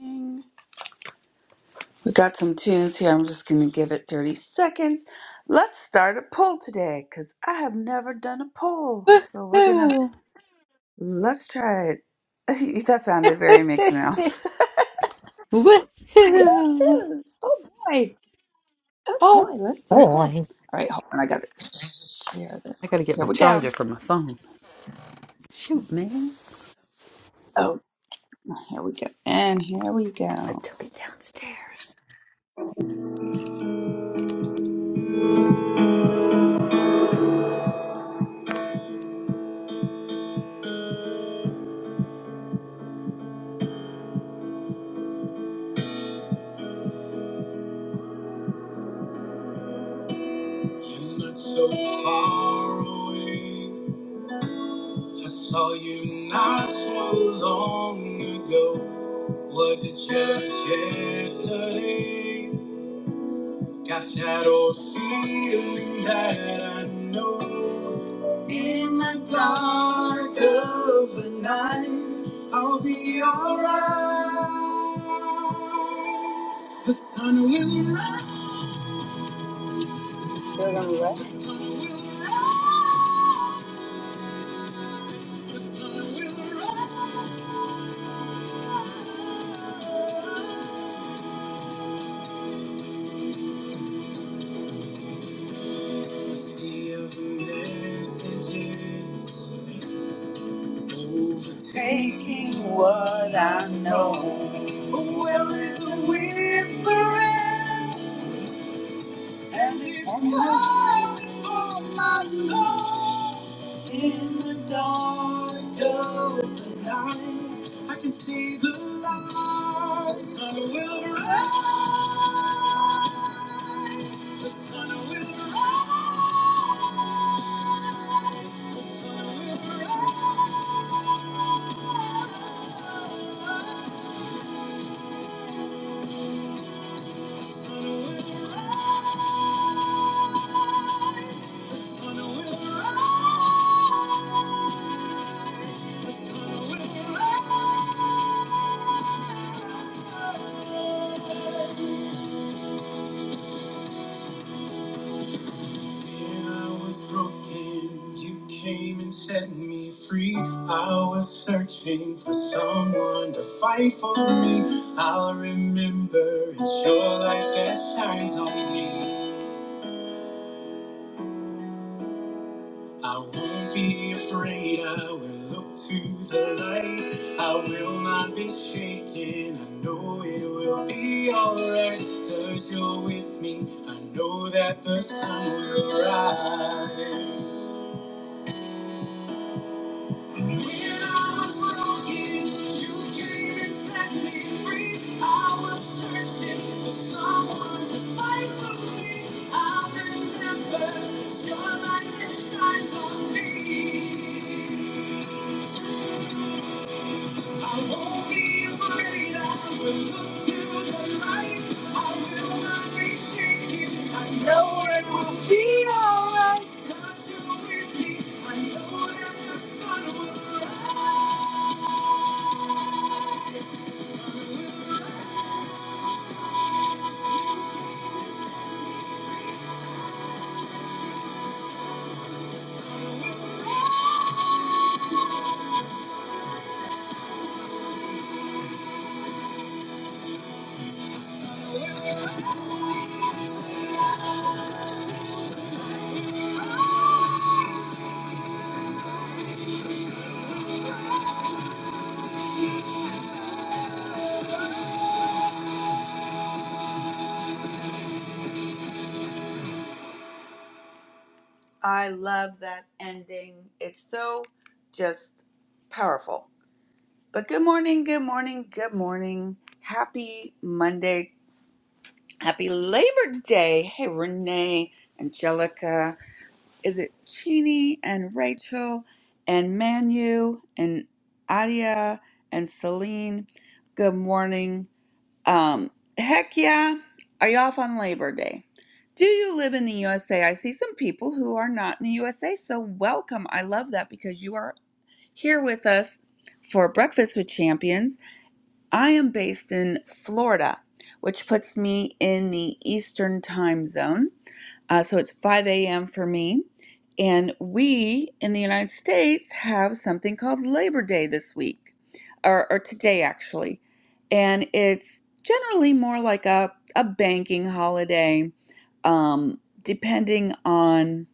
We got some tunes here. I'm just going to give it 30 seconds. Let's start a poll today because I have never done a poll. So we're going to, let's try it. that sounded very Mickey Mouse. Woohoo! Oh boy. Oh boy. Let's do a poll. All right. Hold on. I got to share this. Here we go. Oh, here we go. And here we go. You're so far away. I saw you not so long ago. Was it just yesterday? Got that old feeling that I know. In the dark of the night, I'll be alright. Sun will rise, the sun will rise, the sun will rise. Sea of messages. Overtaking what I know. Where is the whispering and it's calling for my soul? In the dark of the night, I can see the light. Sun will rise, sun will rise, sun will rise, sun will rise, sun will rise. When I was broken, you came and set me free. I was searching for someone to fight for me. I'll remember it's your light that shines on me. I won't be afraid, I will look to the light. I will not be shaken, I know it will be alright. Cause you're with me, I know that the sun will rise. I won't be afraid. I will look to the light. I will not be shaken. I know it will be alright. 'Cause you're with me. I know that the sun will rise. I love that ending. It's so just powerful. But good morning, good morning, good morning. Happy Monday. Happy Labor Day. Hey, Renee, Angelica. Is it Chini and Rachel and Manu and Adia and Celine? Good morning. Um, heck yeah. Are you off on Labor Day? Do you live in the USA? I see some people who are not in the USA, so welcome. I love that because you are here with us for Breakfast with Champions. I am based in Florida, which puts me in the Eastern time zone. Uh, so it's 5 a.m. for me. And we in the United States have something called Labor Day this week, or, or today actually. And it's generally more like a, a banking holiday, um, depending on,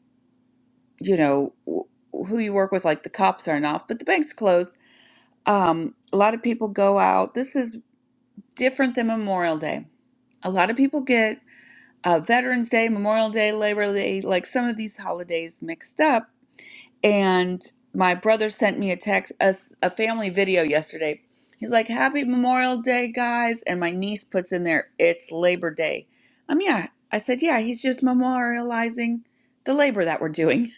you know, wh- who you work with, like the cops aren't off, but the bank's closed. Um, a lot of people go out. This is different than Memorial Day. A lot of people get uh, Veterans Day, Memorial Day, Labor Day, like some of these holidays mixed up. And my brother sent me a text, a a family video yesterday. He's like, Happy Memorial Day, guys. And my niece puts in there, It's Labor Day. Um, yeah. I said, Yeah, he's just memorializing the labor that we're doing.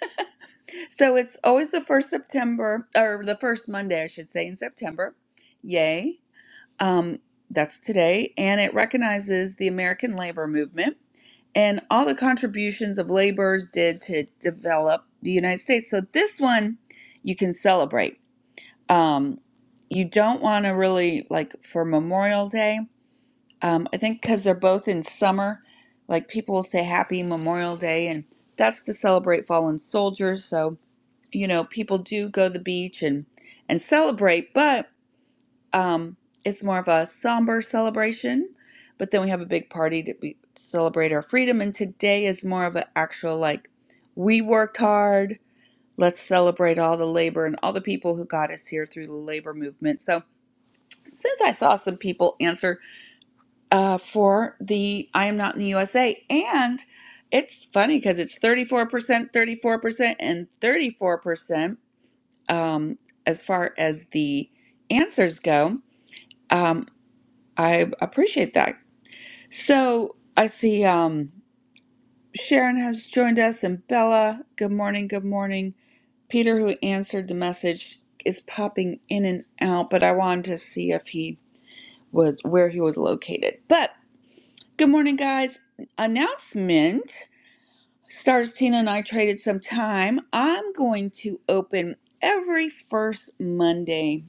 so it's always the first September, or the first Monday, I should say, in September. Yay. Um, that's today. And it recognizes the American labor movement and all the contributions of laborers did to develop the United States. So this one you can celebrate. Um, you don't want to really like for Memorial Day. Um, I think because they're both in summer, like people will say Happy Memorial Day, and that's to celebrate fallen soldiers. So you know people do go to the beach and and celebrate, but um, it's more of a somber celebration, but then we have a big party to be, to celebrate our freedom. And today is more of an actual like, we worked hard. Let's celebrate all the labor and all the people who got us here through the labor movement. So, since I saw some people answer uh, for the I am not in the USA, and it's funny because it's 34%, 34%, and 34% um, as far as the answers go. Um, I appreciate that. So I see um, Sharon has joined us and Bella. Good morning. Good morning. Peter, who answered the message, is popping in and out, but I wanted to see if he was where he was located. But good morning, guys. Announcement Stars Tina and I traded some time. I'm going to open every first Monday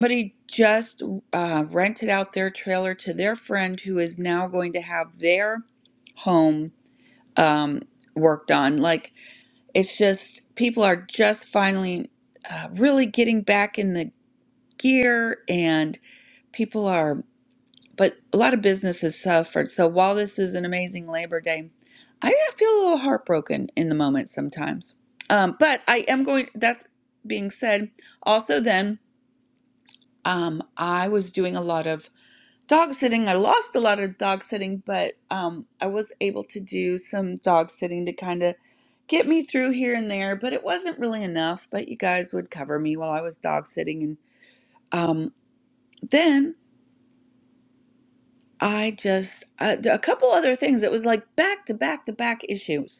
Somebody just uh, rented out their trailer to their friend who is now going to have their home um, worked on. Like, it's just people are just finally uh, really getting back in the gear, and people are, but a lot of businesses suffered. So, while this is an amazing Labor Day, I feel a little heartbroken in the moment sometimes. Um, but I am going, that being said, also then, um, I was doing a lot of dog sitting. I lost a lot of dog sitting, but um, I was able to do some dog sitting to kind of get me through here and there, but it wasn't really enough. But you guys would cover me while I was dog sitting. And um, then I just, uh, a couple other things. It was like back to back to back issues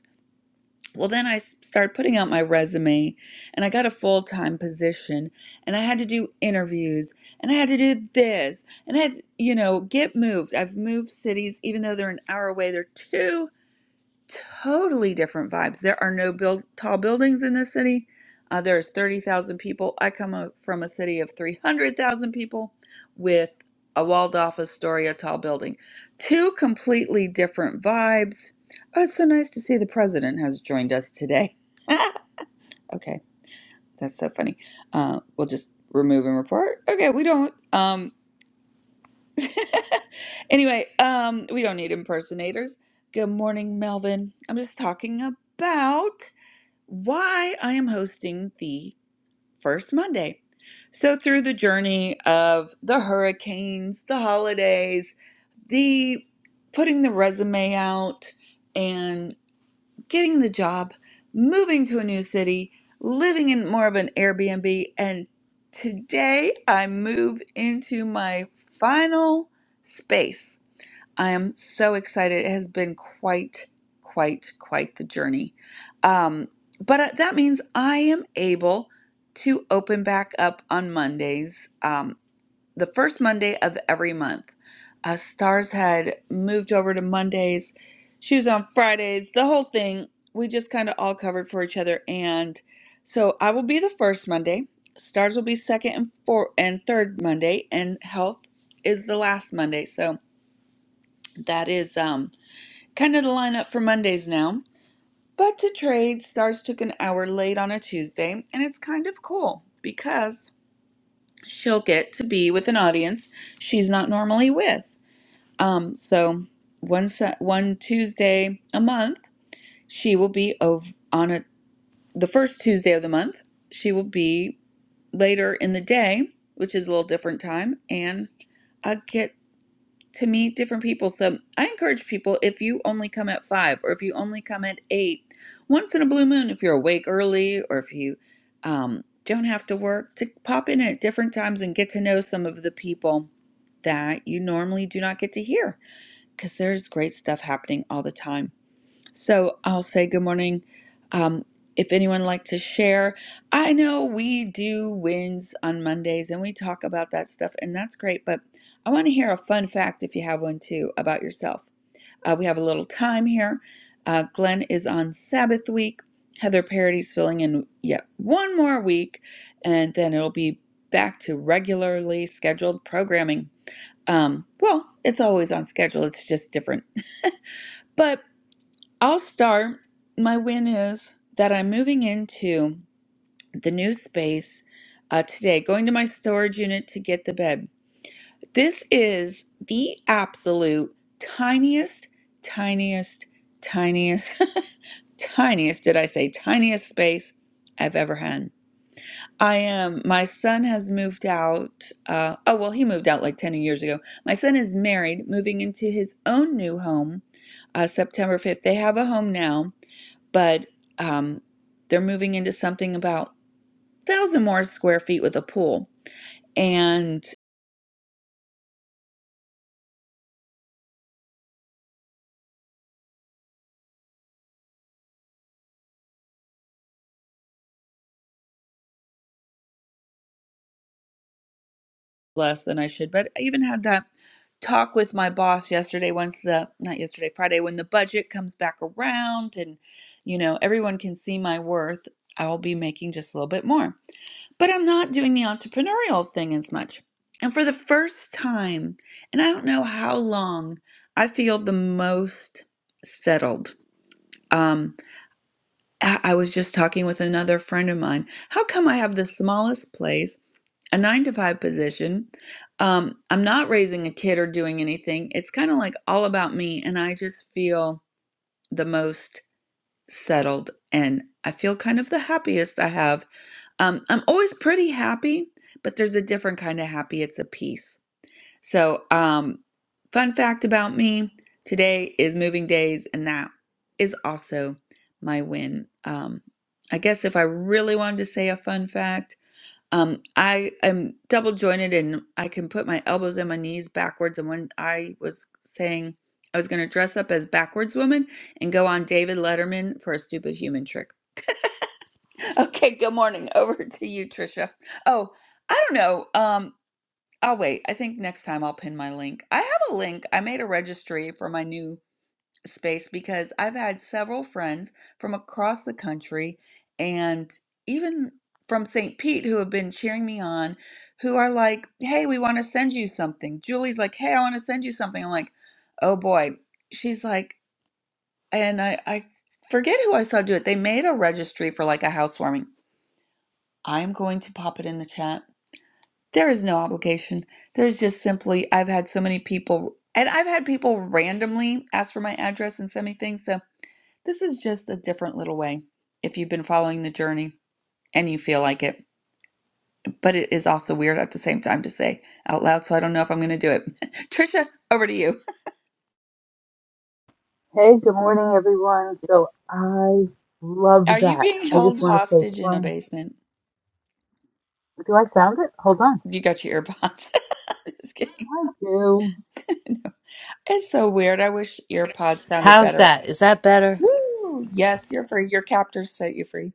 Well, then I s- started putting out my resume and I got a full time position and I had to do interviews and I had to do this and I had, to, you know, get moved. I've moved cities, even though they're an hour away, they're two totally different vibes. There are no build tall buildings in this city. Uh, there's 30,000 people. I come o- from a city of 300,000 people with a walled off Astoria tall building. Two completely different vibes. Oh, it's so nice to see the president has joined us today. okay, that's so funny. Uh, we'll just remove and report. Okay, we don't. Um, anyway, um, we don't need impersonators. Good morning, Melvin. I'm just talking about why I am hosting the first Monday. So, through the journey of the hurricanes, the holidays, the putting the resume out and getting the job, moving to a new city, living in more of an Airbnb, and today I move into my final space. I am so excited. It has been quite, quite, quite the journey. Um, but uh, that means I am able to open back up on Mondays, um, the first Monday of every month. Uh, Stars had moved over to Mondays. She was on Fridays, the whole thing. We just kind of all covered for each other. And so I will be the first Monday. Stars will be second and fourth and third Monday, and health is the last Monday. So that is um kind of the lineup for Mondays now. But to trade, Stars took an hour late on a Tuesday, and it's kind of cool because she'll get to be with an audience she's not normally with. Um, so one Su- one Tuesday a month, she will be ov- on a the first Tuesday of the month. She will be later in the day, which is a little different time, and I get. to meet different people. So I encourage people if you only come at five or if you only come at eight, once in a blue moon, if you're awake early or if you um, don't have to work, to pop in at different times and get to know some of the people that you normally do not get to hear because there's great stuff happening all the time. So I'll say good morning. Um, if anyone like to share, I know we do wins on Mondays and we talk about that stuff, and that's great. But I want to hear a fun fact if you have one too about yourself. Uh, we have a little time here. Uh, Glenn is on Sabbath week. Heather Parody's filling in yet one more week, and then it'll be back to regularly scheduled programming. Um, well, it's always on schedule. It's just different. but. I'll start. My win is that I'm moving into the new space uh, today, going to my storage unit to get the bed. This is the absolute tiniest, tiniest, tiniest, tiniest, did I say, tiniest space I've ever had. I am, my son has moved out. Uh, oh, well, he moved out like 10 years ago. My son is married, moving into his own new home uh, September 5th. They have a home now but um, they're moving into something about a thousand more square feet with a pool and less than I should. But I even had that talk with my boss yesterday. Once the not yesterday, Friday, when the budget comes back around and you know everyone can see my worth, I'll be making just a little bit more. But I'm not doing the entrepreneurial thing as much. And for the first time, and I don't know how long, I feel the most settled. Um, I I was just talking with another friend of mine. How come I have the smallest place, a nine to five position? Um, I'm not raising a kid or doing anything. It's kind of like all about me, and I just feel the most settled and I feel kind of the happiest I have. Um, I'm always pretty happy, but there's a different kind of happy. It's a peace. So, um, fun fact about me today is moving days, and that is also my win. Um, I guess if I really wanted to say a fun fact, um, I am double jointed and I can put my elbows and my knees backwards. And when I was saying I was going to dress up as backwards woman and go on David Letterman for a stupid human trick. Okay, good morning. Over to you, Trisha. Oh, I don't know. Um, I'll wait. I think next time I'll pin my link. I have a link. I made a registry for my new space because I've had several friends from across the country and even from St. Pete who have been cheering me on, who are like, hey, we want to send you something. Julie's like, hey, I want to send you something. I'm like, oh boy. She's like, and I, I forget who I saw do it. They made a registry for like a housewarming. I'm going to pop it in the chat there is no obligation. There's just simply, I've had so many people, and I've had people randomly ask for my address and send me things. So this is just a different little way if you've been following the journey and you feel like it. But it is also weird at the same time to say out loud. So I don't know if I'm going to do it. Trisha, over to you. Are you being held hostage in a basement? You got your earpods. just kidding. It's so weird. I wish earpods sounded better. Woo! Yes, you're free. Your captors set you free.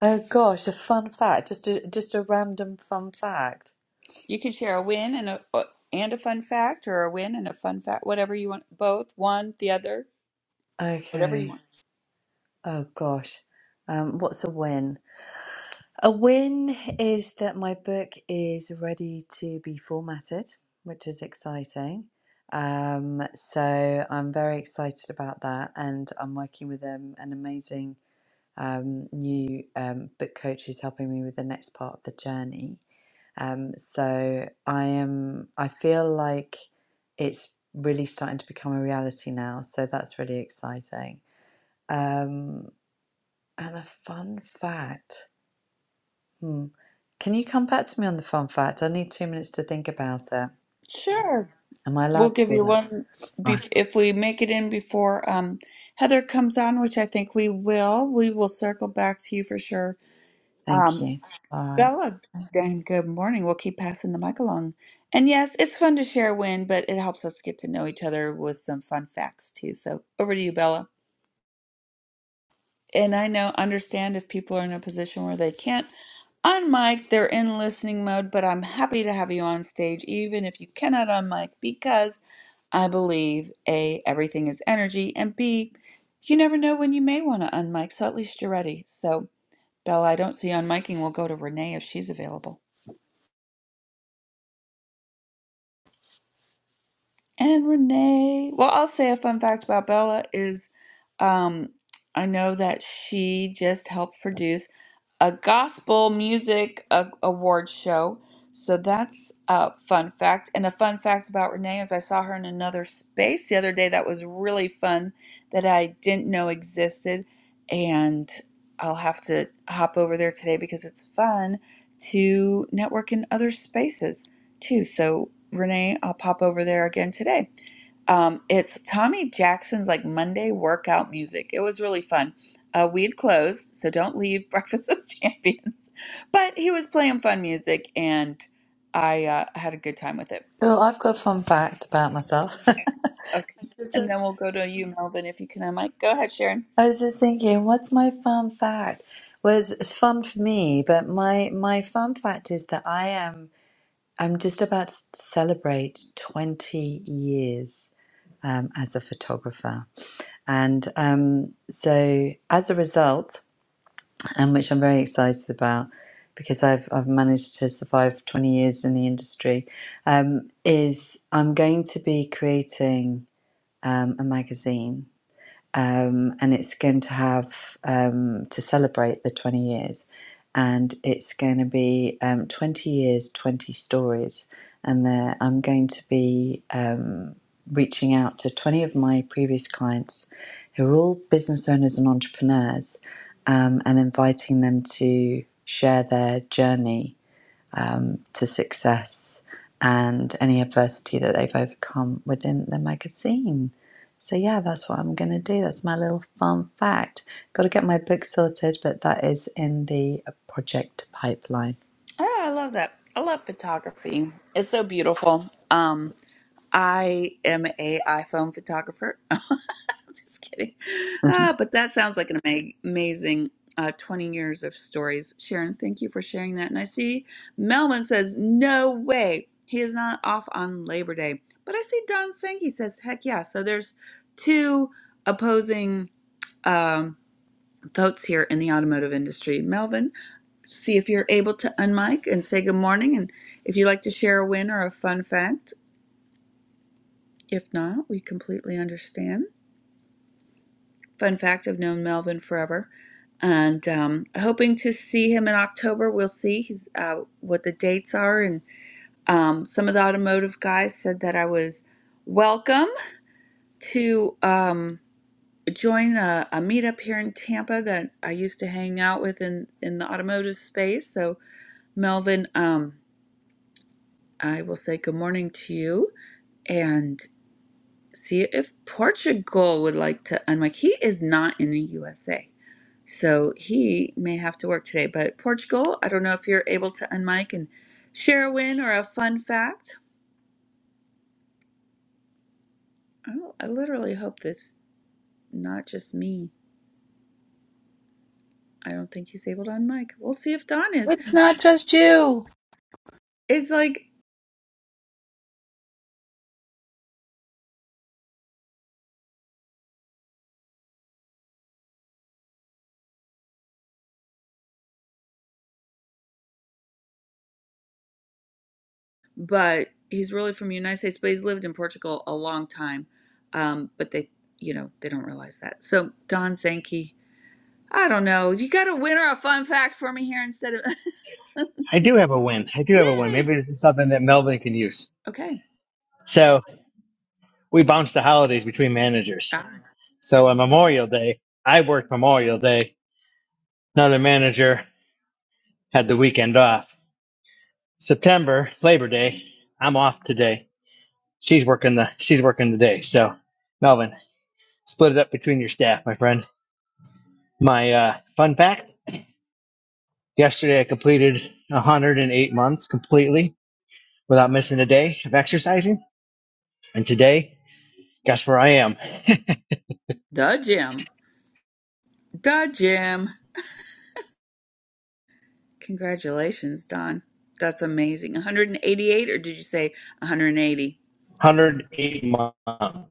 Oh gosh, a fun fact. Just a just a random fun fact. You can share a win and a uh, and a fun fact, or a win and a fun fact, whatever you want. Both, one, the other, whatever you Okay. want. Oh gosh. Um, what's a win? A win is that my book is ready to be formatted, which is exciting. Um, so I'm very excited about that, and I'm working with um, an amazing um, new um, book coach who's helping me with the next part of the journey. Um, so I am, I feel like it's really starting to become a reality now. So that's really exciting. Um, and a fun fact. Hmm. Can you come back to me on the fun fact? I need two minutes to think about it. Sure, Am I we'll allowed give to do you that? one Right. bef if we make it in before um, Heather comes on, which I think we will. We will circle back to you for sure. Um, Thank you. All right. Bella, then good morning. We'll keep passing the mic along. And yes, it's fun to share a win, but it helps us get to know each other with some fun facts too. So over to you, Bella. And I know, understand if people are in a position where they can't on they're in listening mode, but I'm happy to have you on stage, even if you cannot on because I believe A, everything is energy, and B, you never know when you may want to unmic, so at least you're ready. So, Bella, I don't see unmicing. We'll go to Renee if she's available. And Renee, well, I'll say a fun fact about Bella is um, I know that she just helped produce a gospel music a- award show. So that's a fun fact. And a fun fact about Renee is I saw her in another space the other day that was really fun that I didn't know existed. And I'll have to hop over there today because it's fun to network in other spaces too. So, Renee, I'll pop over there again today. Um, it's Tommy Jackson's like Monday workout music. It was really fun uh, we had closed, so don't leave Breakfast of Champions. But he was playing fun music, and I uh, had a good time with it. Oh, I've got a fun fact about myself. Okay, Just and a- then we'll go to you, Melvin, if you can. I might go ahead, Sharon. I was just thinking, what's my fun fact? Was it's fun for me, but my my fun fact is that I am. I'm just about to celebrate 20 years um, as a photographer. And um, so, as a result, and which I'm very excited about because I've, I've managed to survive 20 years in the industry, um, is I'm going to be creating um, a magazine um, and it's going to have um, to celebrate the 20 years and it's going to be um, 20 years 20 stories and there i'm going to be um, reaching out to 20 of my previous clients who are all business owners and entrepreneurs um, and inviting them to share their journey to success and any adversity that they've overcome within the magazine. So, yeah, that's what I'm going to do. That's my little fun fact. Got to get my book sorted, but that is in the project pipeline. Oh, I love that. I love photography. It's so beautiful. Um, I am a iPhone photographer. I'm just kidding. Mm-hmm. Ah, but that sounds like an ama- amazing uh, 20 years of stories. Sharon, thank you for sharing that. And I see Melvin says, no way. He is not off on Labor Day. But I see Don Sankey says, heck yeah. So there's two opposing um, votes here in the automotive industry. Melvin, see if you're able to unmic and say good morning and if you'd like to share a win or a fun fact. If not, we completely understand. Fun fact I've known Melvin forever and um, hoping to see him in October. We'll see he's, uh, what the dates are. And um, some of the automotive guys said that I was welcome to um, join a, a meetup here in Tampa that I used to hang out with in, in the automotive space. So, Melvin, um, I will say good morning to you. and see if Portugal would like to unmic. He is not in the USA, so he may have to work today. But Portugal, I don't know if you're able to unmic and share a win or a fun fact. Oh, I literally hope this not just me. I don't think he's able to unmic. We'll see if Don is. It's like, but he's really from the United States, but he's lived in Portugal a long time. Um, but they, you know, they don't realize that. So Don Sankey I don't know. You got a winner, a fun fact for me here instead of. I do have a win. I do have a win. Yay! Maybe this is something that Melvin can use. Okay. So we bounce the holidays between managers. Ah, So on Memorial Day, I worked Memorial Day. Another manager had the weekend off. September, Labor Day, I'm off today. She's working the she's working the day. So Melvin, split it up between your staff, my friend. My uh, fun fact: yesterday I completed 108 months completely without missing a day of exercising, and today, guess where I am? the gym. The gym. Congratulations, Don. That's amazing. 188, or did you say 180 108 months.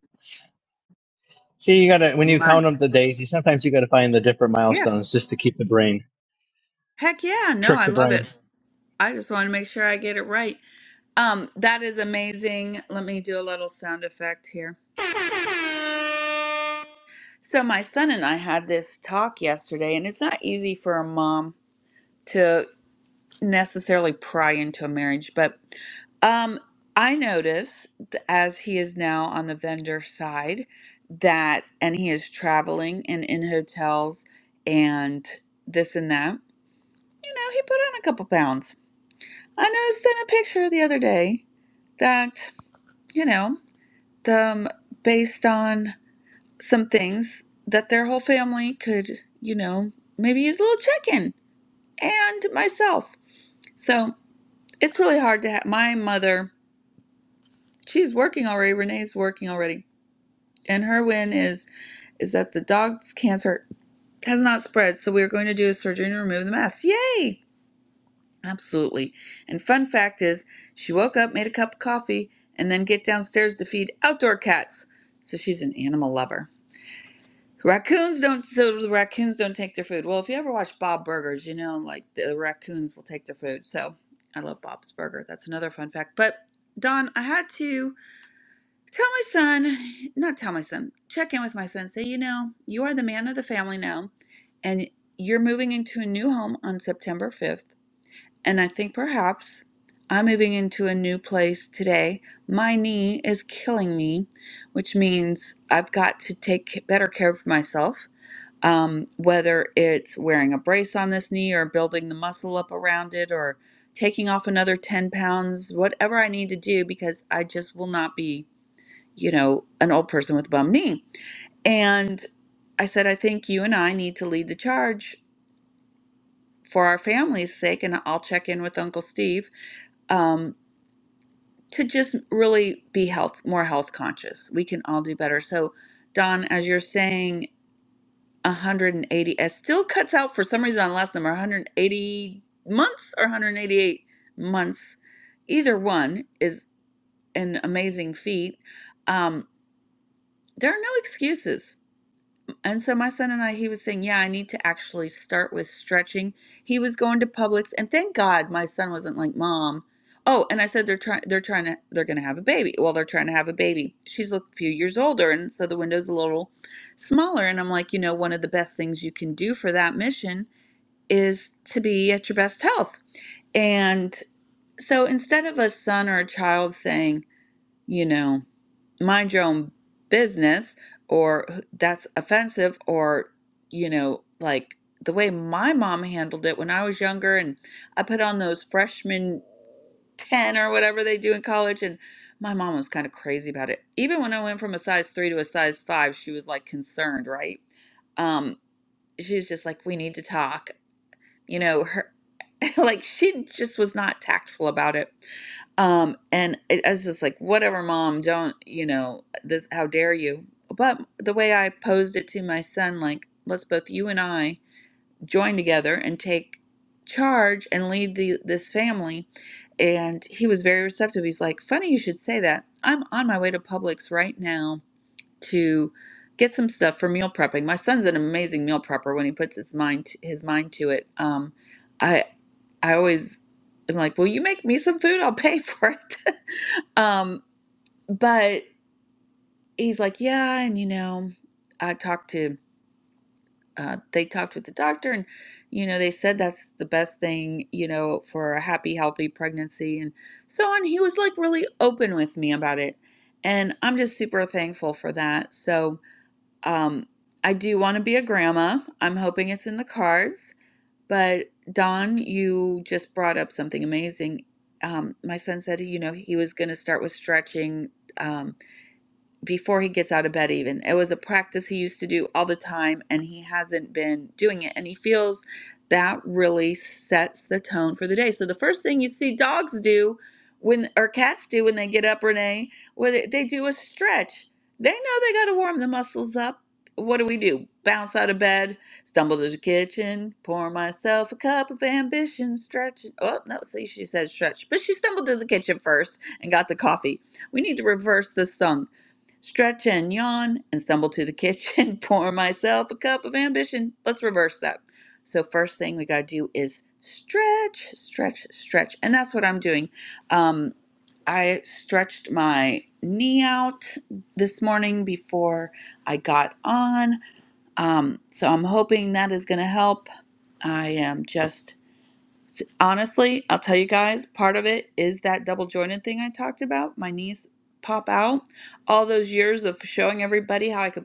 See, you gotta, when you count up months? the days, you sometimes you gotta find the different Yeah. milestones just to keep the brain, Heck yeah. No, trick I the love brain. it. I just want to make sure I get it right. Um, that is amazing. Let me do a little sound effect here. So my son and I had this talk yesterday, and it's not easy for a mom to. necessarily pry into a marriage, but um, I notice th- as he is now on the vendor side that, and he is traveling and in hotels and this and that, you know, he put on a couple pounds. I noticed in a picture the other day that, you know, the, um, based on some things that their whole family could, you know, maybe use a little check in and myself. So it's really hard to have my mother she's working already renee's working already and her win is is that the dog's cancer has not spread so we're going to do a surgery and remove the mass yay absolutely and fun fact is she woke up made a cup of coffee and then get downstairs to feed outdoor cats so she's an animal lover raccoons don't so the raccoons don't take their food well if you ever watch bob burgers you know like the raccoons will take their food so i love bob's burger that's another fun fact but don i had to Tell my son, not tell my son, check in with my son. Say, you know, you are the man of the family now, and you're moving into a new home on September 5th. And I think perhaps I'm moving into a new place today. My knee is killing me, which means I've got to take better care of myself. Um, whether it's wearing a brace on this knee or building the muscle up around it or taking off another 10 pounds, whatever I need to do, because I just will not be you know, an old person with a bum knee. And I said, I think you and I need to lead the charge for our family's sake. And I'll check in with Uncle Steve um, to just really be health more health conscious. We can all do better. So, Don, as you're saying, 180, it still cuts out for some reason on the last number 180 months or 188 months. Either one is an amazing feat. Um, there are no excuses And so my son and I, he was saying, Yeah, I need to actually start with stretching. He was going to Publix, and thank God my son wasn't like, Mom. Oh, and I said they're trying they're trying to they're gonna have a baby. Well, they're trying to have a baby. She's a few years older, and so the window's a little smaller. And I'm like, you know, one of the best things you can do for that mission is to be at your best health. And so instead of a son or a child saying, you know, mind your own business or that's offensive or you know like the way my mom handled it when i was younger and i put on those freshman 10 or whatever they do in college and my mom was kind of crazy about it even when i went from a size 3 to a size 5 she was like concerned right um she's just like we need to talk you know her like she just was not tactful about it um and it, i was just like whatever mom don't you know this how dare you but the way i posed it to my son like let's both you and i join together and take charge and lead the this family and he was very receptive he's like funny you should say that i'm on my way to publix right now to get some stuff for meal prepping. My son's an amazing meal prepper when he puts his mind his mind to it. Um, I I always am like, "Will you make me some food? I'll pay for it." um, but he's like, "Yeah," and you know, I talked to uh, they talked with the doctor, and you know, they said that's the best thing you know for a happy, healthy pregnancy, and so on. He was like really open with me about it, and I'm just super thankful for that. So um, I do want to be a grandma. I'm hoping it's in the cards. But Don, you just brought up something amazing. Um, my son said, you know, he was going to start with stretching. Um, before he gets out of bed even it was a practice he used to do all the time and he hasn't been doing it and he feels that really sets the tone for the day so the first thing you see dogs do when or cats do when they get up renee where they, they do a stretch they know they got to warm the muscles up what do we do bounce out of bed stumble to the kitchen pour myself a cup of ambition stretch oh no see she said stretch but she stumbled to the kitchen first and got the coffee we need to reverse this song Stretch and yawn and stumble to the kitchen, pour myself a cup of ambition. Let's reverse that. So, first thing we got to do is stretch, stretch, stretch. And that's what I'm doing. Um, I stretched my knee out this morning before I got on. Um, so, I'm hoping that is going to help. I am just Honestly, I'll tell you guys, part of it is that double jointed thing I talked about. My knees pop out. All those years of showing everybody how I could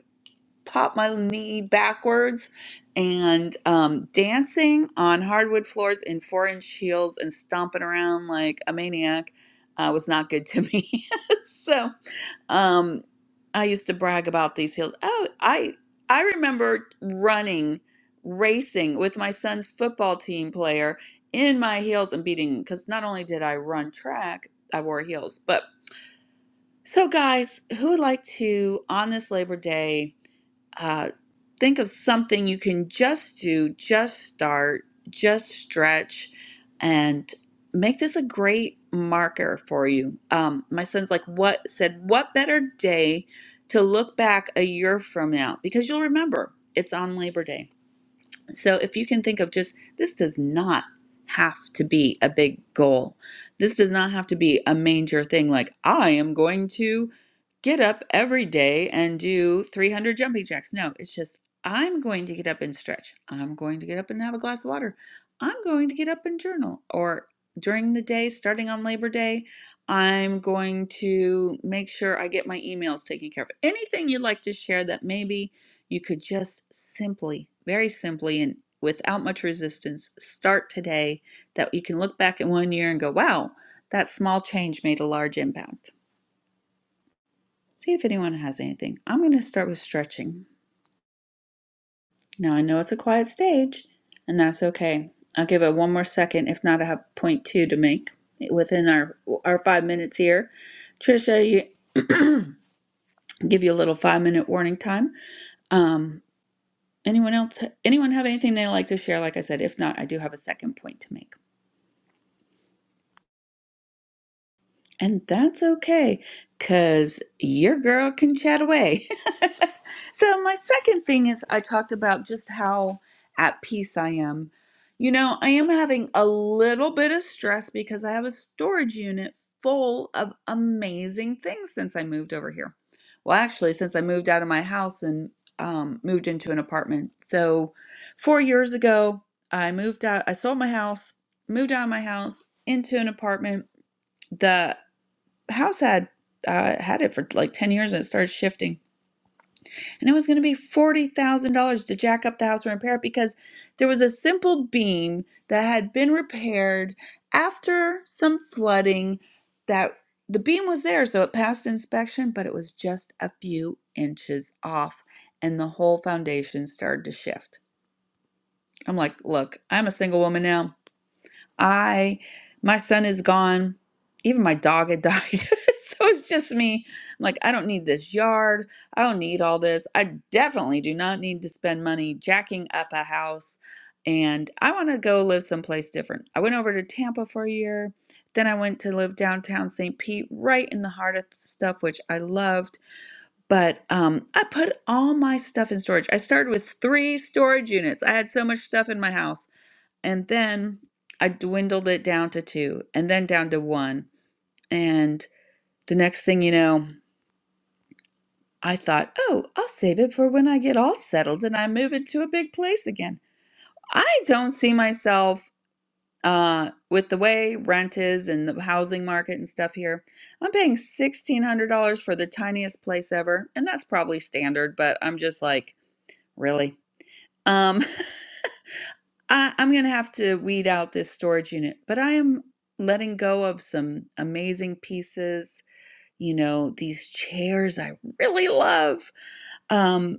pop my knee backwards and um, dancing on hardwood floors in four inch heels and stomping around like a maniac uh, was not good to me. so um, I used to brag about these heels. Oh, I I remember running, racing with my son's football team player in my heels and beating because not only did I run track, I wore heels. But so guys, who would like to on this Labor Day? uh, think of something you can just do, just start, just stretch, and make this a great marker for you. Um, my son's like, what said, what better day to look back a year from now? Because you'll remember it's on Labor Day. So if you can think of just this does not have to be a big goal. This does not have to be a major thing like I am going to get up every day and do 300 jumping jacks. No, it's just I'm going to get up and stretch. I'm going to get up and have a glass of water. I'm going to get up and journal or during the day starting on Labor Day, I'm going to make sure I get my emails taken care of. Anything you'd like to share that maybe you could just simply, very simply, and without much resistance, start today that you can look back in one year and go, wow, that small change made a large impact. See if anyone has anything. I'm going to start with stretching. Now, I know it's a quiet stage, and that's okay. I'll give it one more second. If not, I have point two to make within our our five minutes here. Trisha, you give you a little five minute warning time. Um, Anyone else? Anyone have anything they like to share? Like I said, if not, I do have a second point to make. And that's okay, because your girl can chat away. so, my second thing is I talked about just how at peace I am. You know, I am having a little bit of stress because I have a storage unit full of amazing things since I moved over here. Well, actually, since I moved out of my house and um, moved into an apartment. So, four years ago, I moved out, I sold my house, moved out of my house into an apartment. The house had uh, had it for like 10 years and it started shifting. And it was going to be $40,000 to jack up the house and repair it because there was a simple beam that had been repaired after some flooding that the beam was there. So it passed inspection, but it was just a few inches off and the whole foundation started to shift. I'm like, look, I'm a single woman now. I, my son is gone. Even my dog had died. so it's just me. I'm like, I don't need this yard. I don't need all this. I definitely do not need to spend money jacking up a house. And I want to go live someplace different. I went over to Tampa for a year. Then I went to live downtown St. Pete, right in the heart of stuff, which I loved. But um, I put all my stuff in storage. I started with three storage units. I had so much stuff in my house and then I dwindled it down to two and then down to one. And the next thing you know, I thought, oh, I'll save it for when I get all settled and I move into a big place again. I don't see myself uh, with the way rent is and the housing market and stuff here. I'm paying $1,600 for the tiniest place ever. And that's probably standard, but I'm just like, really? um. I, I'm going to have to weed out this storage unit, but I am letting go of some amazing pieces. You know, these chairs I really love. Um,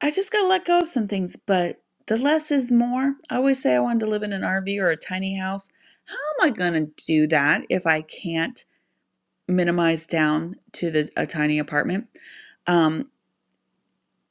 I just got to let go of some things, but the less is more. I always say I wanted to live in an RV or a tiny house. How am I going to do that if I can't minimize down to the, a tiny apartment? Um,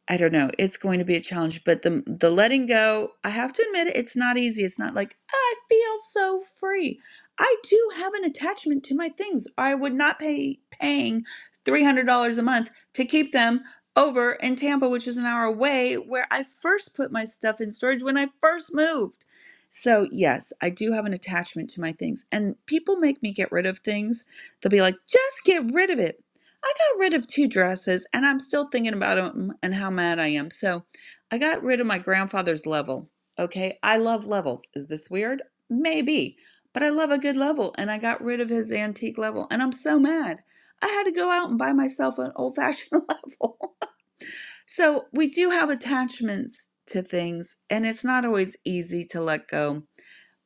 I don't know. It's going to be a challenge, but the the letting go, I have to admit it, it's not easy. It's not like I feel so free. I do have an attachment to my things. I would not pay paying $300 a month to keep them over in Tampa, which is an hour away where I first put my stuff in storage when I first moved. So, yes, I do have an attachment to my things. And people make me get rid of things. They'll be like, "Just get rid of it." I got rid of two dresses and I'm still thinking about them and how mad I am. So I got rid of my grandfather's level. Okay. I love levels. Is this weird? Maybe. But I love a good level and I got rid of his antique level and I'm so mad. I had to go out and buy myself an old fashioned level. so we do have attachments to things and it's not always easy to let go.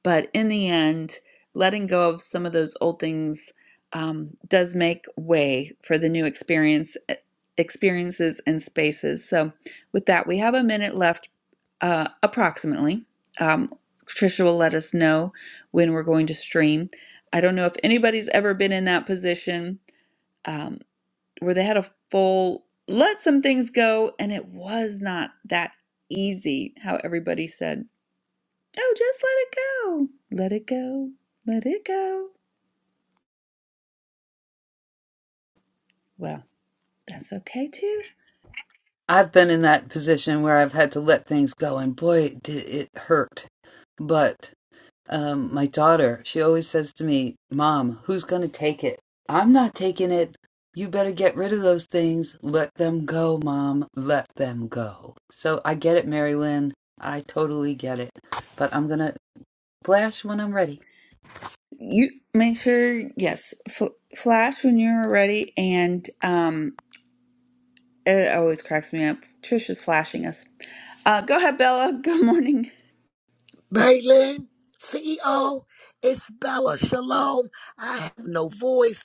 But in the end, letting go of some of those old things um, does make way for the new experience eh, experiences and spaces. So, with that, we have a minute left, uh, approximately. Um, Trisha will let us know when we're going to stream. I don't know if anybody's ever been in that position um, where they had a full let some things go, and it was not that easy. How everybody said. Oh, just let it go. Let it go. Let it go. Well, that's okay too. You make sure, yes, f- flash when you're ready. And um, it always cracks me up. Trish is flashing us. Uh, go ahead, Bella. Good morning. Maylin, CEO, it's Bella. Shalom. I have no voice.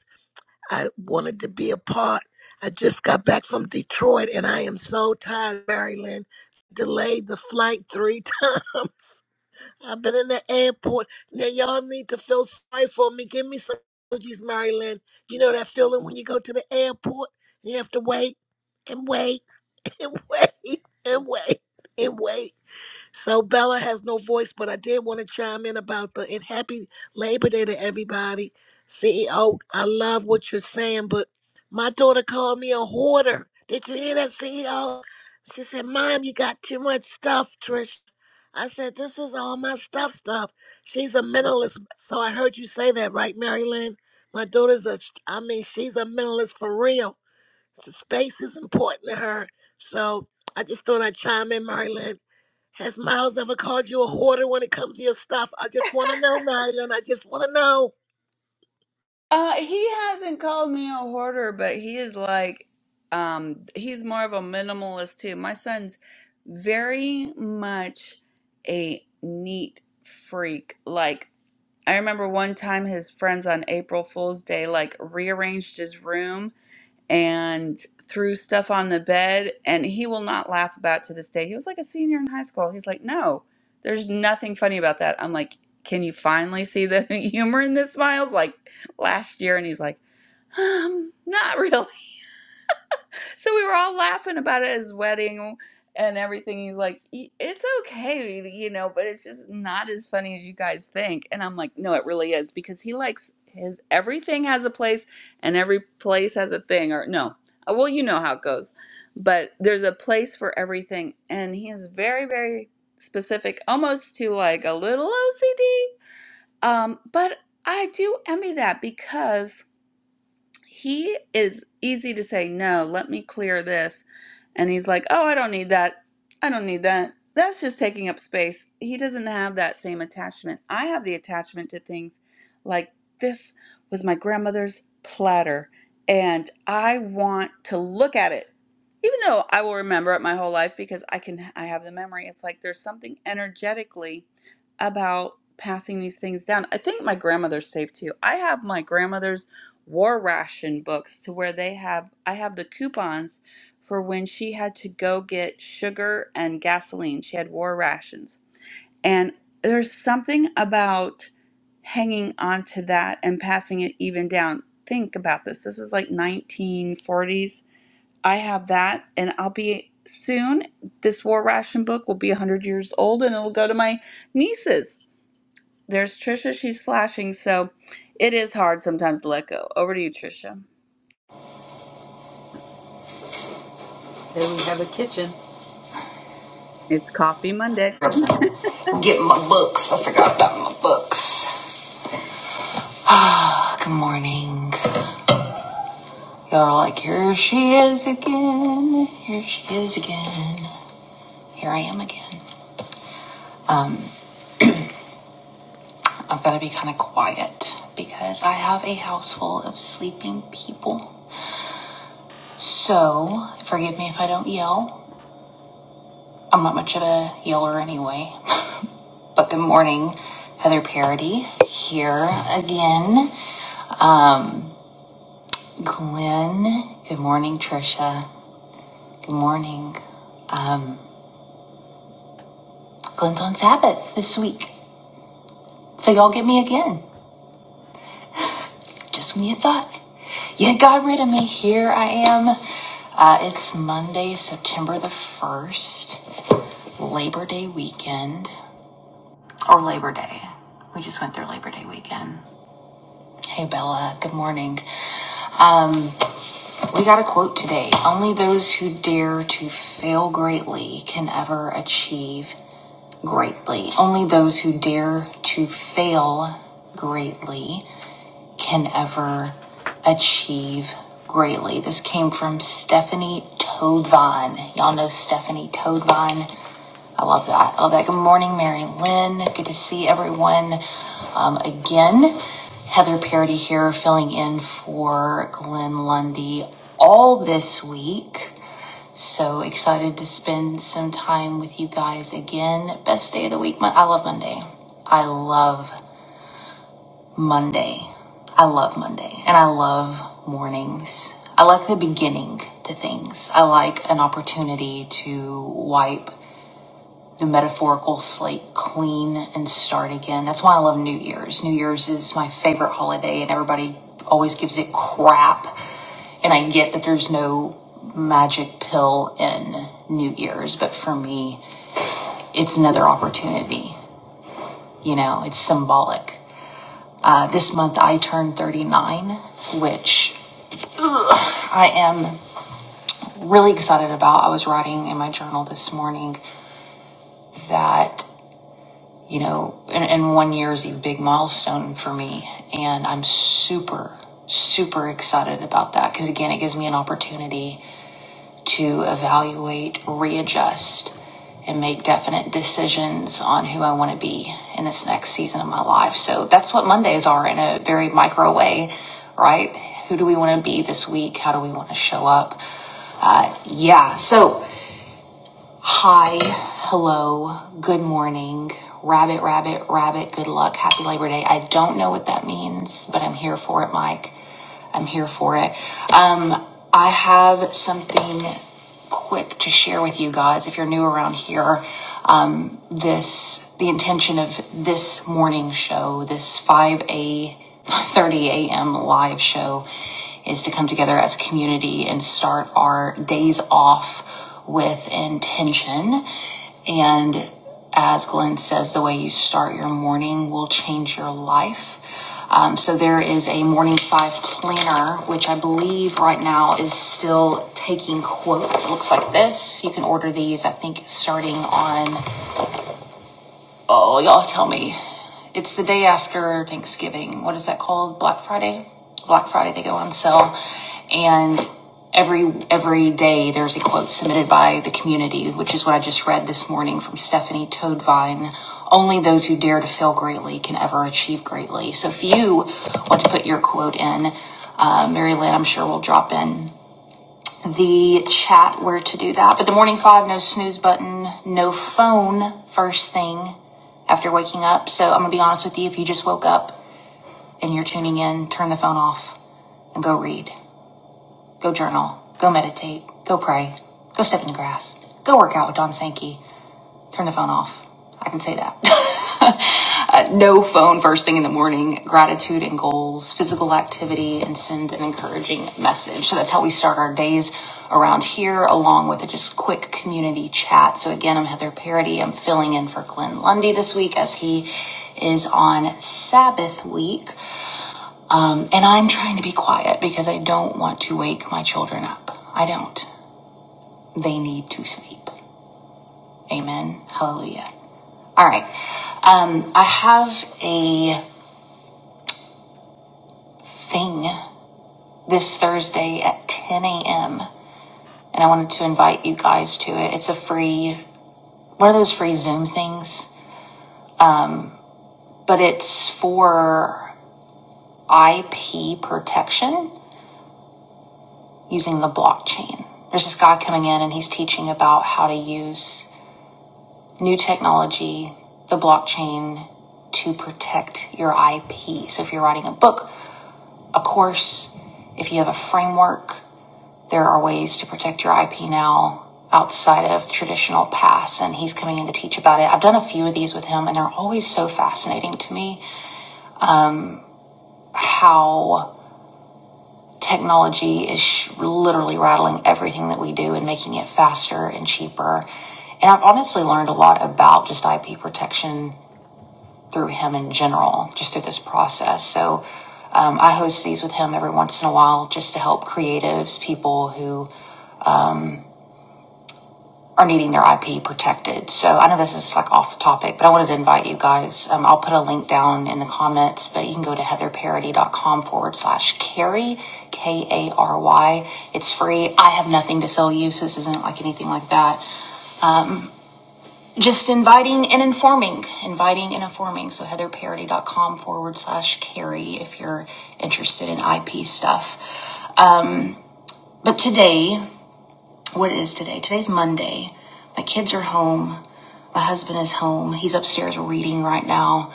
I wanted to be a part. I just got back from Detroit and I am so tired, Marilyn. Delayed the flight three times. I've been in the airport. Now, y'all need to feel sorry for me. Give me some emojis, Marilyn. You know that feeling when you go to the airport and you have to wait and wait and wait and wait and wait. So Bella has no voice, but I did want to chime in about the and happy Labor Day to everybody. CEO, I love what you're saying, but my daughter called me a hoarder. Did you hear that, CEO? She said, Mom, you got too much stuff, Trish. I said, This is all my stuff stuff. She's a minimalist. So I heard you say that, right, Mary Lynn? My daughter's a, I mean, she's a minimalist for real. So space is important to her. So I just thought I'd chime in, Marilyn. Has Miles ever called you a hoarder when it comes to your stuff? I just want to know, Marilyn. I just want to know. Uh, he hasn't called me a hoarder, but he is like, um, he's more of a minimalist too. My son's very much a neat freak. Like, I remember one time his friends on April Fool's Day like rearranged his room and threw stuff on the bed and he will not laugh about to this day he was like a senior in high school he's like no there's nothing funny about that i'm like can you finally see the humor in this miles like last year and he's like um not really so we were all laughing about it, his wedding and everything. He's like, it's okay, you know, but it's just not as funny as you guys think. And I'm like, no, it really is because he likes his everything has a place and every place has a thing. Or no, Uh, well, you know how it goes, but there's a place for everything. And he is very, very specific, almost to like a little OCD. Um, but I do envy that because he is easy to say no let me clear this and he's like oh i don't need that i don't need that that's just taking up space he doesn't have that same attachment i have the attachment to things like this was my grandmother's platter and i want to look at it even though i will remember it my whole life because i can i have the memory it's like there's something energetically about passing these things down i think my grandmother's safe too i have my grandmother's war ration books to where they have I have the coupons for when she had to go get sugar and gasoline. She had war rations. And there's something about hanging on to that and passing it even down. Think about this. This is like 1940s. I have that and I'll be soon this war ration book will be 100 years old and it'll go to my nieces. There's Trisha, she's flashing, so it is hard sometimes to let go. Over to you, Trisha. It's Coffee Monday. Get my books. I forgot about my books. Ah, Good morning. Y'all are like, here she is again. Here she is again. Here I am again. Um, I've got to be kind of quiet because I have a house full of sleeping people. So, forgive me if I don't yell. I'm not much of a yeller anyway. but good morning, Heather Parody. Here again. Um, Glenn, good morning, Trisha. Good morning. Um, Glenn's on Sabbath this week. So y'all get me again. Just when you thought you got rid of me, here I am. Uh, it's Monday, September the 1st, Labor Day weekend, or Labor Day. We just went through Labor Day weekend. Hey, Bella. Good morning. Um, we got a quote today. Only those who dare to fail greatly can ever achieve greatly. Only those who dare to fail greatly can ever achieve greatly. This came from Stephanie Toadvine. Y'all know Stephanie Toadvine. I love that. I love that. Good morning, Mary Lynn. Good to see everyone um, again. Heather Parody here, filling in for Glenn Lundy all this week. So excited to spend some time with you guys again. Best day of the week. Mon- I love Monday. I love Monday. I love Monday. And I love mornings. I like the beginning to things. I like an opportunity to wipe the metaphorical slate clean and start again. That's why I love New Year's. New Year's is my favorite holiday, and everybody always gives it crap. And I get that there's no magic pill in New Year's, but for me, it's another opportunity. You know, it's symbolic. Uh, this month I turned 39, which I am really excited about. I was writing in my journal this morning that. you know, and, and one year is a big milestone for me. And I'm super, super excited about that because, again, it gives me an opportunity to evaluate, readjust, and make definite decisions on who I want to be in this next season of my life. So that's what Mondays are in a very micro way, right? Who do we want to be this week? How do we want to show up? Uh, yeah. So, Hi, hello, good morning. Rabbit, rabbit, rabbit, good luck. Happy Labor Day. I don't know what that means, but I'm here for it, Mike. I'm here for it. Um, I have something quick to share with you guys. If you're new around here, um, this the intention of this morning show, this 5 a 30 a.m. live show is to come together as a community and start our days off with intention. And as Glenn says, the way you start your morning will change your life. Um, so there is a morning five planner, which I believe right now is still taking quotes. It looks like this. You can order these, I think, starting on Oh, y'all tell me. It's the day after Thanksgiving. What is that called? Black Friday? Black Friday they go on sale. And every every day there's a quote submitted by the community, which is what I just read this morning from Stephanie Toadvine. Only those who dare to fail greatly can ever achieve greatly. So if you want to put your quote in, uh, Mary Lynn, I'm sure will drop in the chat where to do that. But the morning five, no snooze button, no phone first thing after waking up. So I'm going to be honest with you. If you just woke up and you're tuning in, turn the phone off and go read, go journal, go meditate, go pray, go step in the grass, go work out with Don Sankey. Turn the phone off. I can say that. no phone first thing in the morning, gratitude and goals, physical activity, and send an encouraging message. So that's how we start our days around here, along with a just quick community chat. So again, I'm Heather Parody. I'm filling in for Glenn Lundy this week as he is on Sabbath week. Um, and I'm trying to be quiet because I don't want to wake my children up. I don't. They need to sleep. Amen. Hallelujah. All right. Um, I have a thing this Thursday at 10 a.m. And I wanted to invite you guys to it. It's a free, one of those free Zoom things, but it's for IP protection using the blockchain. There's this guy coming in and he's teaching about how to use new technology, the blockchain, to protect your IP. So if you're writing a book, a course, if you have a framework, there are ways to protect your IP now outside of traditional paths, and he's coming in to teach about it. I've done a few of these with him and they're always so fascinating to me how technology is sh- literally rattling everything that we do and making it faster and cheaper. And I've honestly learned a lot about just IP protection through him in general, just through this process. So um, I host these with him every once in a while just to help creatives, people who are needing their IP protected. So I know this is like off the topic, but I wanted to invite you guys. Um, I'll put a link down in the comments, but you can go to heatherparody.com forward slash carry, K A R Y. It's free. I have nothing to sell you, so this isn't like anything like that. Just inviting and informing, inviting and informing. So heatherparody.com forward slash carry if you're interested in IP stuff. Um, But today, What is today? Today's Monday. My kids are home. My husband is home. He's upstairs reading right now.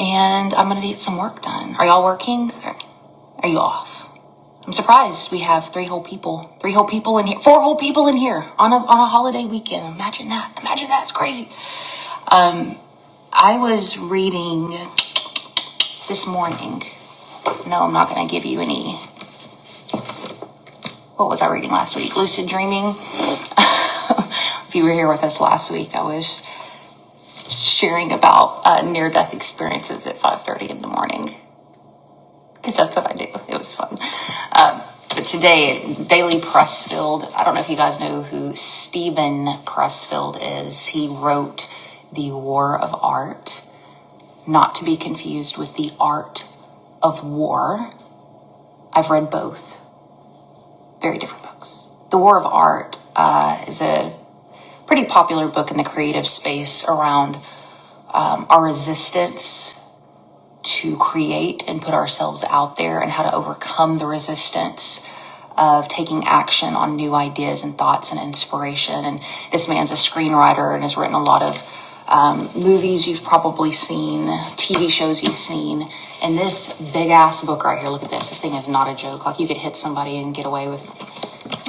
And I'm going to get some work done. Are y'all working? Are you off? I'm surprised we have three whole people, three whole people in here, four whole people in here on a, on a holiday weekend. Imagine that. Imagine that. It's crazy. I was reading this morning. No, I'm not going to give you any. What was I reading last week? Lucid Dreaming. if you were here with us last week, I was. sharing about uh, near-death experiences at 5.30 in the morning because that's what i do it was fun um, but today daily pressfield i don't know if you guys know who stephen pressfield is he wrote the war of art not to be confused with the art of war i've read both very different books the war of art uh, is a pretty popular book in the creative space around um, our resistance to create and put ourselves out there and how to overcome the resistance of taking action on new ideas and thoughts and inspiration. And this man's a screenwriter and has written a lot of um, movies you've probably seen, TV shows you've seen. And this big ass book right here, look at this. This thing is not a joke. Like you could hit somebody and get away with,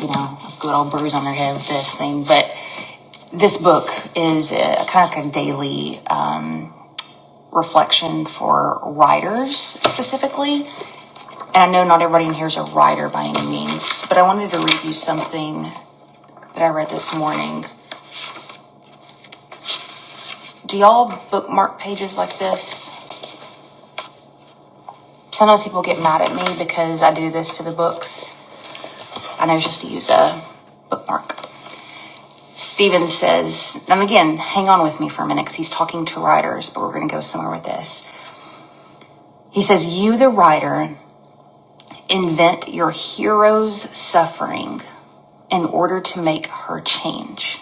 you know, a good old bruise on their head with this thing. But this book is uh kind of like a daily um, reflection for writers specifically. And I know not everybody in here is a writer by any means, but I wanted to read you something that I read this morning. Do y'all bookmark pages like this? Sometimes people get mad at me because I do this to the books. I know just to use a bookmark. Stephen says, and again, hang on with me for a minute because he's talking to writers, but we're going to go somewhere with this. He says, You, the writer, Invent your hero's suffering in order to make her change.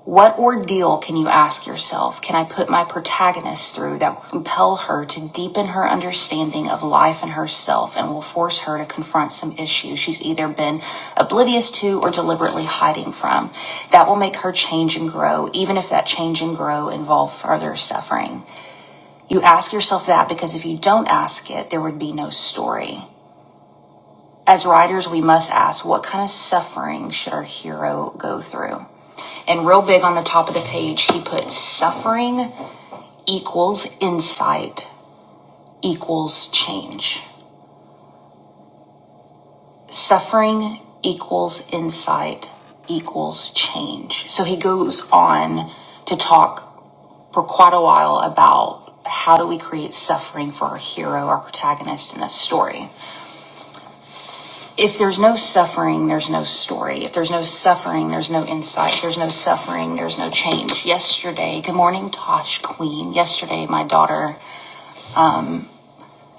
What ordeal can you ask yourself can I put my protagonist through that will compel her to deepen her understanding of life and herself and will force her to confront some issue she's either been oblivious to or deliberately hiding from? That will make her change and grow, even if that change and grow involve further suffering. You ask yourself that because if you don't ask it, there would be no story. As writers, we must ask what kind of suffering should our hero go through? And real big on the top of the page, he puts suffering equals insight equals change. Suffering equals insight equals change. So he goes on to talk for quite a while about how do we create suffering for our hero, our protagonist in a story. if there's no suffering, there's no story. If there's no suffering, there's no insight. There's no suffering, there's no change. Yesterday, good morning, Tosh Queen. Yesterday, my daughter,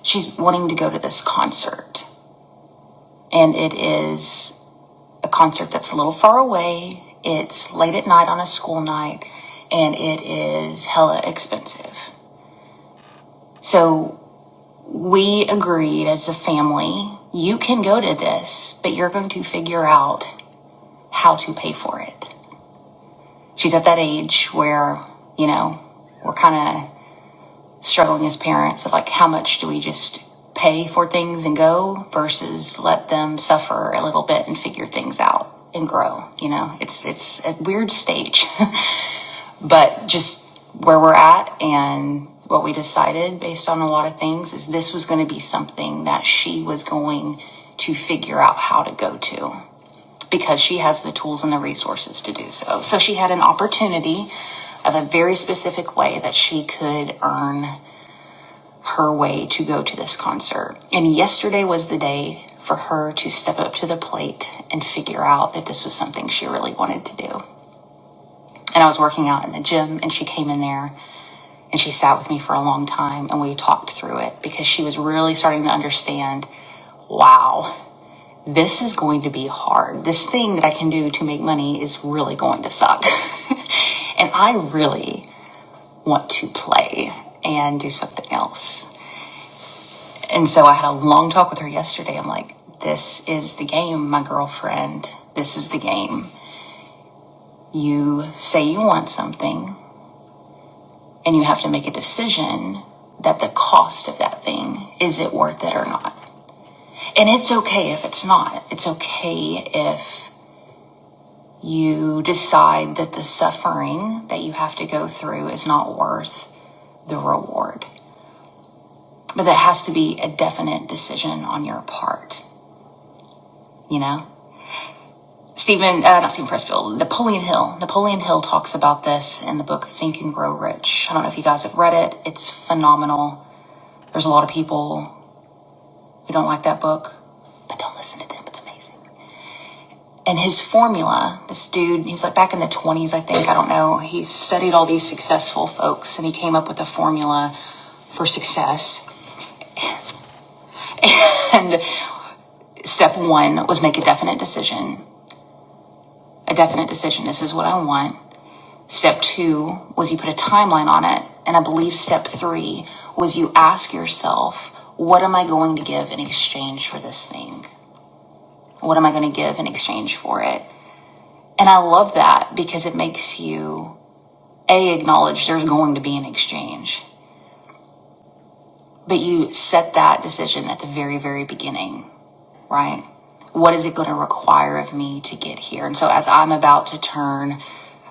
she's wanting to go to this concert. And it is a concert that's a little far away. It's late at night on a school night, and it is hella expensive. So we agreed as a family, you can go to this, but you're going to figure out how to pay for it. she's at that age where, you know, we're kind of struggling as parents of like how much do we just pay for things and go versus let them suffer a little bit and figure things out and grow, you know. It's it's a weird stage, but just where we're at and what we decided based on a lot of things is this was going to be something that she was going to figure out how to go to because she has the tools and the resources to do so. So she had an opportunity of a very specific way that she could earn her way to go to this concert. And yesterday was the day for her to step up to the plate and figure out if this was something she really wanted to do. And I was working out in the gym and she came in there and she sat with me for a long time and we talked through it because she was really starting to understand wow this is going to be hard. This thing that I can do to make money is really going to suck. and I really want to play and do something else. And so I had a long talk with her yesterday. I'm like, this is the game, my girlfriend. This is the game. You say you want something and you have to make a decision that the cost of that thing is it worth it or not? And it's okay if it's not. It's okay if You decide that the suffering that you have to go through is not worth the reward. But that has to be a definite decision on your part, you know? Stephen, uh, not Stephen Pressfield, Napoleon Hill. Napoleon Hill talks about this in the book Think and Grow Rich. I don't know if you guys have read it, it's phenomenal. There's a lot of people who don't like that book, but don't listen to them. It's amazing. and his formula, this dude, he was like back in the 20s, I think, I don't know. He studied all these successful folks and he came up with a formula for success. And step one was make a definite decision. A definite decision. This is what I want. Step two was you put a timeline on it. And I believe step three was you ask yourself, what am I going to give in exchange for this thing? What am I going to give in exchange for it? And I love that because it makes you A, acknowledge there's going to be an exchange, but you set that decision at the very, very beginning right? What is it going to require of me to get here? And so, as I'm about to turn,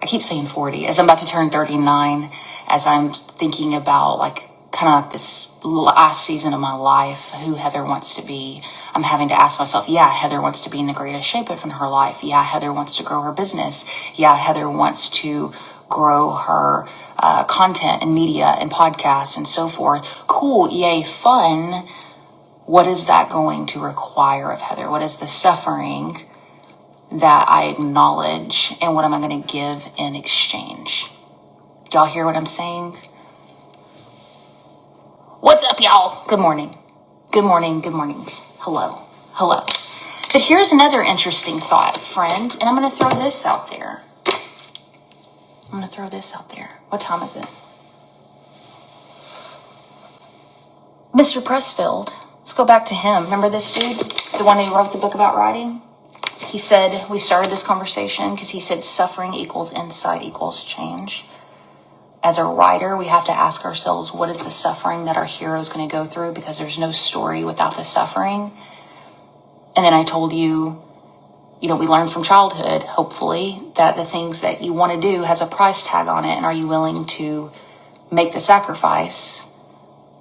I keep saying 40, as I'm about to turn 39, as I'm thinking about like kind of like this last season of my life, who Heather wants to be, I'm having to ask myself, yeah, Heather wants to be in the greatest shape of her life. Yeah, Heather wants to grow her business. Yeah, Heather wants to grow her uh, content and media and podcasts and so forth. Cool, yay, fun what is that going to require of Heather? What is the suffering that I acknowledge and what am I going to give in exchange? Y'all hear what I'm saying? What's up, y'all? Good morning. Good morning. Good morning. Hello. Hello. But here's another interesting thought, friend, and I'm going to throw this out there. I'm going to throw this out there. What time is it? Mr. Pressfield. Let's go back to him. Remember this dude? The one who wrote the book about writing? He said, we started this conversation because he said suffering equals insight equals change. As a writer, we have to ask ourselves, what is the suffering that our hero is going to go through? Because there's no story without the suffering. And then I told you, you know, we learn from childhood, hopefully, that the things that you want to do has a price tag on it. And are you willing to make the sacrifice,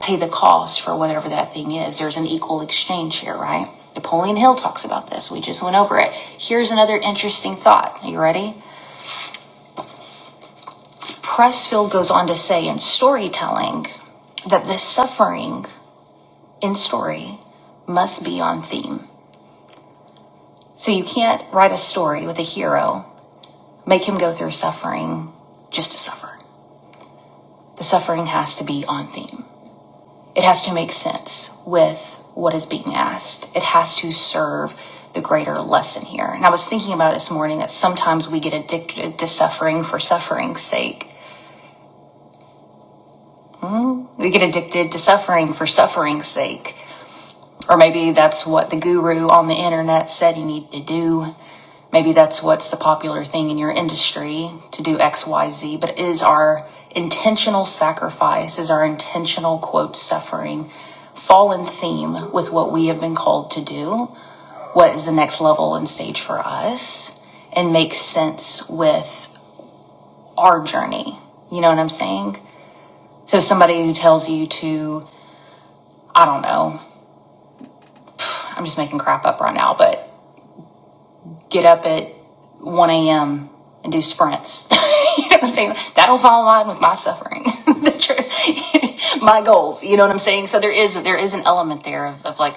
pay the cost for whatever that thing is. There's an equal exchange here, right? Napoleon Hill talks about this. We just went over it. Here's another interesting thought. Are you ready? Pressfield goes on to say in storytelling that the suffering in story must be on theme. So you can't write a story with a hero, make him go through suffering just to suffer. The suffering has to be on theme. It has to make sense with what is being asked. It has to serve the greater lesson here. And I was thinking about it this morning that sometimes we get addicted to suffering for suffering's sake. We get addicted to suffering for suffering's sake Or maybe that's what the guru on the internet said you need to do. Maybe that's what's the popular thing in your industry to do XYZ, but is our intentional sacrifice, is our intentional quote suffering fall in theme with what we have been called to do? What is the next level and stage for us? And make sense with our journey. You know what I'm saying? So somebody who tells you to, I don't know, I'm just making crap up right now, but get up at 1 a.m. and do sprints. you know what I'm saying? That'll fall in line with my suffering, the tr- my goals. You know what I'm saying? So there is there is an element there of, of like,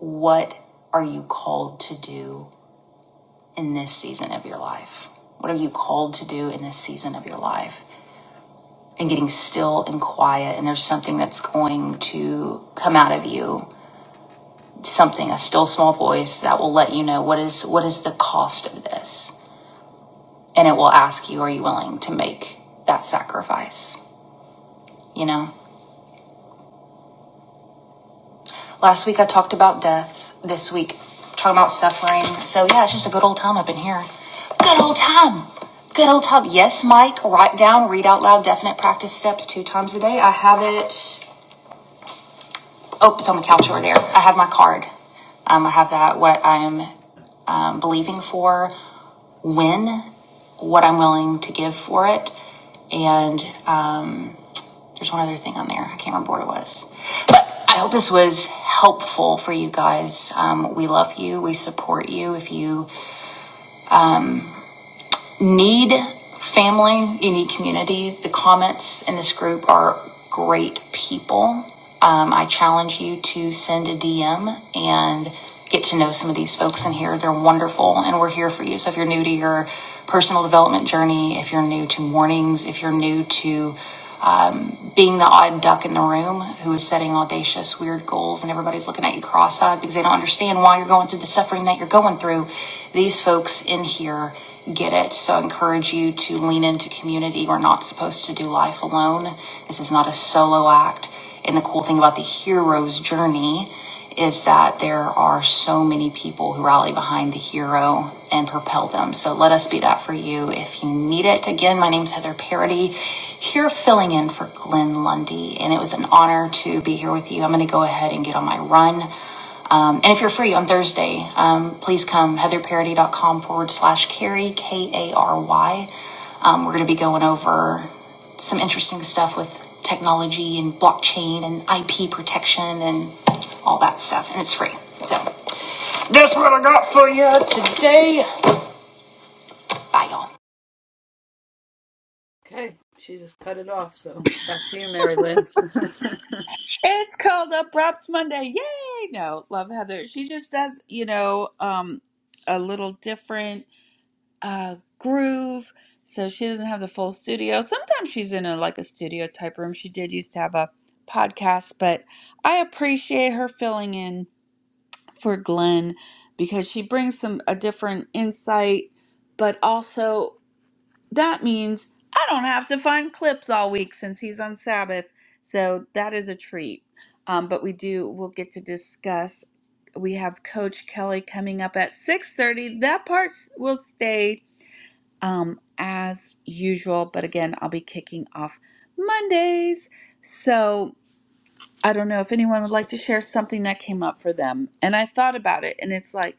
what are you called to do in this season of your life? What are you called to do in this season of your life? And getting still and quiet, and there's something that's going to come out of you, something, a still small voice that will let you know what is what is the cost of this and it will ask you, are you willing to make that sacrifice? You know, last week I talked about death. This week, talking about suffering. So yeah, it's just a good old time up in here. Good old time. Good old time. Yes, Mike, write down, read out loud, definite practice steps two times a day. I have it. Oh, it's on the couch over there. I have my card. Um, I have that, what I am um, believing for, when, what I'm willing to give for it, and um. There's one other thing on there. I can't remember what it was. But I hope this was helpful for you guys. Um, we love you. We support you. If you need family, you need community, the comments in this group are great people. Um, I challenge you to send a DM and get to know some of these folks in here. They're wonderful and we're here for you. So if you're new to your personal development journey, if you're new to mornings, if you're new to being the odd duck in the room who is setting audacious, weird goals, and everybody's looking at you cross eyed because they don't understand why you're going through the suffering that you're going through. These folks in here get it. So I encourage you to lean into community. We're not supposed to do life alone. This is not a solo act. And the cool thing about the hero's journey is that there are so many people who rally behind the hero and propel them. So let us be that for you if you need it. Again, my name's Heather Parody, here filling in for Glenn Lundy, and it was an honor to be here with you. I'm going to go ahead and get on my run. Um, and if you're free on Thursday, um, please come heatherparody.com forward slash carry, K A R Y. Um, we're going to be going over some interesting stuff with technology and blockchain and IP protection and all that stuff. And it's free. So That's what I got for you today. bye, y'all. It's called Abrupt Monday. Yay! No, love Heather. She just does, you know, um, a little different uh, groove. So she doesn't have the full studio. Sometimes she's in a like a studio type room. She did used to have a podcast, but I appreciate her filling in for Glenn because she brings some a different insight, but also That means I don't have to find clips all week since he's on Sabbath. So that is a treat. Um, but we do we'll get to discuss. We have Coach Kelly coming up at 6:30. That part s- will stay um, as usual, but again, I'll be kicking off Mondays. So I don't know if anyone would like to share something that came up for them. And I thought about it, and it's like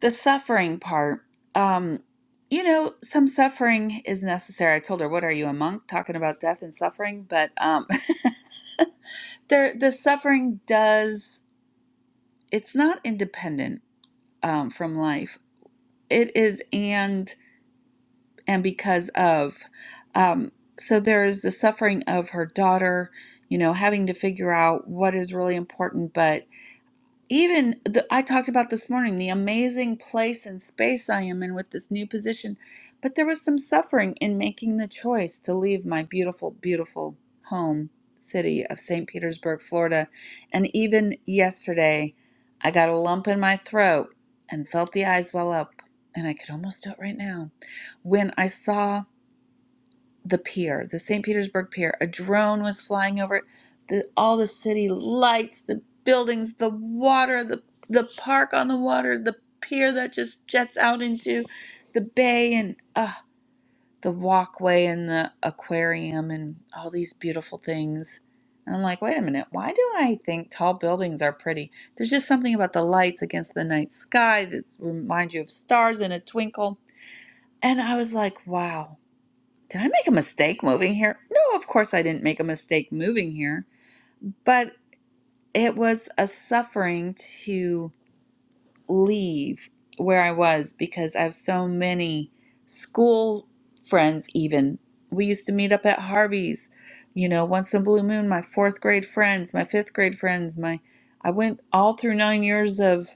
the suffering part um you know some suffering is necessary i told her what are you a monk talking about death and suffering but um there the suffering does it's not independent um from life it is and and because of um so there is the suffering of her daughter you know having to figure out what is really important but even the, I talked about this morning the amazing place and space I am in with this new position, but there was some suffering in making the choice to leave my beautiful, beautiful home city of St. Petersburg, Florida. And even yesterday, I got a lump in my throat and felt the eyes well up, and I could almost do it right now when I saw the pier, the St. Petersburg pier. A drone was flying over it. The, all the city lights, the buildings, the water, the the park on the water, the pier that just jets out into the bay, and uh, the walkway and the aquarium, and all these beautiful things. And I'm like, wait a minute, why do I think tall buildings are pretty? There's just something about the lights against the night sky that reminds you of stars in a twinkle. And I was like, wow, did I make a mistake moving here? No, of course I didn't make a mistake moving here, but it was a suffering to leave where I was because I have so many school friends, even. We used to meet up at Harvey's, you know, once in a blue moon, my fourth grade friends, my fifth grade friends, my I went all through nine years of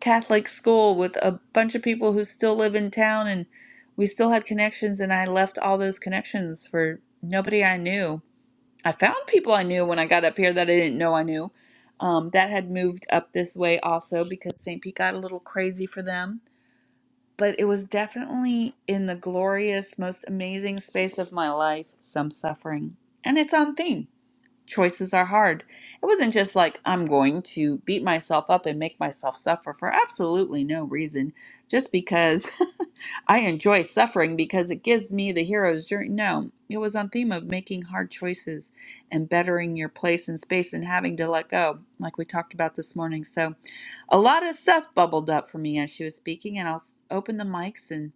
Catholic school with a bunch of people who still live in town and we still had connections and I left all those connections for nobody I knew. I found people I knew when I got up here that I didn't know I knew. Um, that had moved up this way also because St. Pete got a little crazy for them. But it was definitely in the glorious, most amazing space of my life, some suffering. And it's on theme Choices are hard. It wasn't just like I'm going to beat myself up and make myself suffer for absolutely no reason, just because I enjoy suffering because it gives me the hero's journey. No, it was on theme of making hard choices and bettering your place in space and having to let go, like we talked about this morning. So a lot of stuff bubbled up for me as she was speaking, and I'll s- open the mics and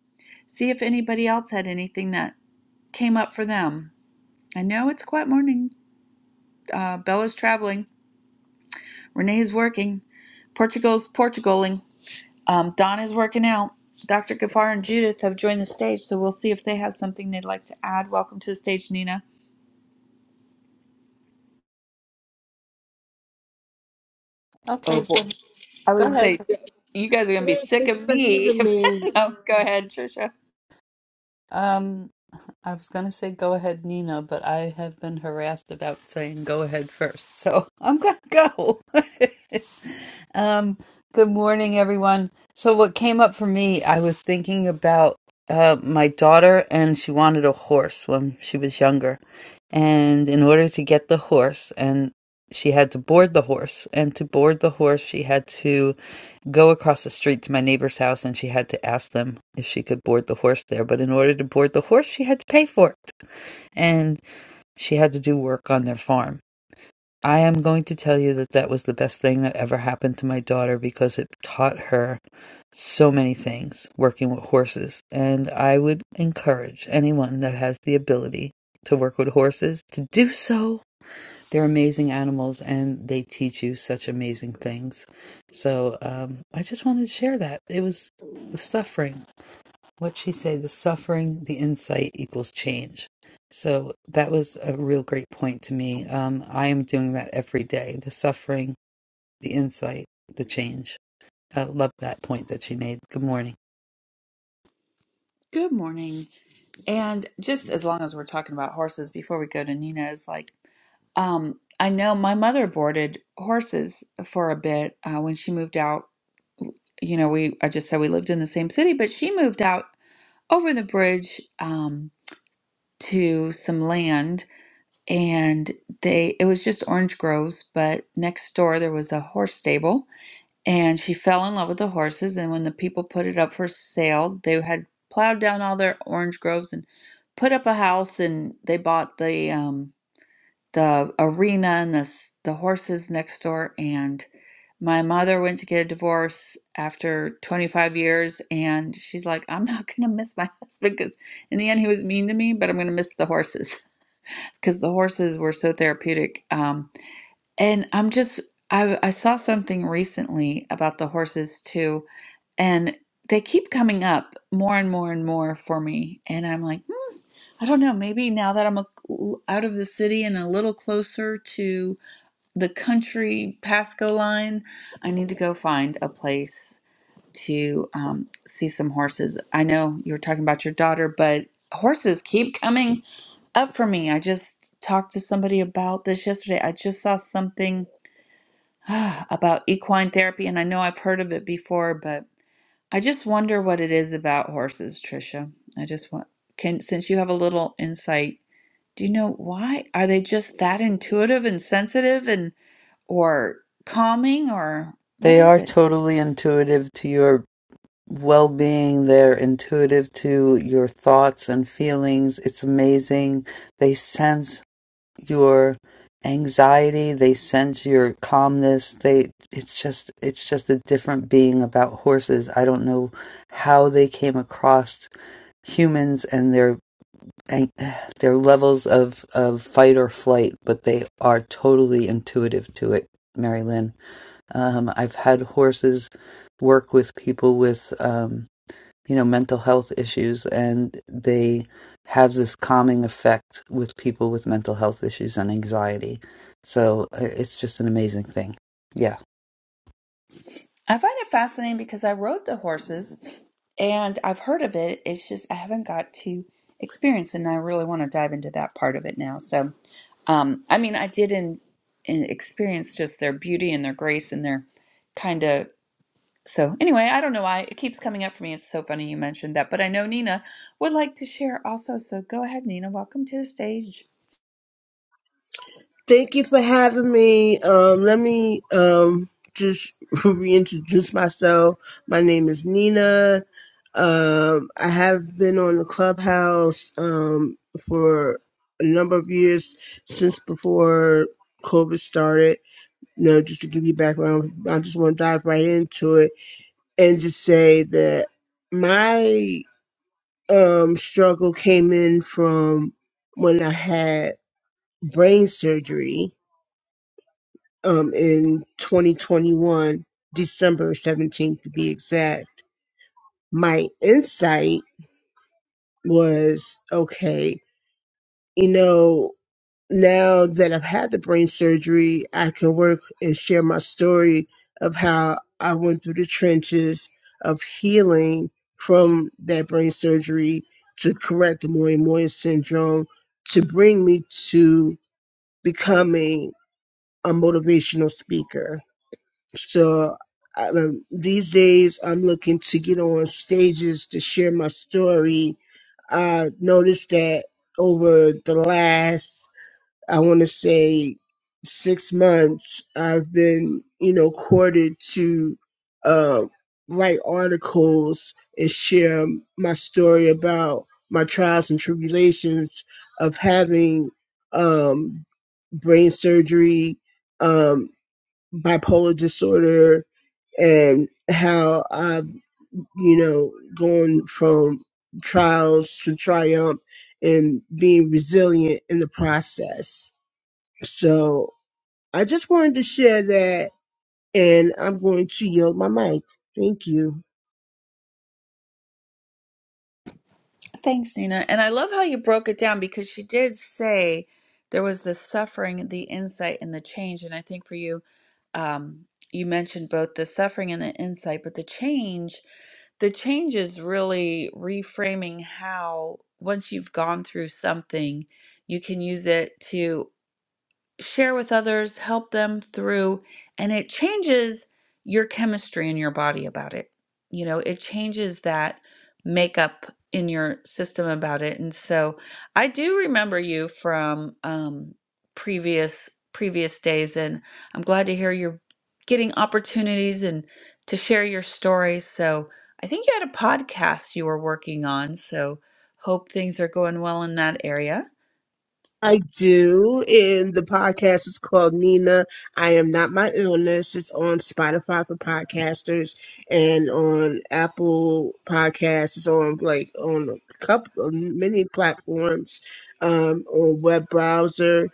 see if anybody else had anything that came up for them. I know it's quite morning. Uh, Bella's traveling. Renee is working. Portugal's Portugaling. Um, Don is working out. Dr. Gafar and Judith have joined the stage, so we'll see if they have something they'd like to add. Welcome to the stage, Nina. Oh, boy. I was going to say, you guys are going to be Hey, sick thank you of for me. having me. no, go ahead, Trisha. Good morning. And just as long as we're talking about horses, before we go to Nina, is like, um, I know my mother boarded horses for a bit uh, when she moved out. You know, we I just said we lived in the same city, but she moved out over the bridge um, to some land and they it was just orange groves but next door there was a horse stable and she fell in love with the horses and when the people put it up for sale they had plowed down all their orange groves and put up a house and they bought the um, the arena and the s- the horses next door and my mother went to get a divorce after 25 years and she's like I'm not going to miss my husband cuz in the end he was mean to me but I'm going to miss the horses cuz the horses were so therapeutic um and I'm just I I saw something recently about the horses too and they keep coming up more and more and more for me and i'm like hmm, i don't know maybe now that i'm a, out of the city and a little closer to the country pasco line i need to go find a place to um, see some horses i know you were talking about your daughter but horses keep coming up for me i just talked to somebody about this yesterday i just saw something about equine therapy and i know i've heard of it before but I just wonder what it is about horses, Trisha. I just want can since you have a little insight, do you know why? Are they just that intuitive and sensitive and or calming or what is it? I find it fascinating because I rode the horses and I've heard of it. It's just I haven't got to experience it and I really want to dive into that part of it now. So um I mean I did in, in experience just their beauty and their grace and their kind of So anyway, I don't know why it keeps coming up for me. It's so funny you mentioned that, but I know Nina would like to share also. So go ahead, Nina. Welcome to the stage. Thank you for having me. Um, let me um, just reintroduce myself. My name is Nina. Um, I have been on the clubhouse um, for a number of years since before COVID started. You know, just to give you background, I just want to dive right into it and just say that my um, struggle came in from when I had brain surgery um, in 2021, December 17th to be exact, my insight was okay, you know, now that I've had the brain surgery, I can work and share my story of how I went through the trenches of healing from that brain surgery to correct the Moyen-Moyen syndrome to bring me to becoming a motivational speaker So I, um, these days, I'm looking to get on stages to share my story. I noticed that over the last, I want to say, six months, I've been, you know, courted to uh, write articles and share my story about my trials and tribulations of having um, brain surgery, um, bipolar disorder, and how I've, you know, gone from trials to triumph and being resilient in the process. So I just wanted to share that, and I'm going to yield my mic. Thank you. Thanks, Nina. And I love how you broke it down because she did say there was the suffering, the insight, and the change. And I think for you, um, you mentioned both the suffering and the insight, but the change, the change is really reframing how once you've gone through something, you can use it to. share with others, help them through, and it changes your chemistry in your body about it. You know, it changes that makeup in your system about it. And so I do remember you from um, previous previous days, and I'm glad to hear you're getting opportunities and to share your story. So I think you had a podcast you were working on. So hope things are going well in that area. I do, and the podcast is called Nina. I am not my illness. It's on Spotify for podcasters and on Apple Podcasts. It's on like on a couple many platforms, um, on web browser.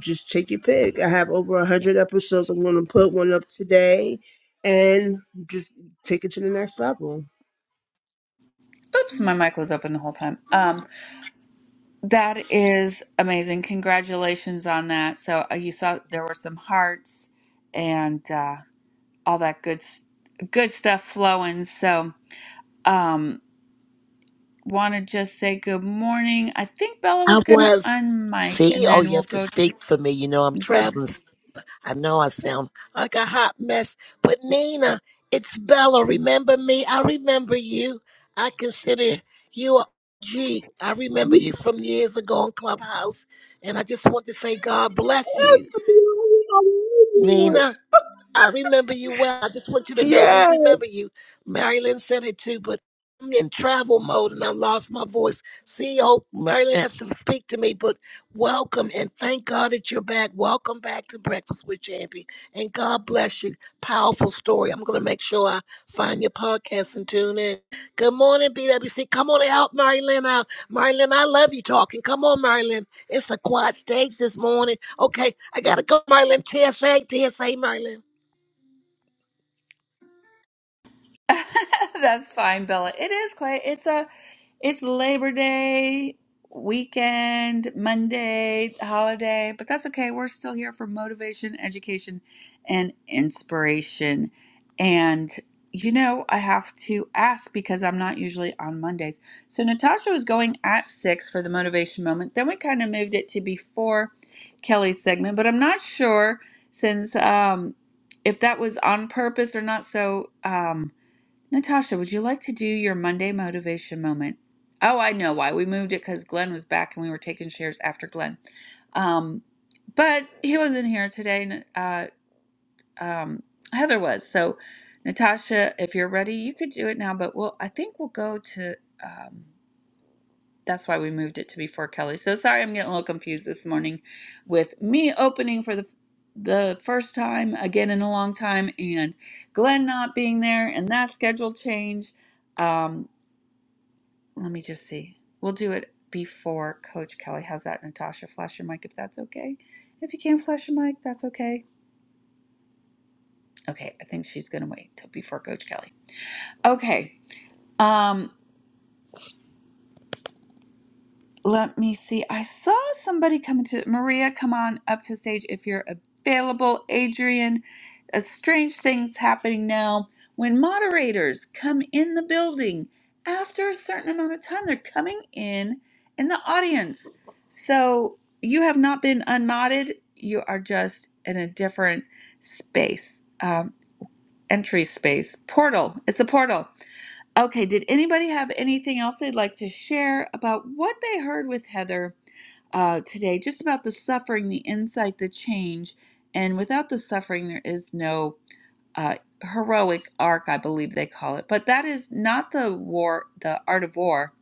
Just take your pick. I have over a hundred episodes. I'm going to put one up today, and just take it to the next level. Oops, my mic was open the whole time. Um, that is amazing. Congratulations on that. So uh, you saw there were some hearts and uh, all that good s- good stuff flowing. So. Um, want to just say good morning. I think Bella was I going to was. unmic, See, and oh, then you we'll have to go to speak for me. You know, I'm traveling. I know I sound like a hot mess, but Nina, it's Bella. Remember me? I remember you. I consider you a G. I remember you Yes, from years ago in Clubhouse, and I just want to say God bless you, yes, I love it. I love it. Nina. I remember you well. I just want you to know we Yes. remember you. Marilyn said it too, but I'm in travel mode and I lost my voice. CEO Marilyn has to speak to me, but welcome and thank God that you're back. Welcome back to Breakfast with Champion and God bless you. Powerful story. I'm going to make sure I find your podcast and tune in. Good morning, BWC. Come on and help Marilyn out. Marilyn, I love you talking. Come on, Marilyn. It's a quiet stage this morning. Okay, I got to go, Marilyn. TSA, TSA, Marilyn. That's fine, Bella. It is quite. It's a. It's Labor Day weekend, Monday holiday, but that's okay. We're still here for motivation, education, and inspiration. And you know, I have to ask because I'm not usually on Mondays. So Natasha was going at six for the motivation moment. Then we kind of moved it to before Kelly's segment, but I'm not sure since um, if that was on purpose or not. So. Um, Natasha, would you like to do your Monday motivation moment? Oh, I know why. We moved it because Glenn was back and we were taking shares after Glenn. Um, but he wasn't here today. and, Uh, um, Heather was. So, Natasha, if you're ready, you could do it now. But we'll, I think we'll go to. um, that's why we moved it to before Kelly. So sorry, I'm getting a little confused this morning with me opening for the the first time again in a long time, and Glenn not being there, and that schedule change. Um, let me just see. We'll do it before Coach Kelly. How's that, Natasha? Flash your mic if that's okay. If you can't flash your mic, that's okay. Okay, I think she's gonna wait till before Coach Kelly. Okay. Um, Let me see. I saw somebody coming to Maria. Come on up to stage if you're available. Adrian, a strange thing's happening now. When moderators come in the building after a certain amount of time, they're coming in in the audience. So you have not been unmodded. You are just in a different space, um, entry space, portal. It's a portal. Okay, did anybody have anything else they'd like to share about what they heard with Heather uh, today? Just about the suffering, the insight, the change. And without the suffering, there is no uh, heroic arc, I believe they call it. But that is not the war, the art of war.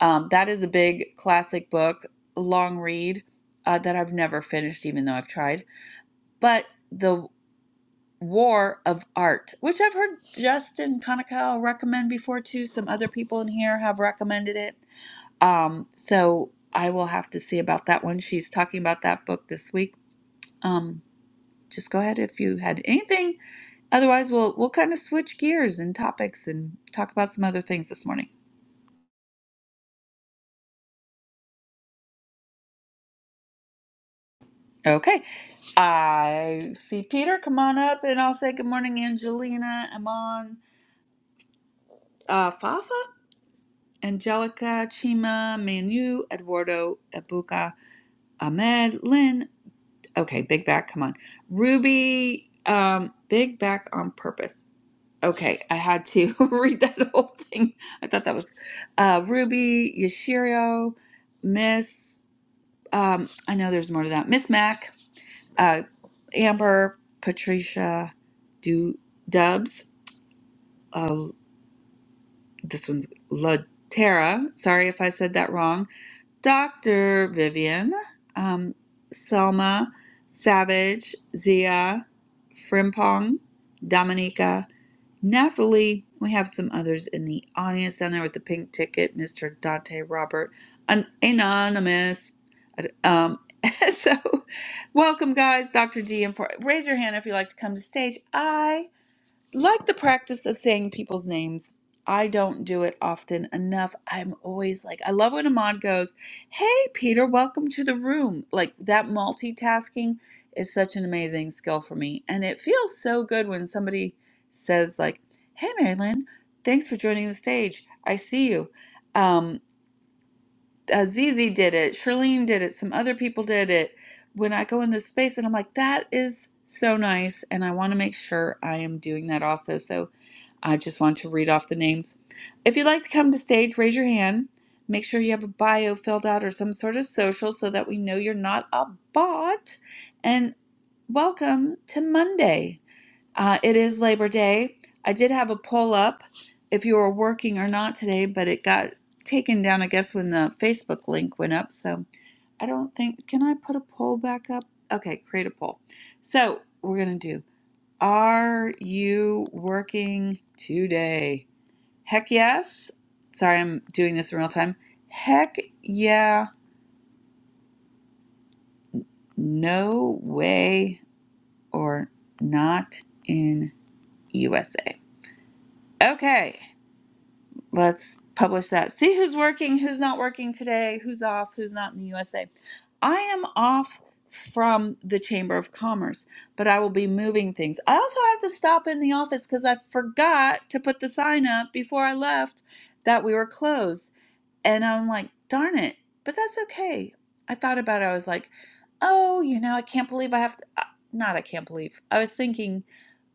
Um, that is a big classic book, long read uh, that I've never finished, even though I've tried. But the War of Art, which I've heard Justin Kanakawa recommend before too. Some other people in here have recommended it. Um, so I will have to see about that one. She's talking about that book this week. Um, just go ahead if you had anything. Otherwise, we'll we'll kind of switch gears and topics and talk about some other things this morning. Okay. I see Peter. Come on up, and I'll say good morning, Angelina, Amon, uh, Fafa, Angelica, Chima, Manu, Eduardo, Ebuka. Ahmed, Lynn. Okay, Big Back, come on. Ruby, um, Big Back on purpose. Okay, I had to read that whole thing. I thought that was uh, Ruby, Yashiro, Miss, um, I know there's more to that. Miss Mac, uh, Amber, Patricia, Do Dubs. Uh, this one's La Sorry if I said that wrong Dr. Vivian, um, Selma, Savage, Zia, Frimpong, Dominica, Nathalie. We have some others in the audience down there with the pink ticket, Mr. Dante Robert, an anonymous. Um, so, welcome, guys. Dr. D, and for, raise your hand if you'd like to come to stage. I like the practice of saying people's names. I don't do it often enough. I'm always like, I love when Ahmad goes, Hey, Peter, welcome to the room. Like that multitasking is such an amazing skill for me. And it feels so good when somebody says, like, Hey, Marilyn, thanks for joining the stage. I see you. Um, Azizi did it. Shirlene did it. Some other people did it. When I go in this space and I'm like, that is so nice. And I want to make sure I am doing that also. So I just want to read off the names. If you'd like to come to stage, raise your hand. Make sure you have a bio filled out or some sort of social so that we know you're not a bot. And welcome to Monday. Uh, it is Labor Day. I did have a poll up if you were working or not today, but it got taken down, I guess, when the Facebook link went up. So I don't think, can I put a poll back up? Okay, create a poll. So we're going to do. Are you working today? Heck yes. Sorry, I'm doing this in real time. Heck yeah, no way, or not in USA. Okay. let's publish that. See who's working, who's not working today, who's off, who's not in the USA. I am off from the Chamber of Commerce, but I will be moving things. I also have to stop in the office because I forgot to put the sign up before I left that we were closed. And I'm like, darn it. But that's okay. I thought about it. I was like, oh, you know, I can't believe I have to, uh, not I can't believe. I was thinking,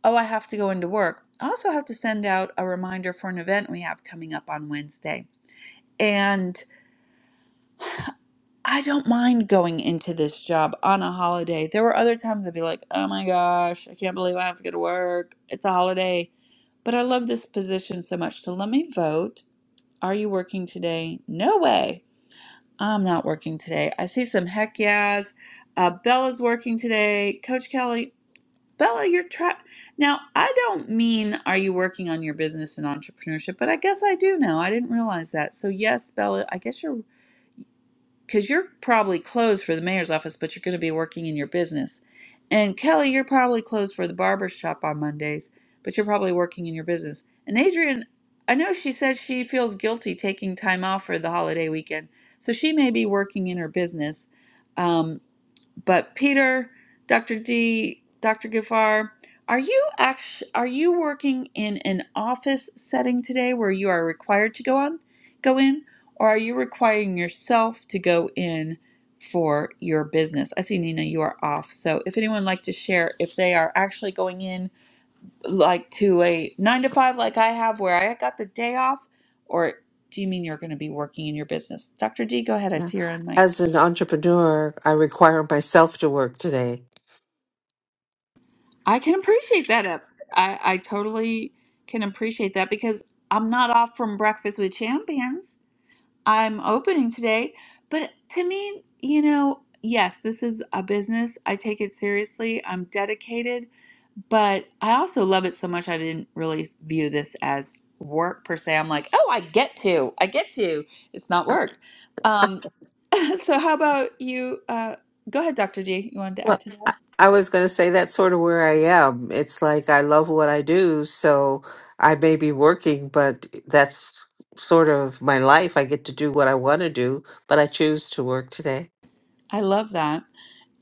oh, I have to go into work. I also have to send out a reminder for an event we have coming up on Wednesday. And I don't mind going into this job on a holiday. There were other times I'd be like, oh my gosh, I can't believe I have to go to work. It's a holiday. But I love this position so much. So let me vote. Are you working today? No way. I'm not working today. I see some heck yeahs. Uh, Bella's working today. Coach Kelly, Bella, you're try. Now, I don't mean are you working on your business and entrepreneurship, but I guess I do now. I didn't realize that. So yes, Bella, I guess you're because you're probably closed for the mayor's office, but you're going to be working in your business. And Kelly, you're probably closed for the barber shop on Mondays, but you're probably working in your business. And Adrian, I know she says she feels guilty taking time off for the holiday weekend, so she may be working in her business. Um. But Peter, Dr. D, Dr. Gifar, are you act- are you working in an office setting today where you are required to go on go in or are you requiring yourself to go in for your business? I see Nina you are off. So if anyone would like to share if they are actually going in like to a 9 to 5 like I have where I got the day off or do you mean you're going to be working in your business? Dr. D, go ahead. I Yeah. see you're on mic. As an entrepreneur, I require myself to work today. I can appreciate that. uh, I, I totally can appreciate that because I'm not off from Breakfast with Champions. I'm opening today. But to me, you know, yes, this is a business. I take it seriously. I'm dedicated. But I also love it so much I didn't really view this as work per se. I'm like, oh, I get to. I get to. It's not work. Um, so how about you? Uh, go ahead, Dr. G. You wanted to Well, add to that? I was going to say that's sort of where I am. It's like I love what I do, so I may be working, but that's sort of my life. I get to do what I want to do, but I choose to work today. I love that.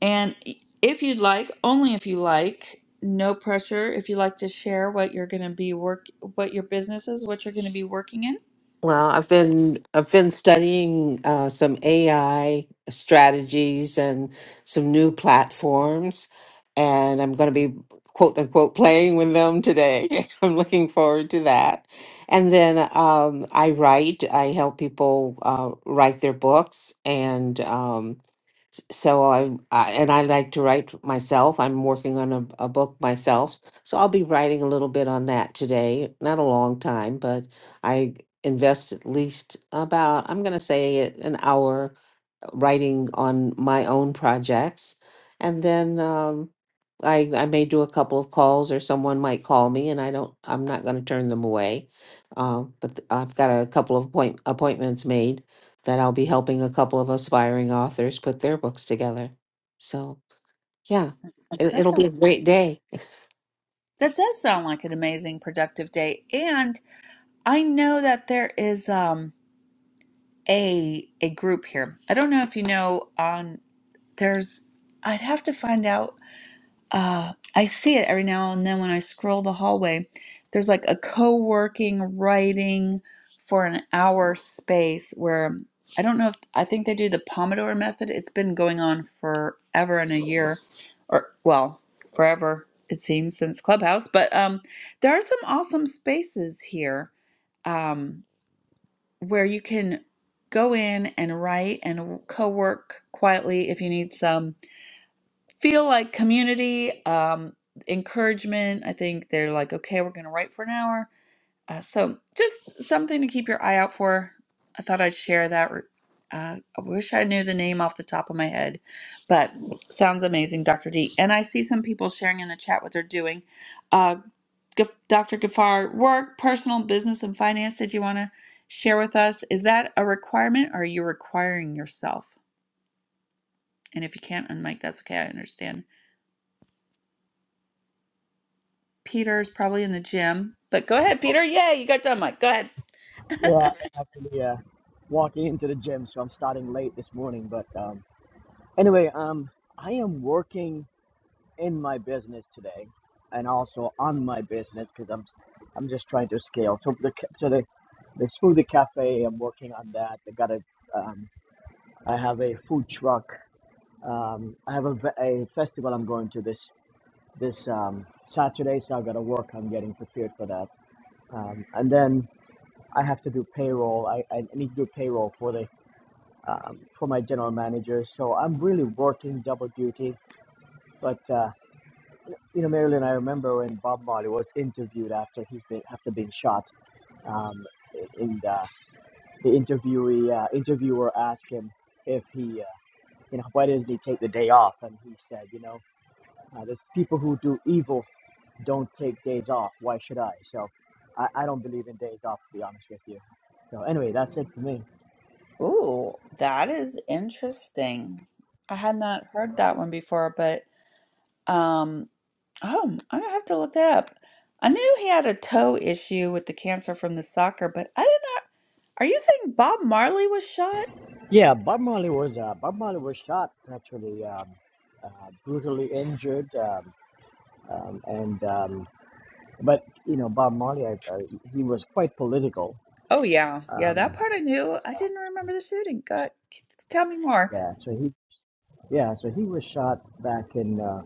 And if you'd like, only if you like, no pressure. If you like to share what you're going to be work, what your business is, what you're going to be working in, Well, I've been I've been studying uh, some AI strategies and some new platforms, and I'm going to be quote unquote playing with them today. I'm looking forward to that. And then um, I write. I help people uh, write their books, and um, S- So I, I and I like to write myself. I'm working on a, a book myself, so I'll be writing a little bit on that today. Not a long time, but I invest at least about I'm going to say it, an hour uh, writing on my own projects, and then. um, I I may do a couple of calls or someone might call me and I don't I'm not going to turn them away. Um, but th- I've got a couple of point appointments made that I'll be helping a couple of aspiring authors put their books together. So, yeah. It, that's it'll be not, a great day. that does sound like an amazing productive day. And I know that there is um a a group here. I don't know if you know on there's I'd have to find out uh, I see it every now and then when I scroll the hallway. There's like a co working writing for an hour space where I don't know if I think they do the Pomodoro method. It's been going on forever and a year, or well, forever it seems since Clubhouse. But um, there are some awesome spaces here um, where you can go in and write and co work quietly if you need some feel like community, um, encouragement. I think they're like, okay, we're going to write for an hour. Uh, so just something to keep your eye out for. I thought I'd share that. Uh, I wish I knew the name off the top of my head, but sounds amazing, Dr. D. And I see some people sharing in the chat what they're doing. Uh, G- Dr. Gafar, work, personal, business, and finance. Did you want to share with us? Is that a requirement or are you requiring yourself? And if you can't unmic, that's okay. I understand. Peter's probably in the gym. But go ahead, Peter. Yay, you got done, Mike. Go ahead. Yeah, I actually uh, walking into the gym, so I'm starting late this morning. But um, anyway, um, I am working in my business today, and also on my business because I'm I'm just trying to scale. So the ca- so the the smoothie cafe, I'm working on that. I got a um, I have a food truck. Um, I have a, ve- a festival I'm going to this this um, Saturday, so I got to work on getting prepared for that. Um, and then I have to do payroll. I, I need to do payroll for the um, for my general manager. So I'm really working double duty. But uh, you know, Marilyn, I remember when Bob Marley was interviewed after he's been after being shot. Um, and uh, the interviewee uh, interviewer asked him if he, uh, you know, why didn't he take the day off? And he said, you know, uh, the people who do evil don't take days off. Why should I? So I, I don't believe in days off, to be honest with you. So anyway, that's it for me. Ooh, that is interesting. I had not heard that one before, but um, oh, I'm gonna have to look that up. I knew he had a toe issue with the cancer from the soccer, but I did not. Are you saying Bob Marley was shot? Yeah, Bob Marley was uh, Bob Marley was shot actually, um, uh, brutally injured, um, um, and um, but you know Bob Marley, I, I, he was quite political. Oh yeah, yeah, that Um, part I knew. I didn't remember the shooting. God, c- tell me more. yeah, so he yeah, so he was shot back in uh,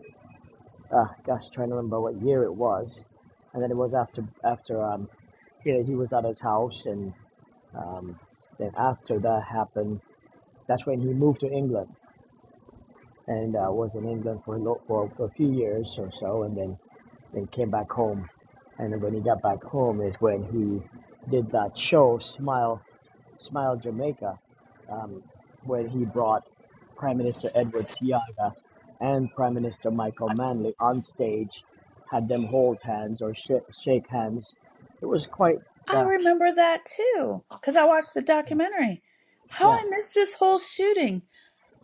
uh, gosh, trying to remember what year it was, and then it was after after um, you know, he was at his house, and um, then after that happened, that's when he moved to England and uh, was in England for a lo- for, for a few years or so, and then Then came back home, and when he got back home is when he did that show, Smile, Smile Jamaica, um, where he brought Prime Minister Edward Tiaga and Prime Minister Michael Manley on stage, had them hold hands or sh- shake hands. It was quite, I uh, remember that too, cause I watched the documentary. How yeah, I missed this whole shooting.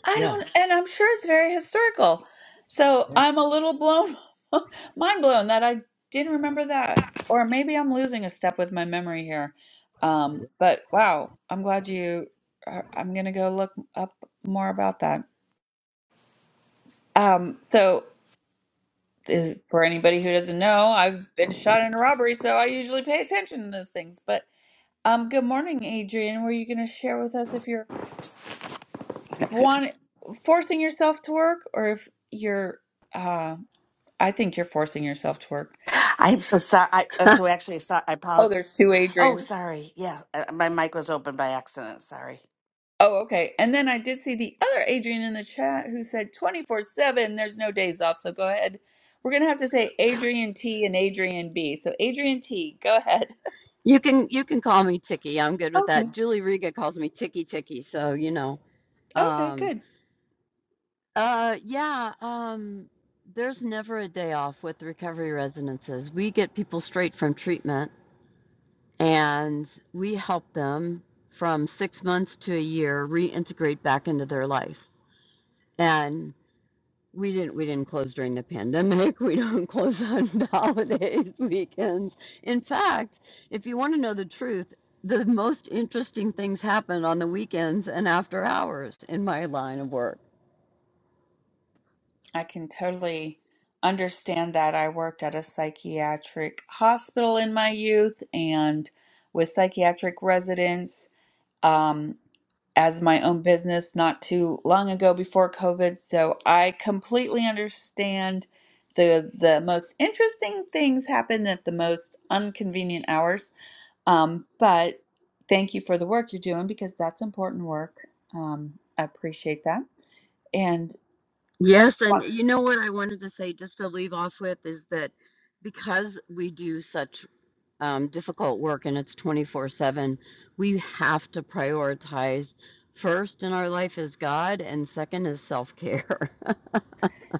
I yeah, don't, and I'm sure it's very historical. So yeah. I'm a little blown, mind blown that I didn't remember that. Or maybe I'm losing a step with my memory here. Um, but wow, I'm glad you, I- I'm going to go look up more about that. Um, so is, for anybody who doesn't know, I've been shot in a robbery, so I usually pay attention to those things. But um, good morning, Adrian. Were you going to share with us if you're one, forcing yourself to work or if you're, uh, I think you're forcing yourself to work. I'm so sorry. I, uh, so actually, so, I Oh, apologize. there's two Oh, Adrians. sorry. Yeah, uh, my mic was open by accident. Sorry. Oh, okay. And then I did see the other Adrian in the chat who said 24 7, there's no days off. So go ahead. We're going to have to say Adrian T and Adrian B. So Adrian T, go ahead. You can you can call me Tiki. I'm good with Okay. that. Julie Riga calls me Tiki Tiki, so you know. Okay, Um good. uh yeah, um there's never a day off with recovery residences. We get people straight from treatment and we help them from 6 months to a year reintegrate back into their life. And. We didn't we didn't close during the pandemic. We don't close on holidays, weekends. In fact, if you want to know the truth, the most interesting things happen on the weekends and after hours in my line of work. I can totally understand that. I worked at a psychiatric hospital in my youth and with psychiatric residents. Um, as my own business not too long ago before COVID, so I completely understand the the most interesting things happen at the most inconvenient hours. Um, but thank you for the work you're doing because that's important work. Um, I appreciate that. And Yes, and you know what I wanted to say just to leave off with is that because we do such um, difficult work and it's 24/7, we have to prioritize first in our life is God and second is self-care.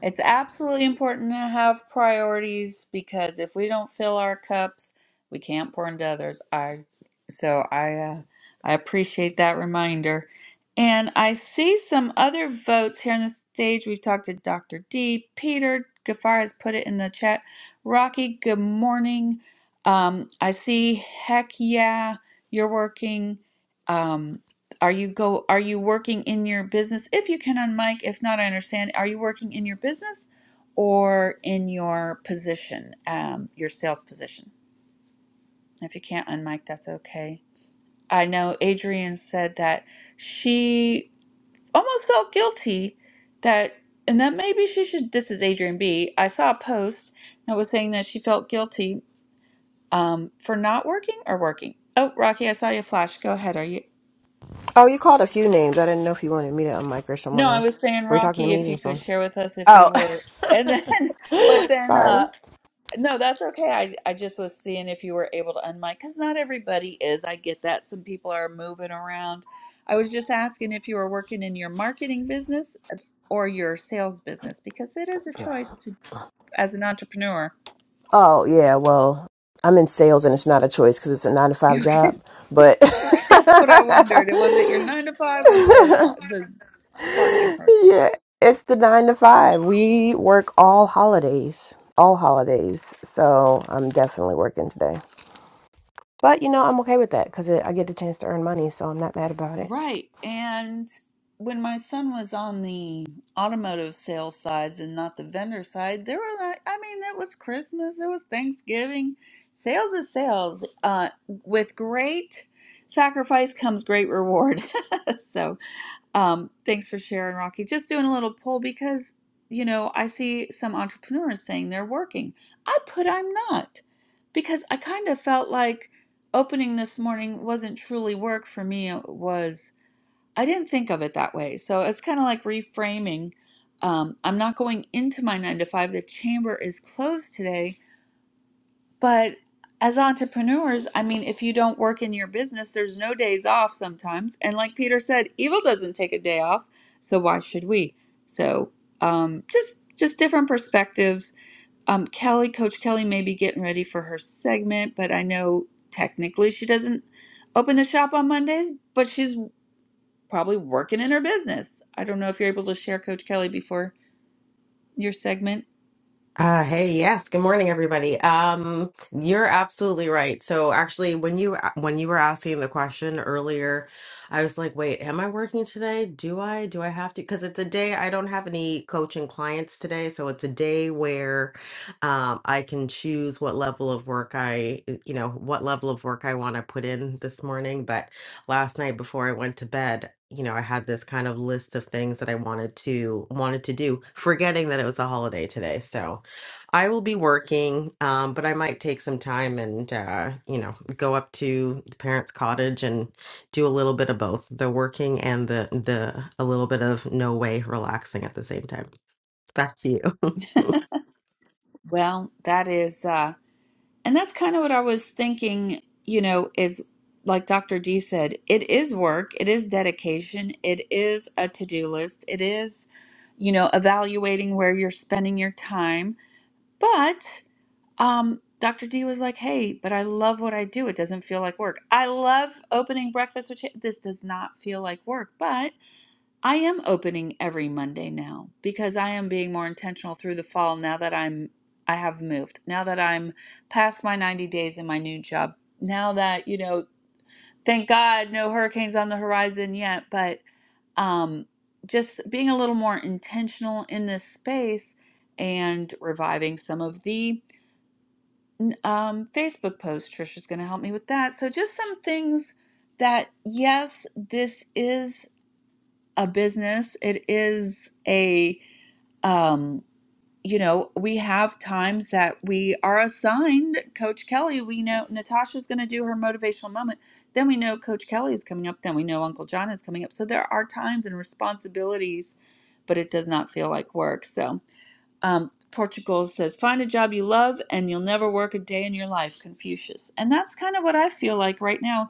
It's absolutely important to have priorities because if we don't fill our cups, we can't pour into others. I so I uh, I appreciate that reminder. And I see some other votes here on the stage. We've talked to Dr. D, Peter Gafar has put it in the chat. Rocky, good morning. Um, I see. Heck yeah, you're working. Um, are you go are you working in your business? If you can on if not, I understand. Are you working in your business or in your position, um, your sales position? If you can't on that's okay. I know Adrian said that she almost felt guilty that and that maybe she should this is Adrian B. I saw a post that was saying that she felt guilty um, for not working or working. Oh, Rocky, I saw you flash. Go ahead. Are you? Oh, you called a few names. I didn't know if you wanted me to unmic or someone No, I else. was saying, Were you talking to Rocky, me if or you could something? share with us if you Oh, were, and then, but then, sorry. uh, no, that's okay. I, I just was seeing if you were able to unmic, because not everybody is. I get that. Some people are moving around. I was just asking if you were working in your marketing business uh, or your sales business, because it is a choice to, as an entrepreneur. Oh, yeah. Well, I'm in sales and it's not a choice because it's a nine to five You job. can, But yeah, that's what I wondered. Was it your nine to five or the uh, the marketing program? it's the nine to five. We work all holidays, all holidays. So I'm definitely working today. But you know, I'm okay with that because I get the chance to earn money. So I'm not mad about it. Right. And when my son was on the automotive sales sides and not the vendor side, there were like, I mean, it was Christmas, it was Thanksgiving. Sales is sales. Uh, with great sacrifice comes great reward. so um, thanks for sharing, Rocky. Just doing a little poll because, you know, I see some entrepreneurs saying they're working. I put I'm not because I kind of felt like opening this morning wasn't truly work for me. It was. I didn't think of it that way. So it's kind of like reframing. Um, I'm not going into my nine to five. The chamber is closed today. But as entrepreneurs, I mean, if you don't work in your business, there's no days off sometimes. And like Peter said, evil doesn't take a day off. So why should we? So um, just just different perspectives. Um, Kelly, Coach Kelly, may be getting ready for her segment, but I know technically she doesn't open the shop on Mondays, but she's probably working in her business. I don't know if you're able to share Coach Kelly before your segment. Uh, hey, yes. Good morning, everybody. Um, you're absolutely right. So actually, when you when you were asking the question earlier, I was like, wait, am I working today? Do I? Do I have to? Because it's a day I don't have any coaching clients today, so it's a day where um, I can choose what level of work I, uh, you know, what level of work I want to put in this morning. But last night before I went to bed, you know, I had this kind of list of things that I wanted to wanted to do, forgetting that it was a holiday today. So I will be working, um, but I might take some time and, uh, you know, go up to the parents' cottage and do a little bit of both the working and the, the, a little bit of no way relaxing at the same time. Back to you. Well, that is, uh, and that's kind of what I was thinking, you know, is like Dr. D said, it is work, it is dedication, it is a to do list, it is, you know, evaluating where you're spending your time. But um, Dr. D was like, hey, but I love what I do. It doesn't feel like work. I love opening breakfast with Cha- This does not feel like work, but I am opening every Monday now because I am being more intentional through the fall now that I'm I have moved. Now that I'm past my 90 days in my new job. Now that, you know, thank God no hurricanes on the horizon yet, but um just being a little more intentional in this space and reviving some of the um, Facebook posts. Trisha's going to help me with that. So just some things that yes, this is a business. It is a, um, you know, we have times that we are assigned Coach Kelly. We know Natasha's going to do her motivational moment. Then we know Coach Kelly is coming up. Then we know Uncle John is coming up. So there are times and responsibilities, but it does not feel like work. So um, Portugal says, find a job you love and you'll never work a day in your life, Confucius. And that's kind of what I feel like right now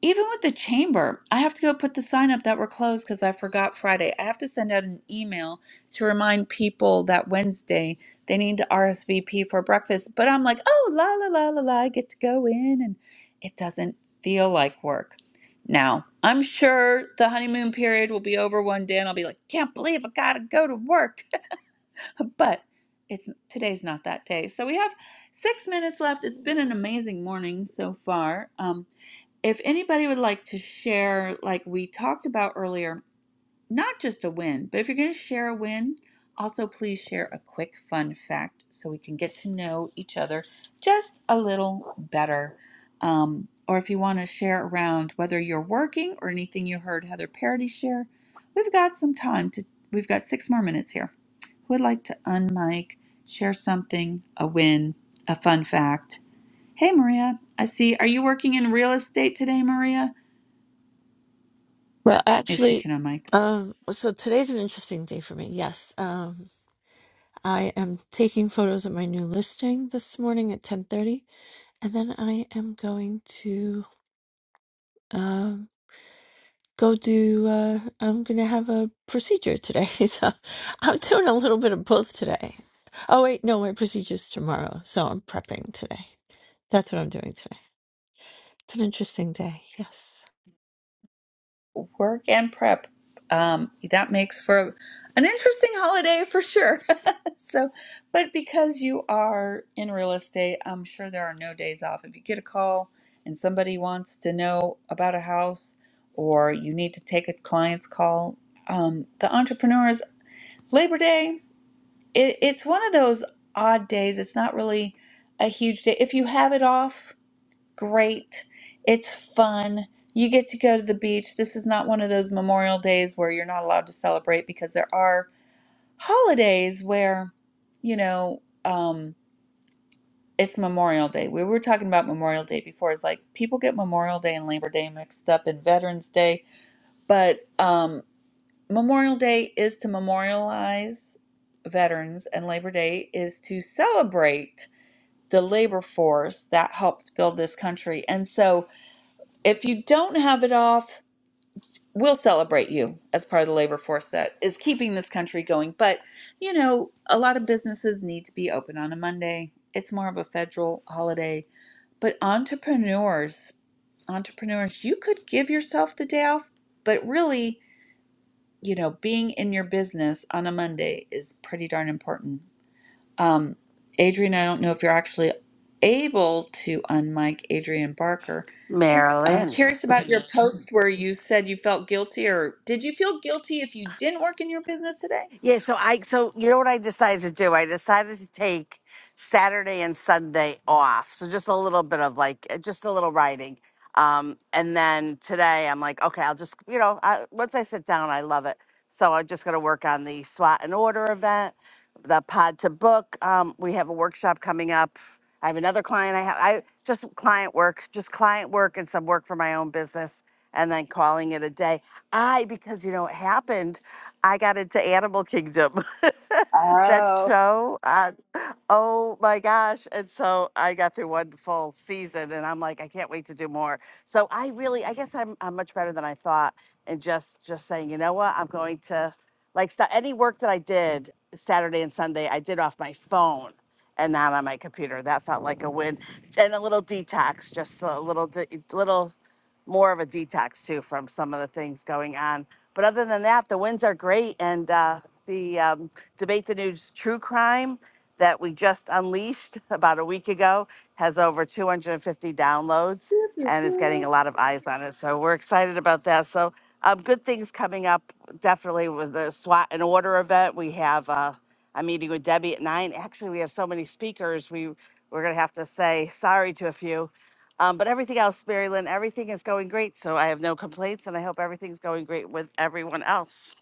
even with the chamber, I have to go put the sign up that we're closed because I forgot Friday. I have to send out an email to remind people that Wednesday they need to RSVP for breakfast. But I'm like, oh, la, la, la, la, la, I get to go in, and it doesn't feel like work. Now, I'm sure the honeymoon period will be over one day, and I'll be like, can't believe I gotta go to work. but it's today's not that day. So we have six minutes left. It's been an amazing morning so far. Um, if anybody would like to share, like we talked about earlier, not just a win, but if you're going to share a win, also please share a quick fun fact so we can get to know each other just a little better. Um, or if you want to share around whether you're working or anything you heard Heather Parody share, we've got some time to, we've got six more minutes here. Who would like to unmic, share something, a win, a fun fact? Hey, Maria. I see. Are you working in real estate today, Maria? Well, If she actually, can unmic. um, so today's an interesting day for me. Yes, um, I am taking photos of my new listing this morning at ten thirty, and then I am going to um, go do. Uh, I'm going to have a procedure today, so I'm doing a little bit of both today. Oh wait, no, my procedure's tomorrow, so I'm prepping today. That's what I'm doing today. It's an interesting day. Yes. Work and prep. Um, that makes for an interesting holiday for sure. so, but because you are in real estate, I'm sure there are no days off. If you get a call and somebody wants to know about a house or you need to take a client's call, um, the entrepreneurs, Labor Day, it, it's one of those odd days. It's not really a huge day. If you have it off, great. It's fun. You get to go to the beach. This is not one of those Memorial Days where you're not allowed to celebrate because there are holidays where, you know, um, it's Memorial Day. We were talking about Memorial Day before. It's like people get Memorial Day and Labor Day mixed up and Veterans Day, but um, Memorial Day is to memorialize veterans, and Labor Day is to celebrate the labor force that helped build this country. And so, If you don't have it off, we'll celebrate you as part of the labor force that is keeping this country going. But, you know, a lot of businesses need to be open on a Monday. It's more of a federal holiday. But entrepreneurs, entrepreneurs, you could give yourself the day off, but really, you know, being in your business on a Monday is pretty darn important. Um, Adrian, I don't know if you're actually able to unmic Adrian Barker I'm Marilyn. curious about your post where you said you felt guilty, or did you feel guilty if you didn't work in your business today? Yeah, so I so you know what I decided to do? I decided to take Saturday and Sunday off. So just a little bit of like uh, just a little writing. Um and then today I'm like, okay, I'll just you know, I, once I sit down, I love it. So I'm just going to work on the SWAT and order event, the pod to book. Um we have a workshop coming up. I have another client I have I just client work, just client work and some work for my own business and then calling it a day. I because you know it happened I got into Animal Kingdom, that Oh, show. Uh, oh my gosh. And so I got through one full season and I'm like, I can't wait to do more. So I really, I guess I'm, I'm much better than I thought. And just, just saying, you know what, I'm going to like st- any work that I did Saturday and Sunday, I did off my phone and not on my computer. That felt like a win and a little detox, just a little, de- little more of a detox too from some of the things going on but other than that, the wins are great. And uh, the um, Debate the News True Crime that we just unleashed about a week ago has over 250 downloads and is getting a lot of eyes on it. So we're excited about that. So um, good things coming up definitely with the SWAT and order event. We have uh, a meeting with Debbie at nine. Actually, we have so many speakers. We we're gonna have to say sorry to a few um, but everything else, Mary Lynn, everything is going great. So I have no complaints and I hope everything's going great with everyone else.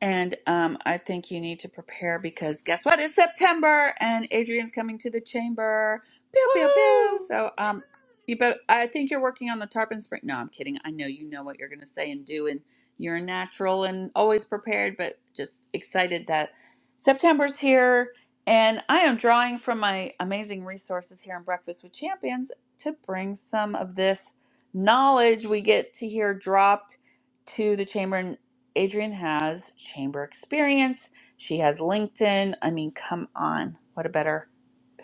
And um, I think you need to prepare because guess what? It's September, and Adrian's coming to the chamber. Pew pew pew. Woohoo! So um, you bet. I think you're working on the tarpon spring. No, I'm kidding. I know you know what you're going to say and do, and you're a natural and always prepared. But just excited that September's here, and I am drawing from my amazing resources here on Breakfast with Champions to bring some of this knowledge we get to hear dropped to the chamber. Adrian has chamber experience. She has LinkedIn. I mean, come on. What a better,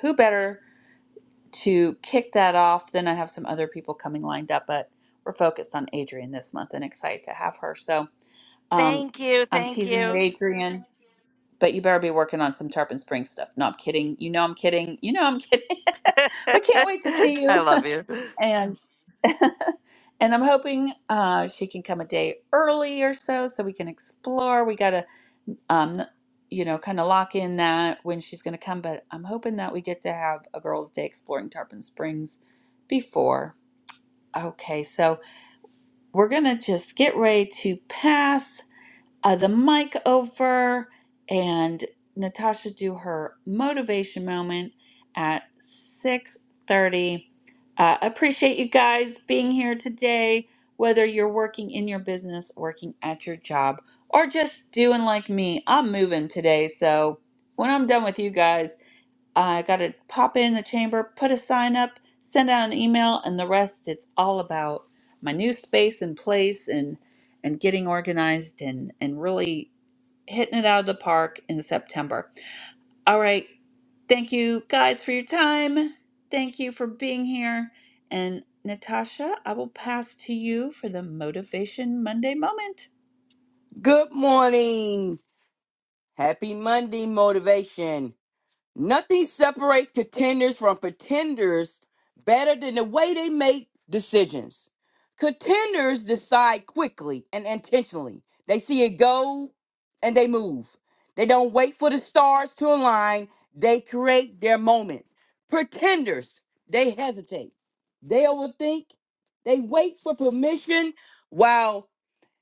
who better to kick that off than I have some other people coming lined up, but we're focused on Adrian this month and excited to have her. So um, Thank you. I'm Thank teasing you, you. Adrian, but you better be working on some Tarpon Spring stuff. No, I'm kidding. You know I'm kidding. You know I'm kidding. but can't wait to see I you. love you. And and I'm hoping uh, she can come a day early or so, so we can explore. We gotta um, you know, kind of lock in that when she's going to come. But I'm hoping that we get to have a girls' day exploring Tarpon Springs before. Okay, so we're going to just get ready to pass uh, the mic over and Natasha do her motivation moment at 6:30. Uh, appreciate you guys being here today, whether you're working in your business, working at your job, or just doing like me. I'm moving today, so when I'm done with you guys, I got to pop in the chamber, put a sign up, send out an email, and the rest it's all about my new space and place and and getting organized and and really hitting it out of the park in September. All right, thank you guys for your time. Thank you for being here. And Natasha, I will pass to you for the Motivation Monday moment. Good morning. Happy Monday motivation. Nothing separates contenders from pretenders better than the way they make decisions. Contenders decide quickly and intentionally. They see a goal and they move. They don't wait for the stars to align, they create their moment. Pretenders, they hesitate. They overthink. They wait for permission while.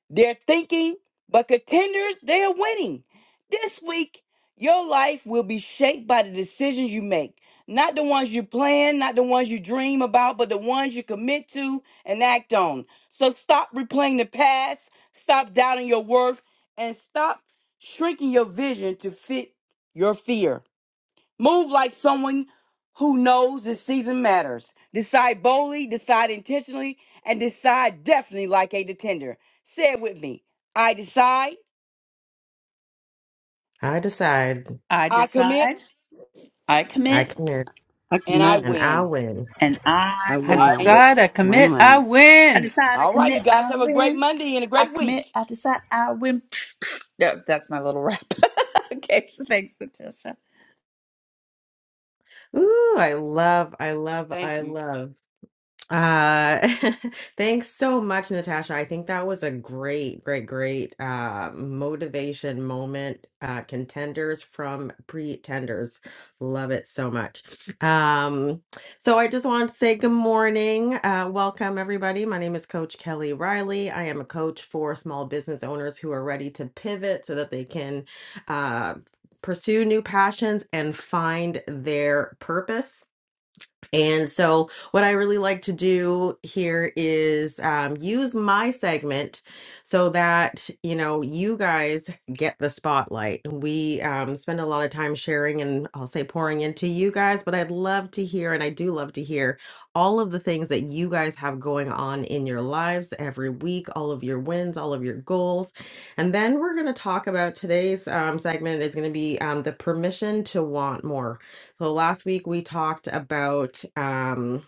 They're thinking, but contenders, they are winning. This week, your life will be shaped by the decisions you make. Not the ones you plan, not the ones you dream about, but the ones you commit to and act on. So stop replaying the past, stop doubting your worth, and stop shrinking your vision to fit your fear. Move like someone who knows this season matters. Decide boldly, decide intentionally, and decide definitely like a contender. Say it with me. I decide, I decide. I I decide, commit, I I commit, can. I and I commit. And I'll win. win. and I I win. And win. you Win win. I decide, I all right, you commit, guys I have a great win. Monday and a I great commit, week. I decide, I win. No, that's my little rap. okay, so thanks, Natasha. Ooh, I love, I love, Thank I you. love. Uh, thanks so much, Natasha. I think that was a great, great, great uh, motivation moment. Uh, contenders from pretenders. Love it so much. Um, so I just wanted to say good morning. Uh, welcome, everybody. My name is Coach Kelly Riley. I am a coach for small business owners who are ready to pivot so that they can uh, pursue new passions and find their purpose. And so, what I really like to do here is um, use my segment so that you know you guys get the spotlight. We um, spend a lot of time sharing and I'll say pouring into you guys, but I'd love to hear, and I do love to hear all of the things that you guys have going on in your lives every week, all of your wins, all of your goals. And then we're going to talk about today's um, segment is going to be um, the permission to want more so last week we talked about um,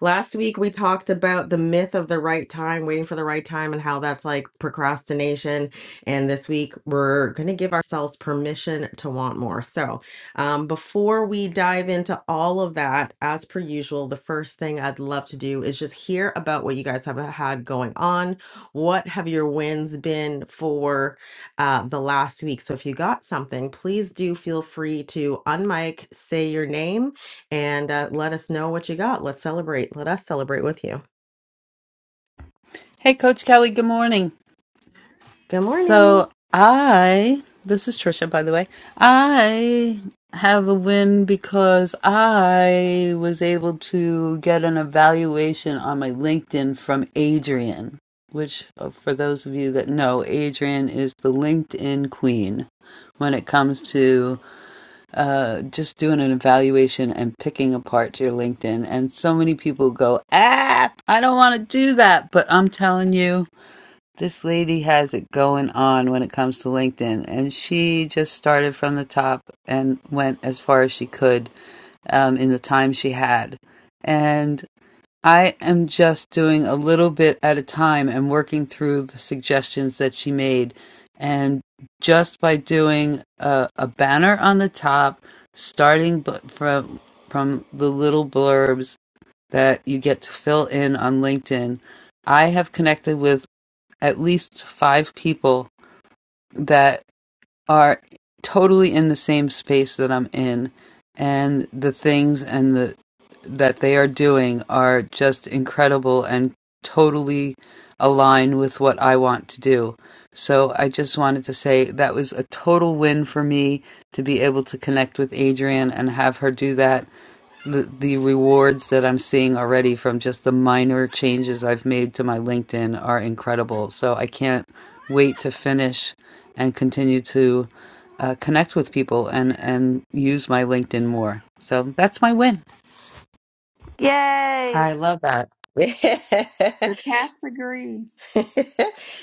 Last week we talked about the myth of the right time, waiting for the right time, and how that's like procrastination. And this week we're going to give ourselves permission to want more. So, um, before we dive into all of that, as per usual, the first thing I'd love to do is just hear about what you guys have had going on. What have your wins been for uh, the last week? So, if you got something, please do feel free to unmic, say your name and uh, let us know what you got. Let's celebrate. Let us celebrate with you. Good morning. Yay. I love that. The cats agree.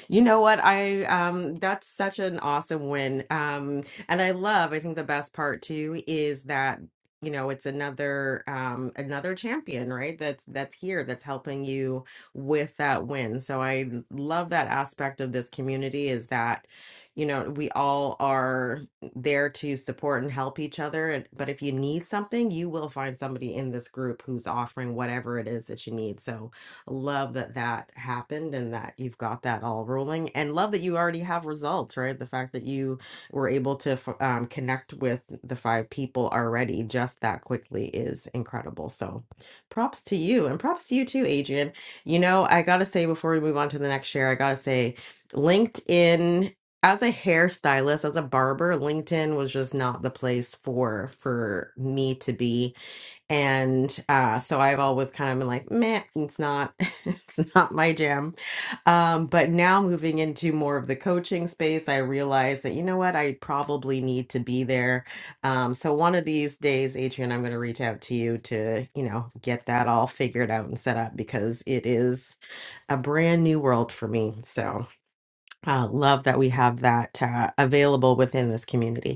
You know what? I um that's such an awesome win. Um and I love, I think the best part too is that you know it's another um another champion, right? That's that's here that's helping you with that win. So I love that aspect of this community is that you know we all are there to support and help each other and but if you need something you will find somebody in this group who's offering whatever it is that you need so love that that happened and that you've got that all rolling and love that you already have results right the fact that you were able to f- um, connect with the five people already just that quickly is incredible so props to you and props to you too adrian you know i gotta say before we move on to the next share i gotta say linkedin as a hairstylist as a barber linkedin was just not the place for for me to be and uh so I've always kind of been like, meh, it's not it's not my jam. Um, but now moving into more of the coaching space, I realize that you know what, I probably need to be there. Um, so one of these days, Adrian, I'm gonna reach out to you to, you know, get that all figured out and set up because it is a brand new world for me. So uh love that we have that uh, available within this community.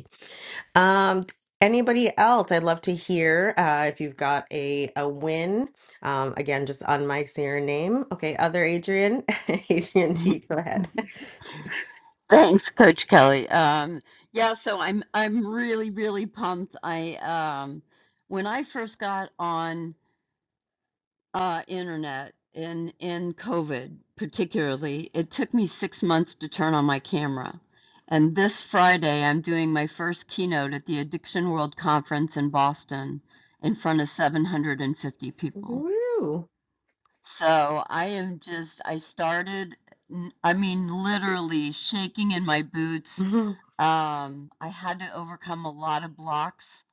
Um, anybody else? I'd love to hear uh, if you've got a a win. Um, again, just on my your name. Okay, other Adrian, Adrian T, go ahead. Thanks, Coach Kelly. Um, yeah, so I'm I'm really really pumped. I um, when I first got on uh, internet in in COVID particularly, it took me six months to turn on my camera. And this Friday, I'm doing my first keynote at the Addiction World Conference in Boston in front of 750 people. Woo! So I am just, I started, n- I mean, literally shaking in my boots. Mhm. Um, I had to overcome a lot of blocks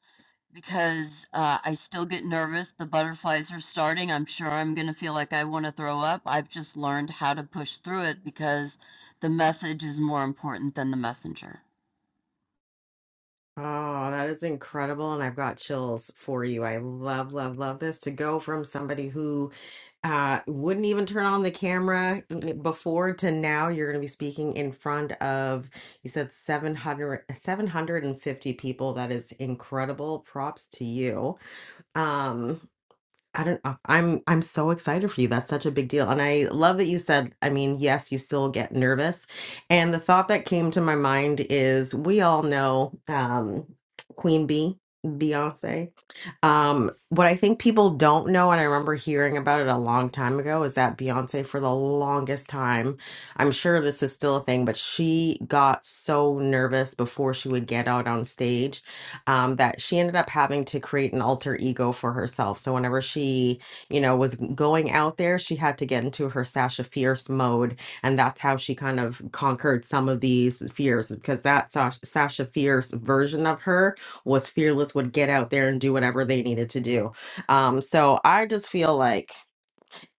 because uh, I still get nervous. The butterflies are starting. I'm sure I'm going to feel like I want to throw up. I've just learned how to push through it because the message is more important than the messenger. Oh, that is incredible, and I've got chills for you. I love, love, love this to go from somebody who uh wouldn't even turn on the camera before to now you're going to be speaking in front of you said 700, 750 people that is incredible props to you um I don't know. I'm I'm so excited for you. That's such a big deal. And I love that you said, I mean, yes, you still get nervous. And the thought that came to my mind is we all know um Queen Bee, Beyonce. Um, what I think people don't know, and I remember hearing about it a long time ago, is that Beyonce for the longest time, I'm sure this is still a thing, but she got so nervous before she would get out on stage um, that she ended up having to create an alter ego for herself. So whenever she, you know, was going out there, she had to get into her Sasha Fierce mode, and that's how she kind of conquered some of these fears because that Sasha, Sasha Fierce version of her was fearless, would get out there and do whatever they needed to do. Um, so I just feel like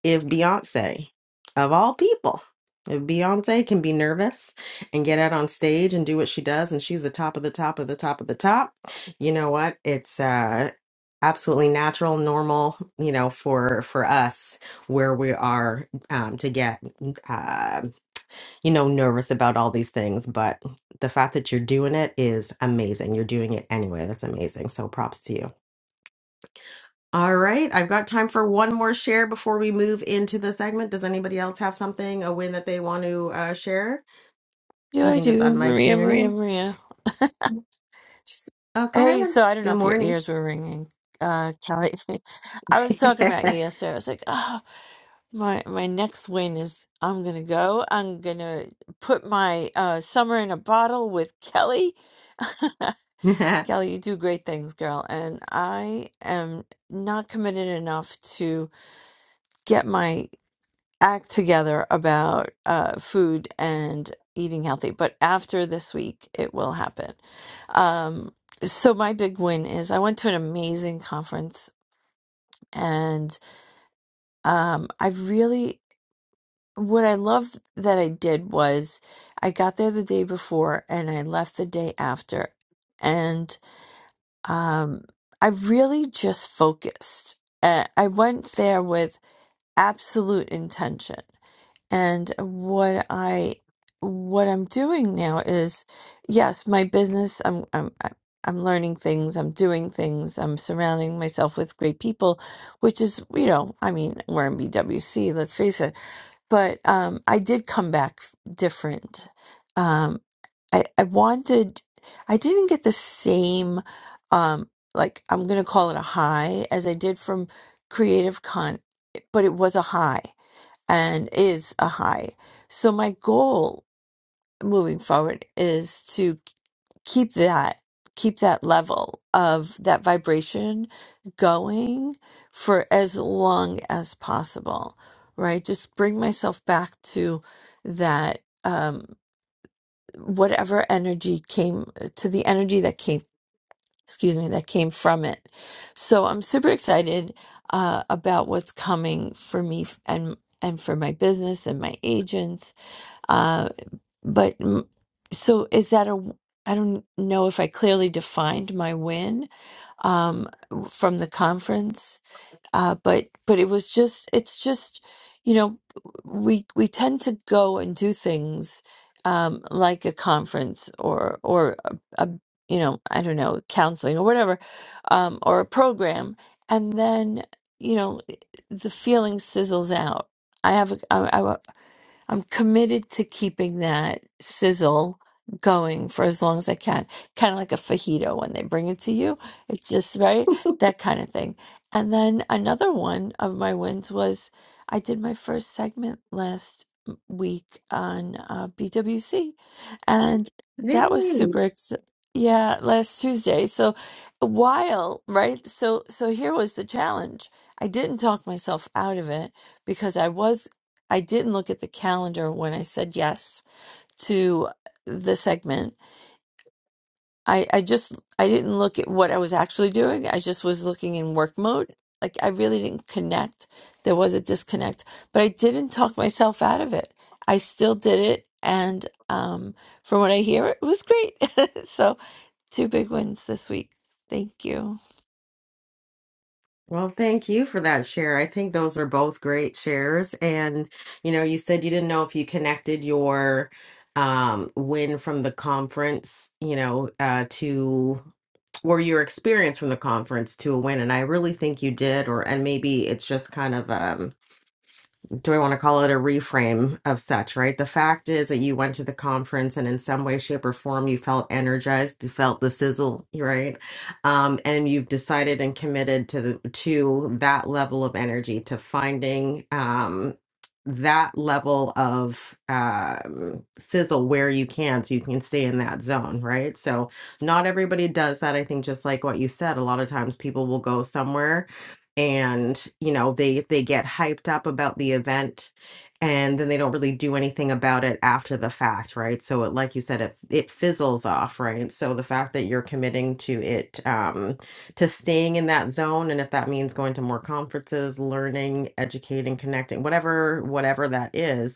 if Beyonce, of all people, if Beyonce can be nervous and get out on stage and do what she does, and she's the top of the top of the top of the top, you know what? It's uh, absolutely natural, normal, you know, for for us where we are um, to get, uh, you know, nervous about all these things. But the fact that you're doing it is amazing. You're doing it anyway. That's amazing. So props to you. All right, I've got time for one more share before we move into the segment. Does anybody else have something, a win that they want to uh, share? Do You I can just do, unmic, Maria, say your Maria, name. Maria? S- Oh, go ahead. Hey, so I don't know Good if your morning. ears were ringing, uh, Kelly. I was talking about you yesterday. I was like, oh, my my next win is I'm gonna go. I'm gonna put my uh summer in a bottle with Kelly. Kelly, you do great things, girl, and I am not committed enough to get my act together about uh, food and eating healthy. But after this week, it will happen. Um, so my big win is I went to an amazing conference, and um, I really what I loved that I did was I got there the day before and I left the day after, and um, I really just focused. Uh, I went there with absolute intention and what I what I'm doing now is yes, my business I'm I'm I- I'm learning things, I'm doing things, I'm surrounding myself with great people, which is, you know, I mean, we're in BWC, let's face it. But um I did come back f- different. Um I I wanted I didn't get the same um like I'm going to call it a high as I did from creative con but it was a high and is a high. So my goal moving forward is to keep that keep that level of that vibration going for as long as possible, right? Just bring myself back to that um whatever energy came to the energy that came excuse me that came from it. So I'm super excited uh about what's coming for me and and for my business and my agents uh, but mm, so is that a, w- I don't know if I clearly defined my win um, from the conference, uh, but but it was just it's just you know we we tend to go and do things um, like a conference or or a, a you know I don't know counseling or whatever um, or a program, and then you know the feeling sizzles out. I have a, I, I'm committed to keeping that sizzle going for as long as I can. Kind of like a fajito when they bring it to you. It's just right, that kind of thing. And then another one of my wins was I did my first segment last m- week on uh, BWC, and that was Yay. super ex- yeah, last Tuesday. So while, right? So so here was the challenge. I didn't talk myself out of it because I was I didn't look at the calendar when I said yes to the segment. I, I just I didn't look at what I was actually doing. I just was looking in work mode. Like I really didn't connect. There was a disconnect, but I didn't talk myself out of it. I still did it, and um, from what I hear, it was great. so two big wins this week. Thank you. Well, thank you for that share. I think those are both great shares. And, you know, you said you didn't know if you connected your um, win from the conference, you know, uh, to or your experience from the conference to a win. And I really think you did, or and maybe it's just kind of um, do I want to call it a reframe of such, right? The fact is that you went to the conference and in some way, shape, or form, you felt energized, you felt the sizzle, right? Um, and you've decided and committed to the, to that level of energy, to finding um, that level of um, sizzle where you can, so you can stay in that zone, right? So not everybody does that. I think just like what you said, a lot of times people will go somewhere and you know they they get hyped up about the event and then they don't really do anything about it after the fact right so it, like you said it it fizzles off right so the fact that you're committing to it um to staying in that zone and if that means going to more conferences learning educating connecting whatever whatever that is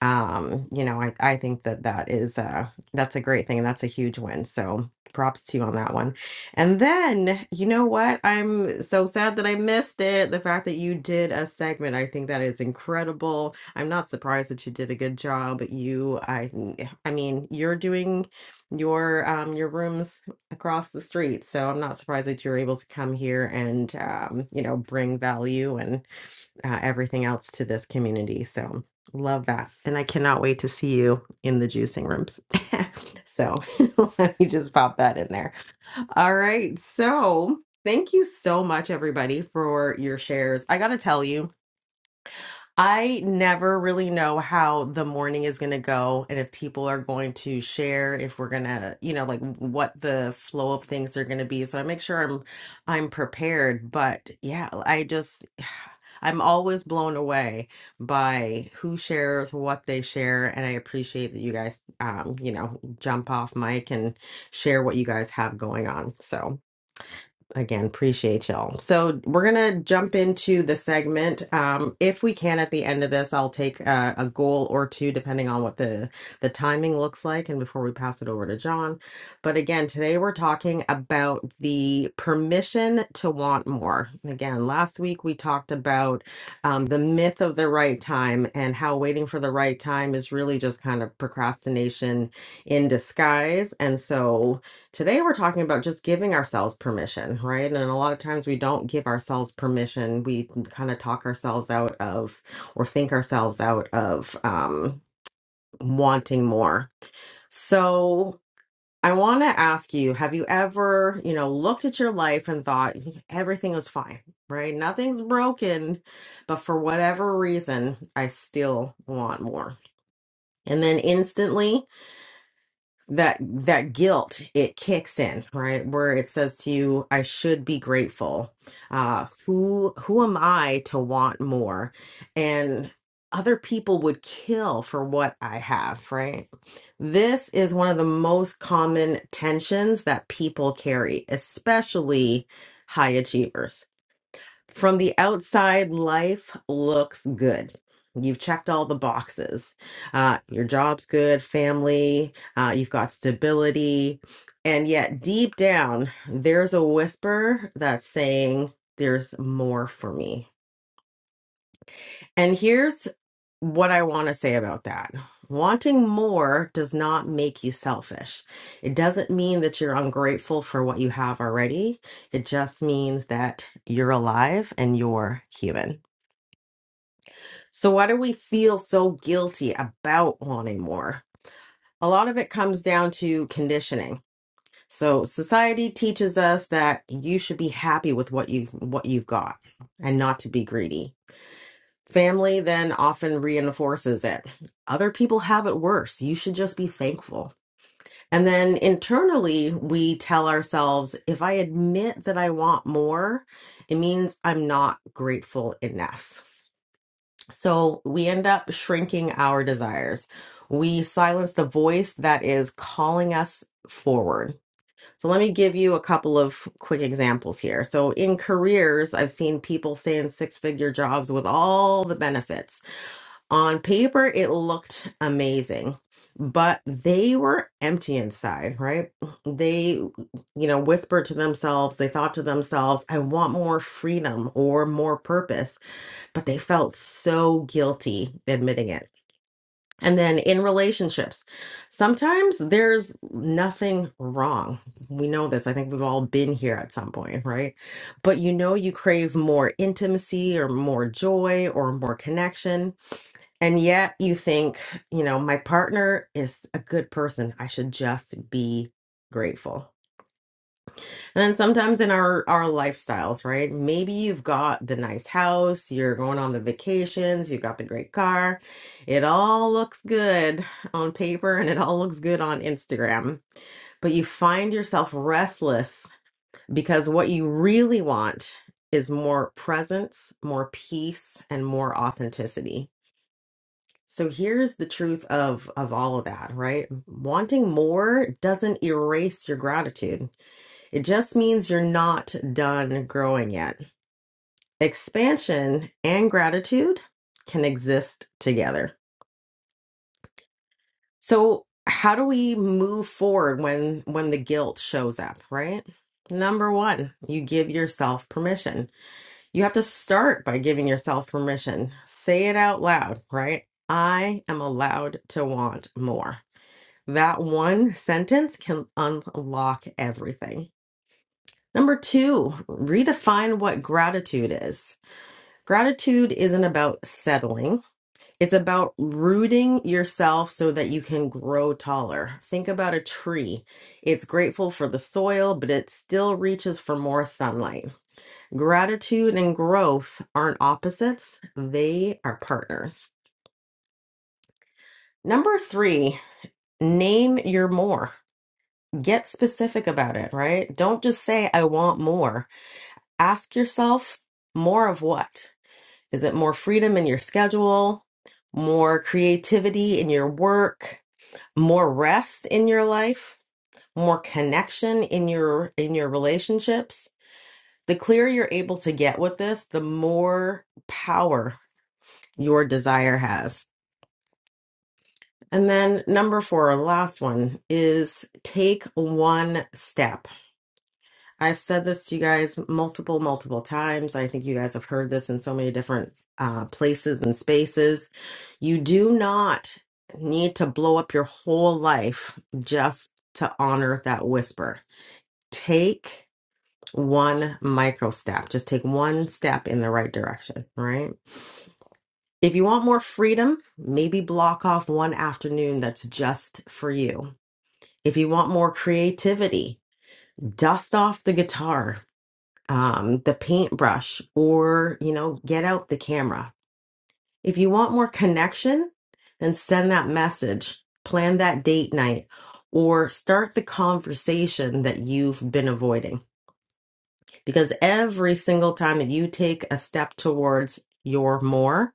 um you know i i think that that is uh that's a great thing and that's a huge win so props to you on that one and then you know what i'm so sad that i missed it the fact that you did a segment i think that is incredible i'm not surprised that you did a good job you i i mean you're doing your um your rooms across the street so i'm not surprised that you're able to come here and um you know bring value uh, everything else to this community. So love that. And I cannot wait to see you in the juicing rooms. so let me just pop that in there. All right. So thank you so much, everybody, for your shares. I got to tell you, I never really know how the morning is going to go and if people are going to share, if we're going to, you know, like what the flow of things are going to be. So I make sure I'm I'm prepared, but yeah, I just I'm always blown away by who shares what they share and I appreciate that you guys um, you know, jump off mic and share what you guys have going on. So again appreciate y'all so we're gonna jump into the segment um if we can at the end of this i'll take uh, a goal or two depending on what the the timing looks like and before we pass it over to john but again today we're talking about the permission to want more And again last week we talked about um, the myth of the right time and how waiting for the right time is really just kind of procrastination in disguise and so Today, we're talking about just giving ourselves permission, right? And a lot of times we don't give ourselves permission. We kind of talk ourselves out of or think ourselves out of um, wanting more. So, I want to ask you have you ever, you know, looked at your life and thought everything was fine, right? Nothing's broken, but for whatever reason, I still want more. And then instantly, that that guilt it kicks in right where it says to you i should be grateful uh who who am i to want more and other people would kill for what i have right this is one of the most common tensions that people carry especially high achievers from the outside, life looks good. You've checked all the boxes. Uh, your job's good, family, uh, you've got stability. And yet, deep down, there's a whisper that's saying, There's more for me. And here's what I want to say about that. Wanting more does not make you selfish. It doesn't mean that you're ungrateful for what you have already. It just means that you're alive and you're human. So, why do we feel so guilty about wanting more? A lot of it comes down to conditioning. So, society teaches us that you should be happy with what you what you've got and not to be greedy. Family then often reinforces it. Other people have it worse. You should just be thankful. And then internally, we tell ourselves if I admit that I want more, it means I'm not grateful enough. So we end up shrinking our desires. We silence the voice that is calling us forward. So let me give you a couple of quick examples here. So in careers, I've seen people stay in six figure jobs with all the benefits. On paper, it looked amazing. But they were empty inside, right? They, you know, whispered to themselves, they thought to themselves, I want more freedom or more purpose but they felt so guilty admitting it. And then in relationships, sometimes there's nothing wrong. We know this. I think we've all been here at some point, right? But you know, you crave more intimacy or more joy or more connection. And yet you think, you know, my partner is a good person. I should just be grateful. And sometimes in our our lifestyles, right? Maybe you've got the nice house, you're going on the vacations, you've got the great car. It all looks good on paper and it all looks good on Instagram. But you find yourself restless because what you really want is more presence, more peace, and more authenticity. So here's the truth of of all of that, right? Wanting more doesn't erase your gratitude it just means you're not done growing yet. Expansion and gratitude can exist together. So, how do we move forward when when the guilt shows up, right? Number 1, you give yourself permission. You have to start by giving yourself permission. Say it out loud, right? I am allowed to want more. That one sentence can unlock everything. Number two, redefine what gratitude is. Gratitude isn't about settling. It's about rooting yourself so that you can grow taller. Think about a tree. It's grateful for the soil, but it still reaches for more sunlight. Gratitude and growth aren't opposites, they are partners. Number three, name your more. Get specific about it, right? Don't just say, I want more. Ask yourself, more of what? Is it more freedom in your schedule, more creativity in your work, more rest in your life, more connection in your in your relationships? The clearer you're able to get with this, the more power your desire has. And then number 4, last one is take one step I've said this to you guys multiple, multiple times. I think you guys have heard this in so many different uh, places and spaces. You do not need to blow up your whole life just to honor that whisper. Take one micro step, just take one step in the right direction, right? If you want more freedom, maybe block off one afternoon that's just for you. If you want more creativity, dust off the guitar, um, the paintbrush or, you know, get out the camera. If you want more connection, then send that message, plan that date night, or start the conversation that you've been avoiding. Because every single time that you take a step towards your more,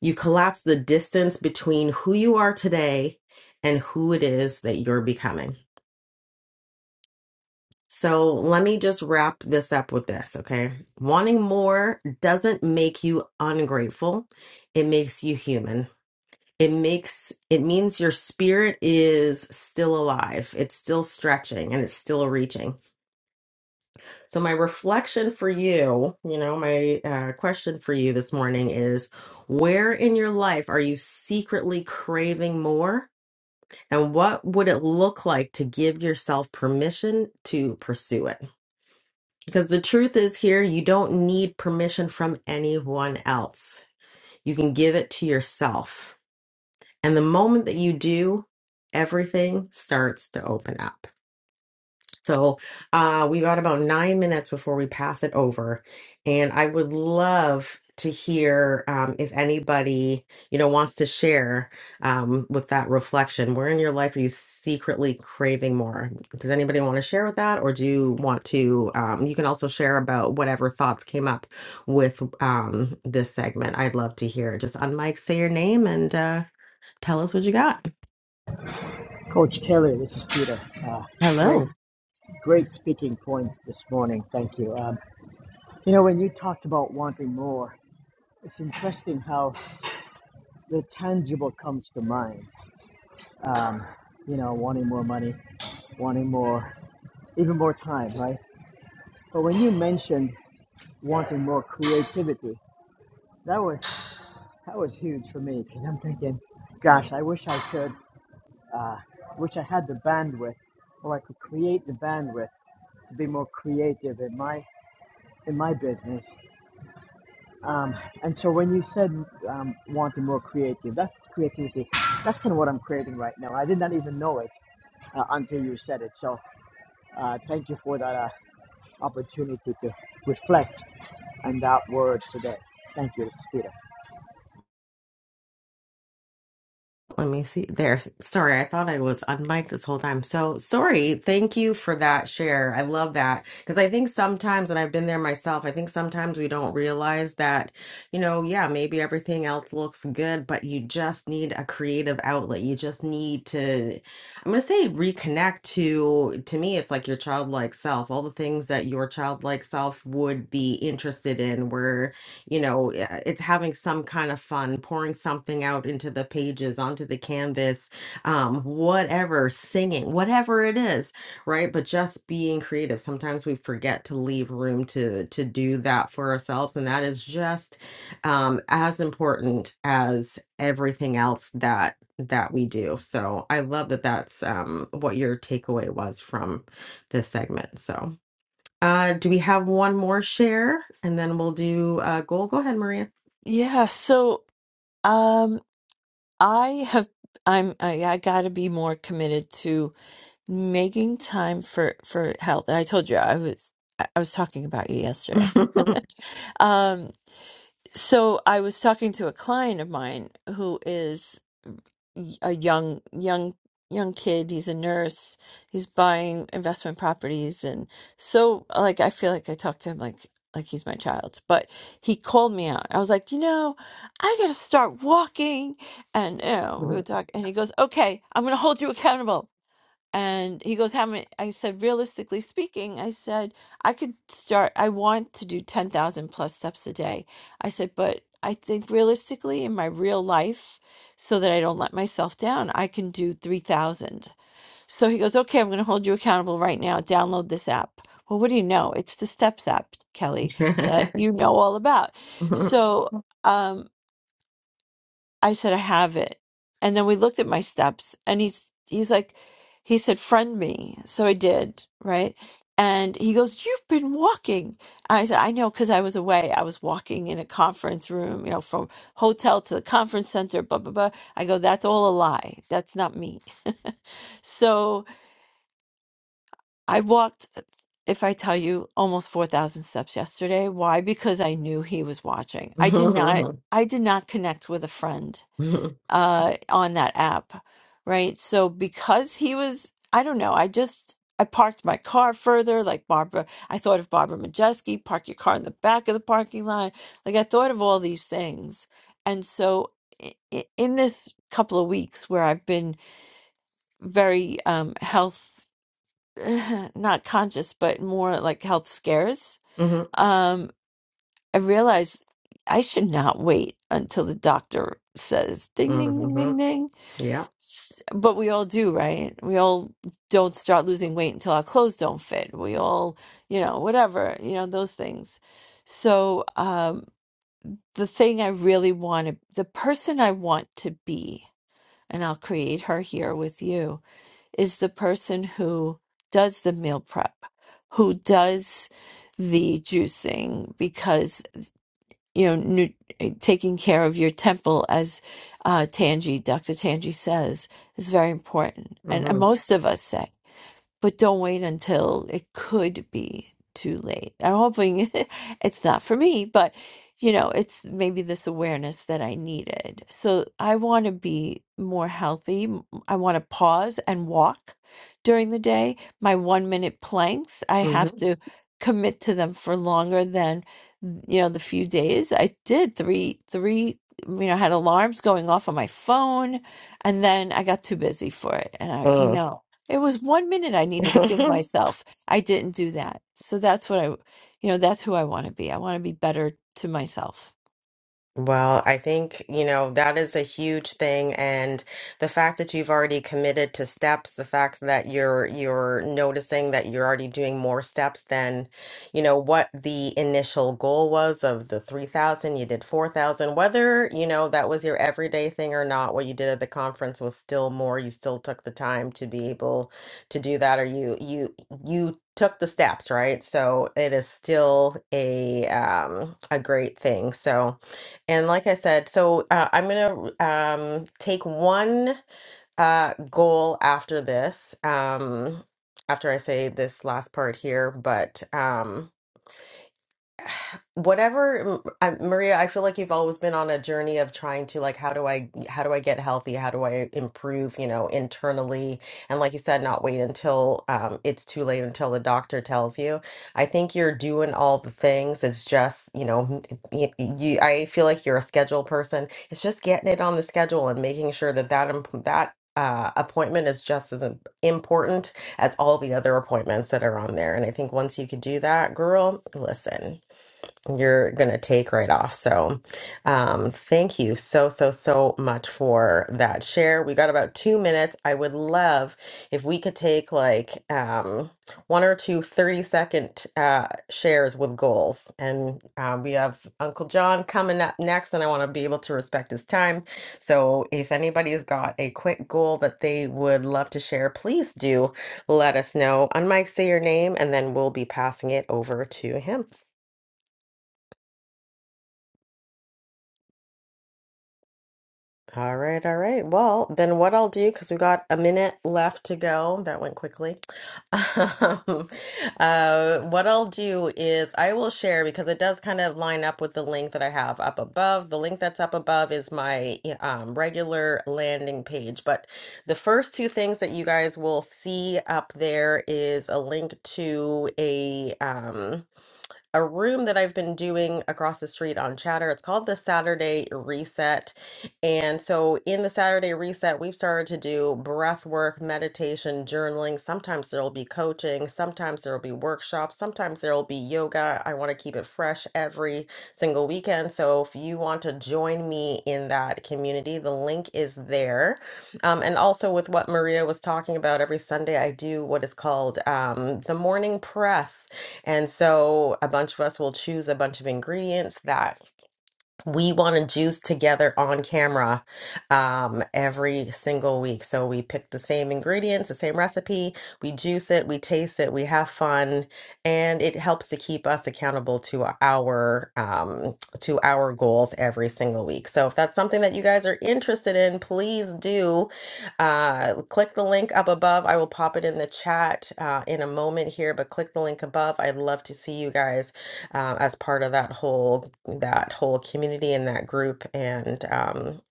you collapse the distance between who you are today and who it is that you're becoming. So let me just wrap this up with this, okay? Wanting more doesn't make you ungrateful. It makes you human. It makes it means your spirit is still alive. It's still stretching and it's still reaching. So my reflection for you, you know, my uh, question for you this morning is where in your life are you secretly craving more? And what would it look like to give yourself permission to pursue it? Because the truth is, here, you don't need permission from anyone else. You can give it to yourself. And the moment that you do, everything starts to open up. So uh, we got about nine minutes before we pass it over, and I would love to hear um, if anybody you know wants to share um, with that reflection. Where in your life are you secretly craving more? Does anybody want to share with that, or do you want to? Um, you can also share about whatever thoughts came up with um, this segment. I'd love to hear. Just unmic, say your name, and uh, tell us what you got. Coach Kelly, this is Peter. Uh, Hello. great, great speaking points this morning. Thank you. Um, you know, when you talked about wanting more, it's interesting how the tangible comes to mind. Um, you know, wanting more money, wanting more, even more time, right? But when you mentioned wanting more creativity, that was that was huge for me because I'm thinking, gosh, I wish I could, uh, wish I had the bandwidth, or I could create the bandwidth to be more creative in my in my business. Um, and so when you said um, wanting more creative, that's creativity. That's kind of what I'm creating right now. I did not even know it uh, until you said it. So Uh, thank you for that uh, opportunity to reflect on that word today. Thank you, this is Peter. Let me see. There. Sorry, I thought I was unmiked this whole time. So sorry. Thank you for that share. I love that because I think sometimes, and I've been there myself, I think sometimes we don't realize that, you know, yeah, maybe everything else looks good, but you just need a creative outlet. You just need to, I'm going to say reconnect to, to me, it's like your childlike self, all the things that your childlike self would be interested in, where you know, uh, it's having some kind of fun, pouring something out into the pages, onto the canvas, um, whatever, singing, whatever it is, right? But just being creative. Sometimes we forget to leave room to to do that for ourselves, and that is just um, as important as everything else that that we do. So I love that that's um, what your takeaway was from this segment. So. Uh, do we have one more share? And then we'll do uh, goal. Go ahead, Maria. Yeah. So um, I have. I'm. I, I got to be more committed to making time for for health And i told you i was i I was talking about you yesterday um so i was talking to a client of mine who is y- a young young young kid he's a nurse he's buying investment properties and so like i feel like i talk to him like like he's my child but he called me out i was like you know i gotta start walking and you know we would talk and he goes okay i'm gonna hold you accountable and he goes, How many? I said, Realistically speaking, I said, I could start, I want to do 10,000 plus steps a day. I said, But I think realistically in my real life, so that I don't let myself down, I can do 3,000. So he goes, Okay, I'm going to hold you accountable right now. Download this app. Well, what do you know? It's the Steps app, Kelly, that you know all about. So, um, I said, I have it. And then we looked at my steps and he's he's like he said, Friend me. So I did, right? And he goes, You've been walking. I said, I know, because I was away. I was walking in a conference room, you know, from hotel to the conference center, blah, blah, blah. I go, That's all a lie. That's not me. so I walked, uh, if I tell you, almost 4,000 steps yesterday. Why? Because I knew he was watching. I did not, I did not connect with a friend uh, on that app, right? So because he was, I don't know, I just I parked my car further, like Barbara. I thought of Barbara Majeski, park your car in the back of the parking lot. Like I thought of all these things, and so i- i- in this couple of weeks where I've been very um, health not conscious, but more like health scares, um, I realized I should not wait until the doctor says ding ding ding ding ding yeah. S- But we all do, right? We all don't start losing weight until our clothes don't fit. We all, you know, whatever, you know, those things. So, um, the thing I really want to, the person I want to be, and I'll create her here with you, is the person who does the meal prep, who does the juicing, because you know, nu- eh, taking care of your temple, as uh, Tangi, Dr. Tangi says, is very important. And, and Mhm. most of us say but don't wait until it could be too late. I'm hoping it's not for me, but you know, it's maybe this awareness that I needed. So I want to be more healthy. M- I want to pause and walk during the day. My one minute planks, I have to commit to them for longer than you know the few days i did three three you know had alarms going off on my phone and then i got too busy for it and i no it was one minute I needed to give Mhm. myself. I didn't do that. So that's what I, you know, that's who I want to be. I want to be better to myself. Well, I think, you know, that is a huge thing. And the fact that you've already committed to steps, the fact that you're you're noticing that you're already doing more steps than, you know, what the initial goal was of the 3,000, you did 4,000, whether, you know, that was your everyday thing or not, what you did at the conference was still more. You still took the time to be able to do that, or you you you took the steps, right? So it is still a um a great thing. So and like I said, so uh, I'm gonna um, take one uh, goal after this, um, after I say this last part here. But um, whatever I, Maria, I feel like you've always been on a journey of trying to like how do I how do I get healthy? How do I improve, you know, internally? And like you said, not wait until um, it's too late until the doctor tells you. I think you're doing all the things. It's just, you know, you, you I feel like you're a schedule person. It's just getting it on the schedule and making sure that that imp- that uh, appointment is just as im- important as all the other appointments that are on there. And I think once you could do that, girl, listen you're gonna take right off. So, um, thank you so so so much for that share. We got about two minutes. I would love if we could take like um, one or two thirty second uh, shares with goals. And um, we have Uncle John coming up next, and I want to be able to respect his time. So, if anybody's got a quick goal that they would love to share, please do let us know. Unmic, say your name, and then we'll be passing it over to him. All right, all right. Well, then what I'll do, because we got a minute left to go, that went quickly. Um, uh, what I'll do is I will share because it does kind of line up with the link that I have up above. The link that's up above is my um, regular landing page, but the first two things that you guys will see up there is a link to a um, a room that I've been doing across the street on Chatter. It's called the Saturday Reset. And so in the Saturday Reset, we've started to do breath work, meditation, journaling. Sometimes there'll be coaching, sometimes there'll be workshops, sometimes there'll be yoga. I want to keep it fresh every single weekend. So if you want to join me in that community, the link is there. Um, and also with what Maria was talking about, every Sunday I do what is called um, the morning press. And so a bunch of us will choose a bunch of ingredients that we want to juice together on camera um, every single week. So we pick the same ingredients, the same recipe, we juice it, we taste it, we have fun, and it helps to keep us accountable to our um, to our goals every single week. So if that's something that you guys are interested in, please do uh, click the link up above. I will pop it in the chat uh, in a moment here, but click the link above. I'd love to see you guys um, as part of that whole that whole community and that group. And um,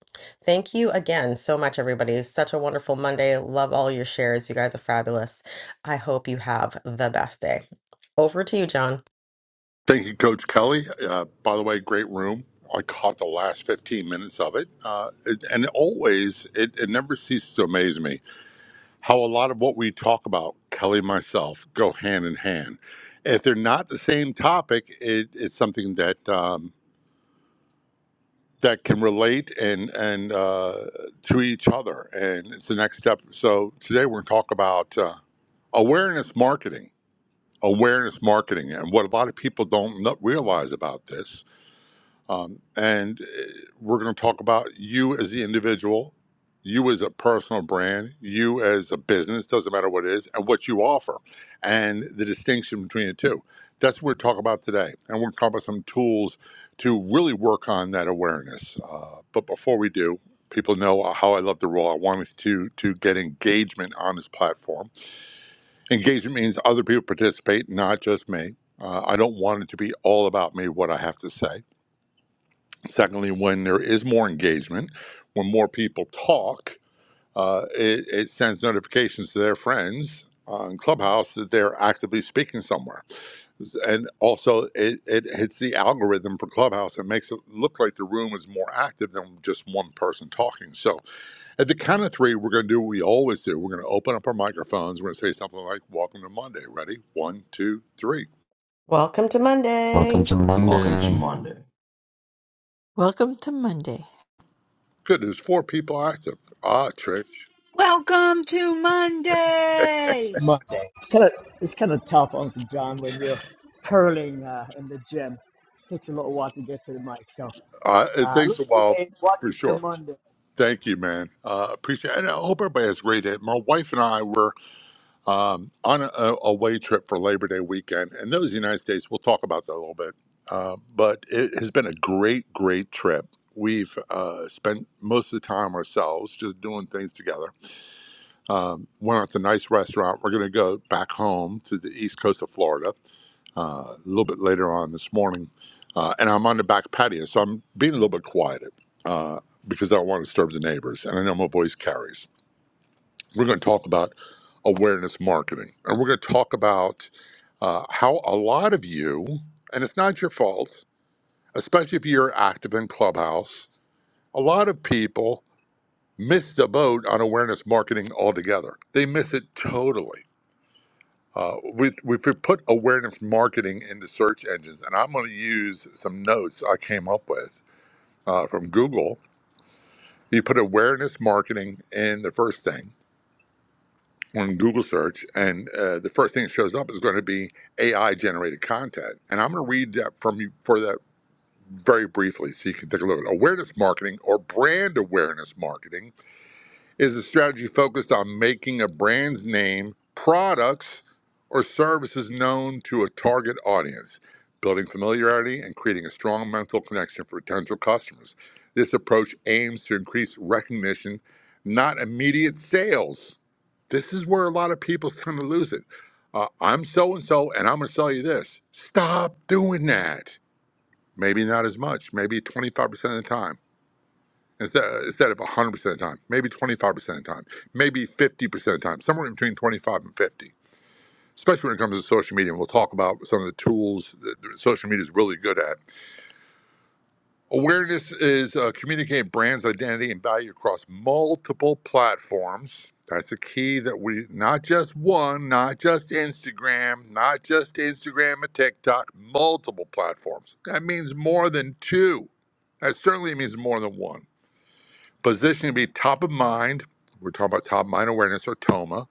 thank you again so much, everybody. Such a wonderful Monday. Love all your shares. You guys are fabulous. I hope you have the best day. Over to you, John. Thank you, Coach Kelly. Uh, by the way, great room. I caught the last 15 minutes of it. Uh, it- and always, it, it never ceases to amaze me how a lot of what we talk about, Kelly and myself, go hand in hand. If they're not the same topic, it, it's something that um, that can relate and and uh, to each other. And it's the next step. So today we're going to talk about uh, awareness marketing, awareness marketing, and what a lot of people don't kno- realize about this Um, and uh, we're going to talk about you as the individual, you as a personal brand, you as a business, doesn't matter what it is, and what you offer, and the distinction between the two. That's what we're talking about today. And we're going to talk about some tools to really work on that awareness. Uh, but before we do, people know how I love the role. I wanted to, to get engagement on this platform. Engagement means other people participate, not just me. Uh, I don't want it to be all about me, what I have to say. Secondly, when there is more engagement, when more people talk, uh, it, it sends notifications to their friends on Clubhouse that they're actively speaking somewhere. And also, it, it hits the algorithm for Clubhouse and makes it look like the room is more active than just one person talking. So, at the count of three, we're going to do what we always do. We're going to open up our microphones. We're going to say something like, Welcome to Monday. Ready? One, two, three. Welcome to Welcome Monday. to welcome to Monday, monday Welcome to Monday. Good. There's four people active. Ah, Trish. It's Monday. It's kind of it's kind of tough, Uncle John, when you're curling uh, in the gym. takes a little while to get to the mic. So, Uh, it uh, look takes a while today, watch for the sure. Monday. Thank you, man. Uh, appreciate it. And I hope everybody has a great day. My wife and I were um, on a, a away trip for Labor Day weekend, and those United States, we'll talk about that a little bit. Uh, but it has been a great, great trip. We've uh, spent most of the time ourselves just doing things together. Um, went out to a nice restaurant. We're going to go back home to the east coast of Florida uh, a little bit later on this morning. Uh, and I'm on the back patio, so I'm being a little bit quiet uh, because I don't want to disturb the neighbors. And I know my voice carries. We're going to talk about awareness marketing. And we're going to talk about uh, how a lot of you, and it's not your fault, especially if you're active in Clubhouse, a lot of people miss the boat on awareness marketing altogether. They miss it totally. Uh, we, we could put awareness marketing into search engines, and I'm going to use some notes I came up with uh, from Google. You put awareness marketing in the first thing on Google search, and uh, the first thing that shows up is going to be AI generated content. And I'm going to read that from you for that very briefly so you can take a look at it. awareness marketing or brand awareness marketing Is the strategy focused on making a brand's name, products, or services known to a target audience, building familiarity and creating a strong mental connection for potential customers? This approach aims to increase recognition, not immediate sales. This is where a lot of people tend to lose it. Uh, I'm so and so, and I'm going to sell you this. Stop doing that. Maybe not as much, maybe 25% of the time instead, instead of 100% of the time, maybe 25% of the time, maybe 50% of the time, somewhere in between 25 and 50. Especially when it comes to social media, and we'll talk about some of the tools that that social media is really good at. Awareness is uh, communicating brands' identity and value across multiple platforms. That's the key that we, not just one, not just Instagram, not just Instagram and TikTok, multiple platforms. That means more than two. That certainly means more than one. Positioning to be top of mind. We're talking about top of mind awareness or TOMA.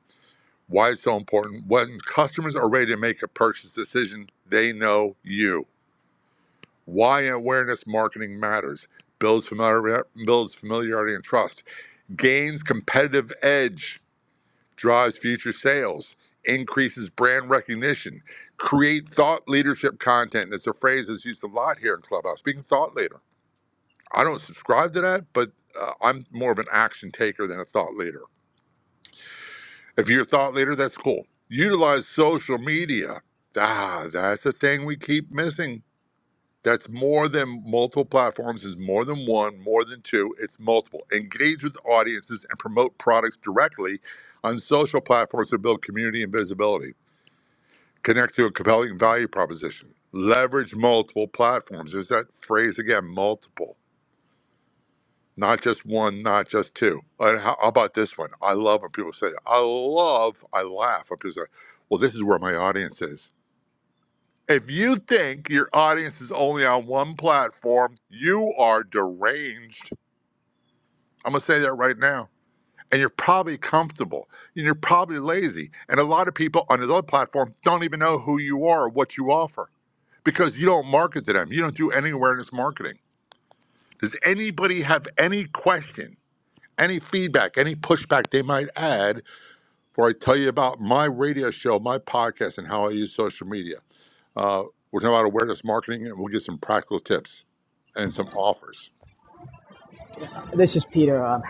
Why it's so important. When customers are ready to make a purchase decision, they know you. Why awareness marketing matters. Builds familiar, builds familiarity and trust. Gains competitive edge. Drives future sales. Increases brand recognition. Create thought leadership content. It's a phrase that's used a lot here in Clubhouse. Being a thought leader. I don't subscribe to that, but uh, I'm more of an action taker than a thought leader If you're a thought leader, that's cool. Utilize social media. Ah, that's the thing we keep missing. That's more than multiple platforms, is more than one, more than two, it's multiple. Engage with audiences and promote products directly on social platforms to build community and visibility. Connect to a compelling value proposition. Leverage multiple platforms. There's that phrase again, multiple not just one, not just two. And how, how about this one? I love when people say, I love, I laugh when people say, well, this is where my audience is. If you think your audience is only on one platform, you are deranged. I'm going to say that right now. And you're probably comfortable and you're probably lazy. And a lot of people on the other platform don't even know who you are or what you offer because you don't market to them. You don't do any awareness marketing. Does anybody have any questions? any feedback, any pushback they might add, for I tell you about my radio show, my podcast, and how I use social media. Uh, we're talking about awareness marketing, and we'll get some practical tips and some offers. This is Peter. Um,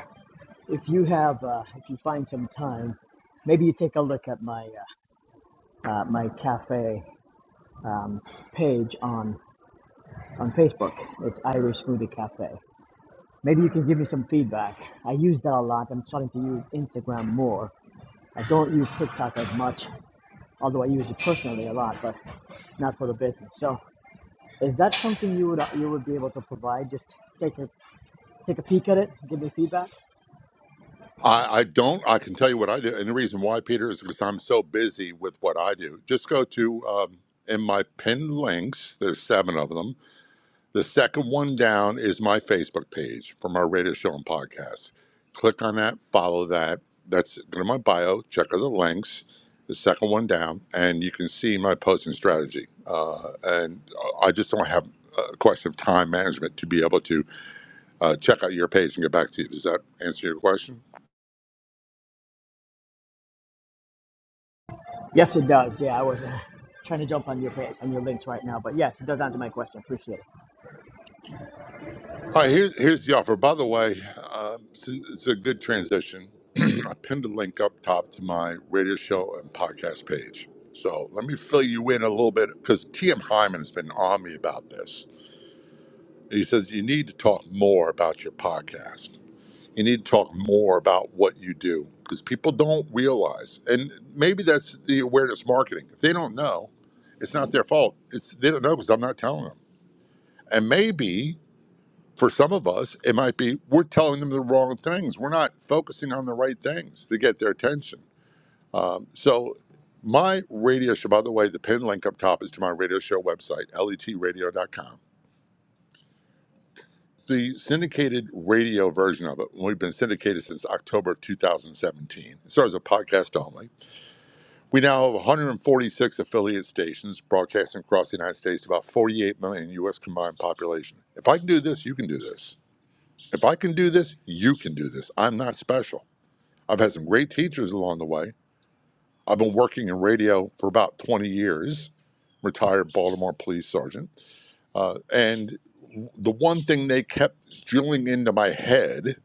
if you have, uh, if you find some time, maybe you take a look at my uh, uh, my cafe um, page on on Facebook. It's Irish Smoothie Cafe. Maybe you can give me some feedback. I use that a lot. I'm starting to use Instagram more. I don't use TikTok as much, although I use it personally a lot, but not for the business. So, is that something you would you would be able to provide? Just take a take a peek at it, give me feedback. I, I don't, I can tell you what I do. And the reason why, Peter, is because I'm so busy with what I do. Just go to, um, in my pinned links, there's seven of them The second one down is my Facebook page from our radio show and podcast. Click on that, follow that. That's go to my bio. Check out the links. The second one down, and you can see my posting strategy. Uh, and uh, I just don't have a question of time management to be able to uh, check out your page and get back to you. Does that answer your question? Yes, it does. Yeah, I was uh, trying to jump on your page, on your links right now, but yes, it does answer my question. Appreciate it. All right, here's, here's the offer. By the way, um, it's, it's a good transition. I pinned a link up top to my radio show and podcast page. So let me fill you in a little bit because T.M. Hyman has been on me about this. He says you need to talk more about your podcast. You need to talk more about what you do because people don't realize. And maybe that's the awareness marketing. If they don't know, it's not their fault. It's, they don't know because I'm not telling them. And maybe for some of us, it might be we're telling them the wrong things. We're not focusing on the right things to get their attention. Um, so, my radio show, by the way, the pin link up top is to my radio show website, letradio.com. The syndicated radio version of it, we've been syndicated since October of 2017. It starts as a podcast only. We now have 146 affiliate stations broadcasting across the United States, to about 48 million U.S. combined population. If I can do this, you can do this. If I can do this, you can do this. I'm not special. I've had some great teachers along the way. I've been working in radio for about 20 years, retired Baltimore police sergeant. Uh, and the one thing they kept drilling into my head,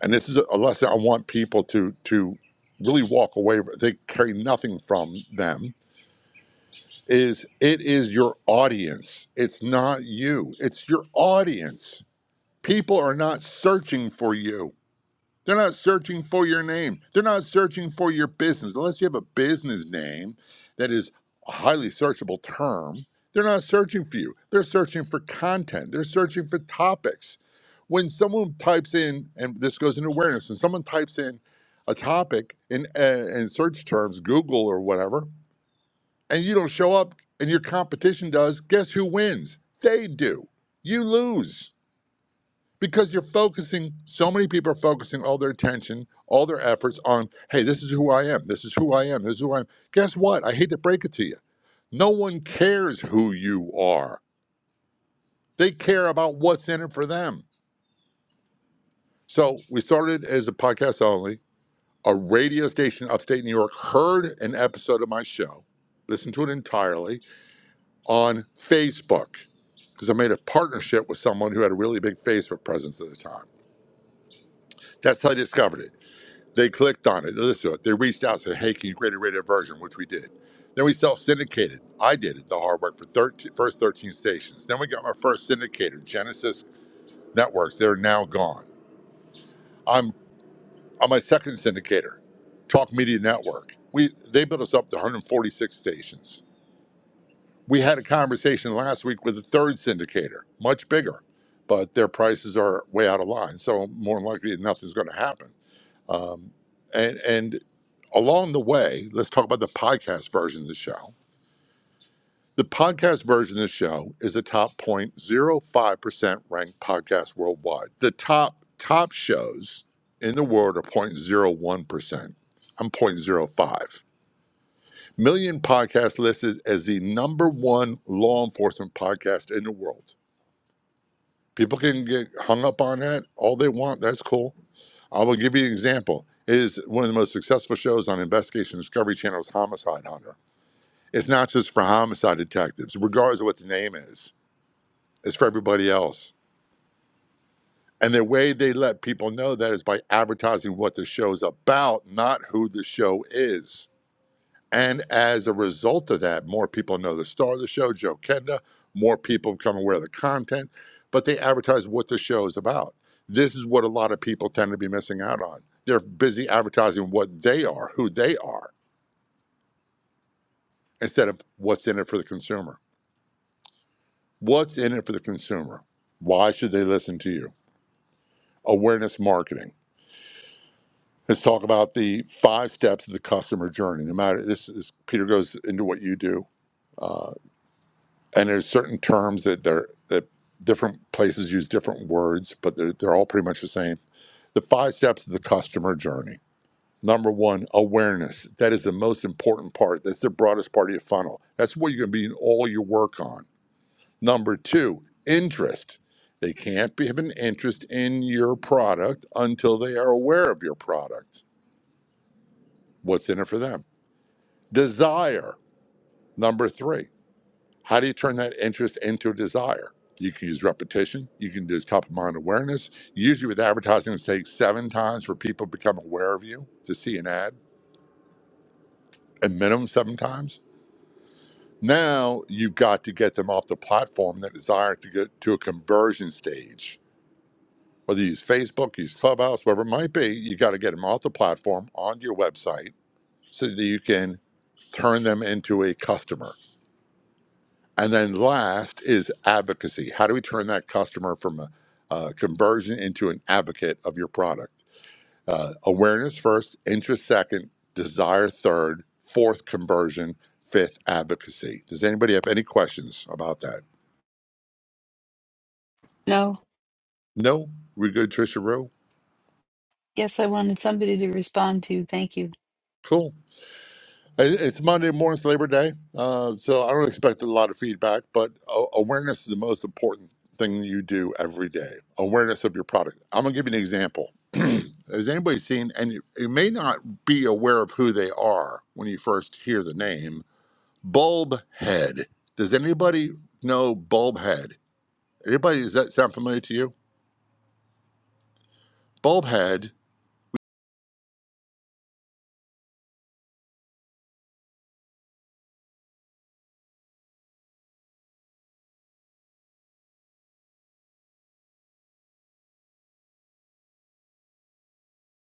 and this is a lesson I want people to, to really walk away, they carry nothing from them, is it is your audience. It's not you, it's your audience. People are not searching for you They're not searching for your name. They're not searching for your business. Unless you have a business name that is a highly searchable term, they're not searching for you. They're searching for content, they're searching for topics. When someone types in, and this goes into awareness, when someone types in a topic in, uh, in search terms, Google or whatever, and you don't show up and your competition does, guess who wins? They do. You lose because you're focusing so many people are focusing all their attention all their efforts on hey this is who i am this is who i am this is who i am guess what i hate to break it to you no one cares who you are they care about what's in it for them so we started as a podcast only a radio station upstate new york heard an episode of my show listened to it entirely on facebook because i made a partnership with someone who had a really big facebook presence at the time that's how i discovered it They clicked on it, they listened to it. They reached out, and said, "Hey, can you create a rated version?" Which we did. Then we self-syndicated. I did it, the hard work for 13, first 13 stations. Then we got my first syndicator, Genesis Networks. They're now gone. I'm I'm my second syndicator, Talk Media Network. We they built us up to 146 stations. We had a conversation last week with a third syndicator, much bigger, but their prices are way out of line. So more than likely, nothing's going to happen. Um, and and Along the way, let's talk about the podcast version of the show. The podcast version of the show is the top 0.05% ranked podcast worldwide. The top top shows in the world are 0.01%. I'm zero point zero 0.05. Million Podcast listed as the number one law enforcement podcast in the world. People can get hung up on that all they want. That's cool. I will give you an example. It is one of the most successful shows on Investigation Discovery Channel's Homicide Hunter. It's not just for homicide detectives, regardless of what the name is. It's for everybody else. And the way they let people know that is by advertising what the show's about, not who the show is. And as a result of that, more people know the star of the show, Joe Kenda. More people become aware of the content, but they advertise what the show is about. This is what a lot of people tend to be missing out on. They're busy advertising what they are, who they are, instead of what's in it for the consumer. What's in it for the consumer? Why should they listen to you? Awareness marketing. Let's talk about the five steps of the customer journey. No matter this is Peter goes into what you do, uh, and there's certain terms that they're that different places use different words, but they're they're all pretty much the same. The five steps of the customer journey. Number one, awareness. That is the most important part. That's the broadest part of your funnel. That's what you're going to be in all your work on Number two, interest. They can't be- have an interest in your product until they are aware of your product. What's in it for them? Desire. Number three, how do you turn that interest into a desire? You can use repetition. You can do top of mind awareness. Usually, with advertising, it takes seven times for people to become aware of you to see an ad, a minimum seven times. Now you've got to get them off the platform that desire to get to a conversion stage whether you use Facebook, use Clubhouse, whatever it might be, you got to get them off the platform onto your website so that you can turn them into a customer. And then last is advocacy. How do we turn that customer from a, a conversion into an advocate of your product? Uh, awareness first, interest second, desire third, fourth conversion, fifth advocacy. Does anybody have any questions about that? No? We're good, Trisha Rue? Cool. It- It's Monday morning's Labor Day, uh, so I don't expect a lot of feedback, but a- awareness is the most important thing you do every day. Awareness of your product. I'm going to give you an example. Has anybody seen, and you, you may not be aware of who they are when you first hear the name, Bulb Head. Does anybody know Bulb Head? Anybody, does that sound familiar to you? Bulb Head,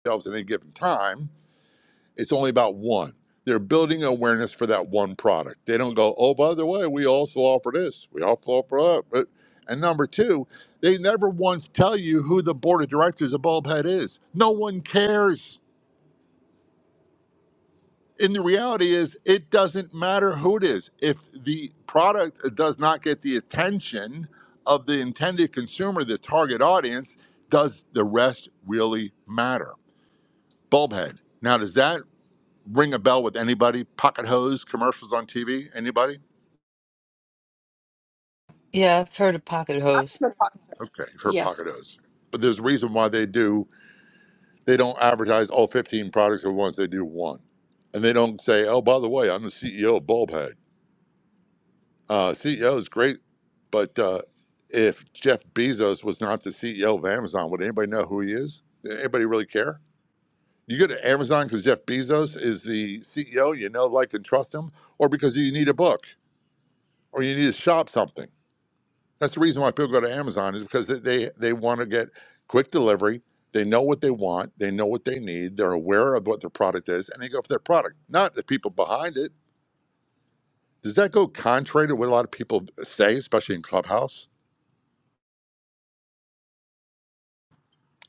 themselves at any given time. It's only about one. They're building awareness for that one product. They don't go, oh, by the way, we also offer this, we also offer that. But, and number two, they never once tell you who the board of directors of Bulbhead is. No one cares. And the reality is, it doesn't matter who it is. If the product does not get the attention of the intended consumer, the target audience, does the rest really matter? Bulbhead. Now, does that ring a bell with anybody? Pocket hose commercials on TV? Anybody? I'm gonna talk. Okay, you've heard Yeah. pocket hose. But there's a reason why they do, they don't advertise all 15 products at once, they do one. And they don't say, oh, by the way, I'm the CEO of Bulbhead. Uh, CEO is great, but uh, if Jeff Bezos was not the CEO of Amazon, would anybody know who he is? anybody really care? You go to Amazon because Jeff Bezos is the CEO, you know, like, and trust him, or because you need a book or you need to shop something That's the reason why people go to Amazon is because they they, they want to get quick delivery. They know what they want. They know what they need. They're aware of what their product is, and they go for their product, not the people behind it. Does that go contrary to what a lot of people say, especially in Clubhouse?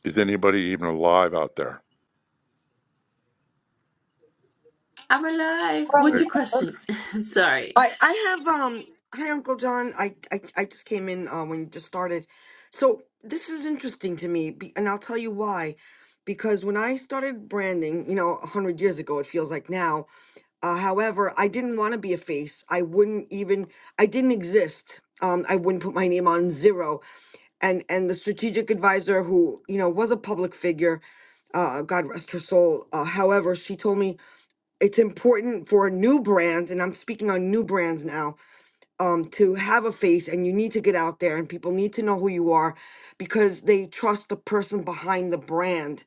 Is anybody even alive out there? I'm alive. We're There What's you your go, Brandon. question? Sorry. I I have um hi Uncle John. I I, I just came in uh, when you just started. So this is interesting to me be, and I'll tell you why. Because when I started branding, you know, 100 years ago, it feels like now. Uh, however, I didn't want to be a face. I wouldn't even, I didn't exist. Um, I wouldn't put my name on zero. And and the strategic advisor who, you know, was a public figure, uh, God rest her soul. Uh, however, she told me it's important for new brands, and I'm speaking on new brands now um to have a face and you need to get out there and people need to know who you are because they trust the person behind the brand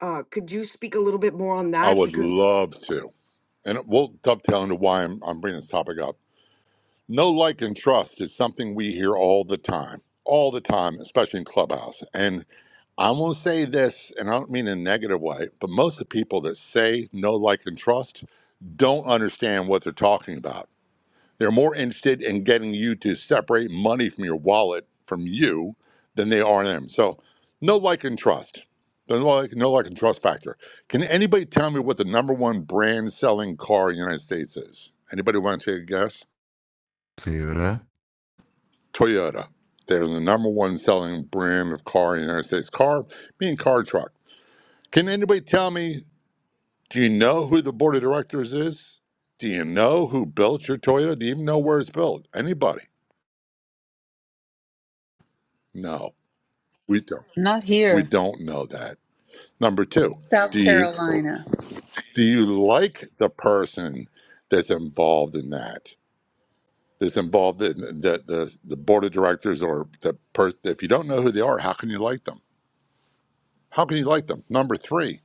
uh could you speak a little bit more on I that would because love to, and we'll dovetail into why I'm I'm bringing this topic up. No like and trust is something we hear all the time, all the time, especially in Clubhouse, and I am gonna say this, and I don't mean in a negative way, but most of the people that say no, like, and trust don't understand what they're talking about. They're more interested in getting you to separate money from your wallet from you than they are them. So, no, like, and trust. The no, like, no, like, and trust factor. Can anybody tell me what the number one brand selling car in the United States is? Anybody want to take a guess? Theodore. Toyota. They're the number one selling brand of car in the United States. Car, meaning car truck. Can anybody tell me Do you know who the board of directors is? Do you know who built your Toyota? Do you even know where it's built? Anybody? No, we don't. We don't know that. Number two, do you do you like the person that's involved in that? That's involved in the the, the board of directors or the person. If you don't know who they are, how can you like them? How can you like them? Number three,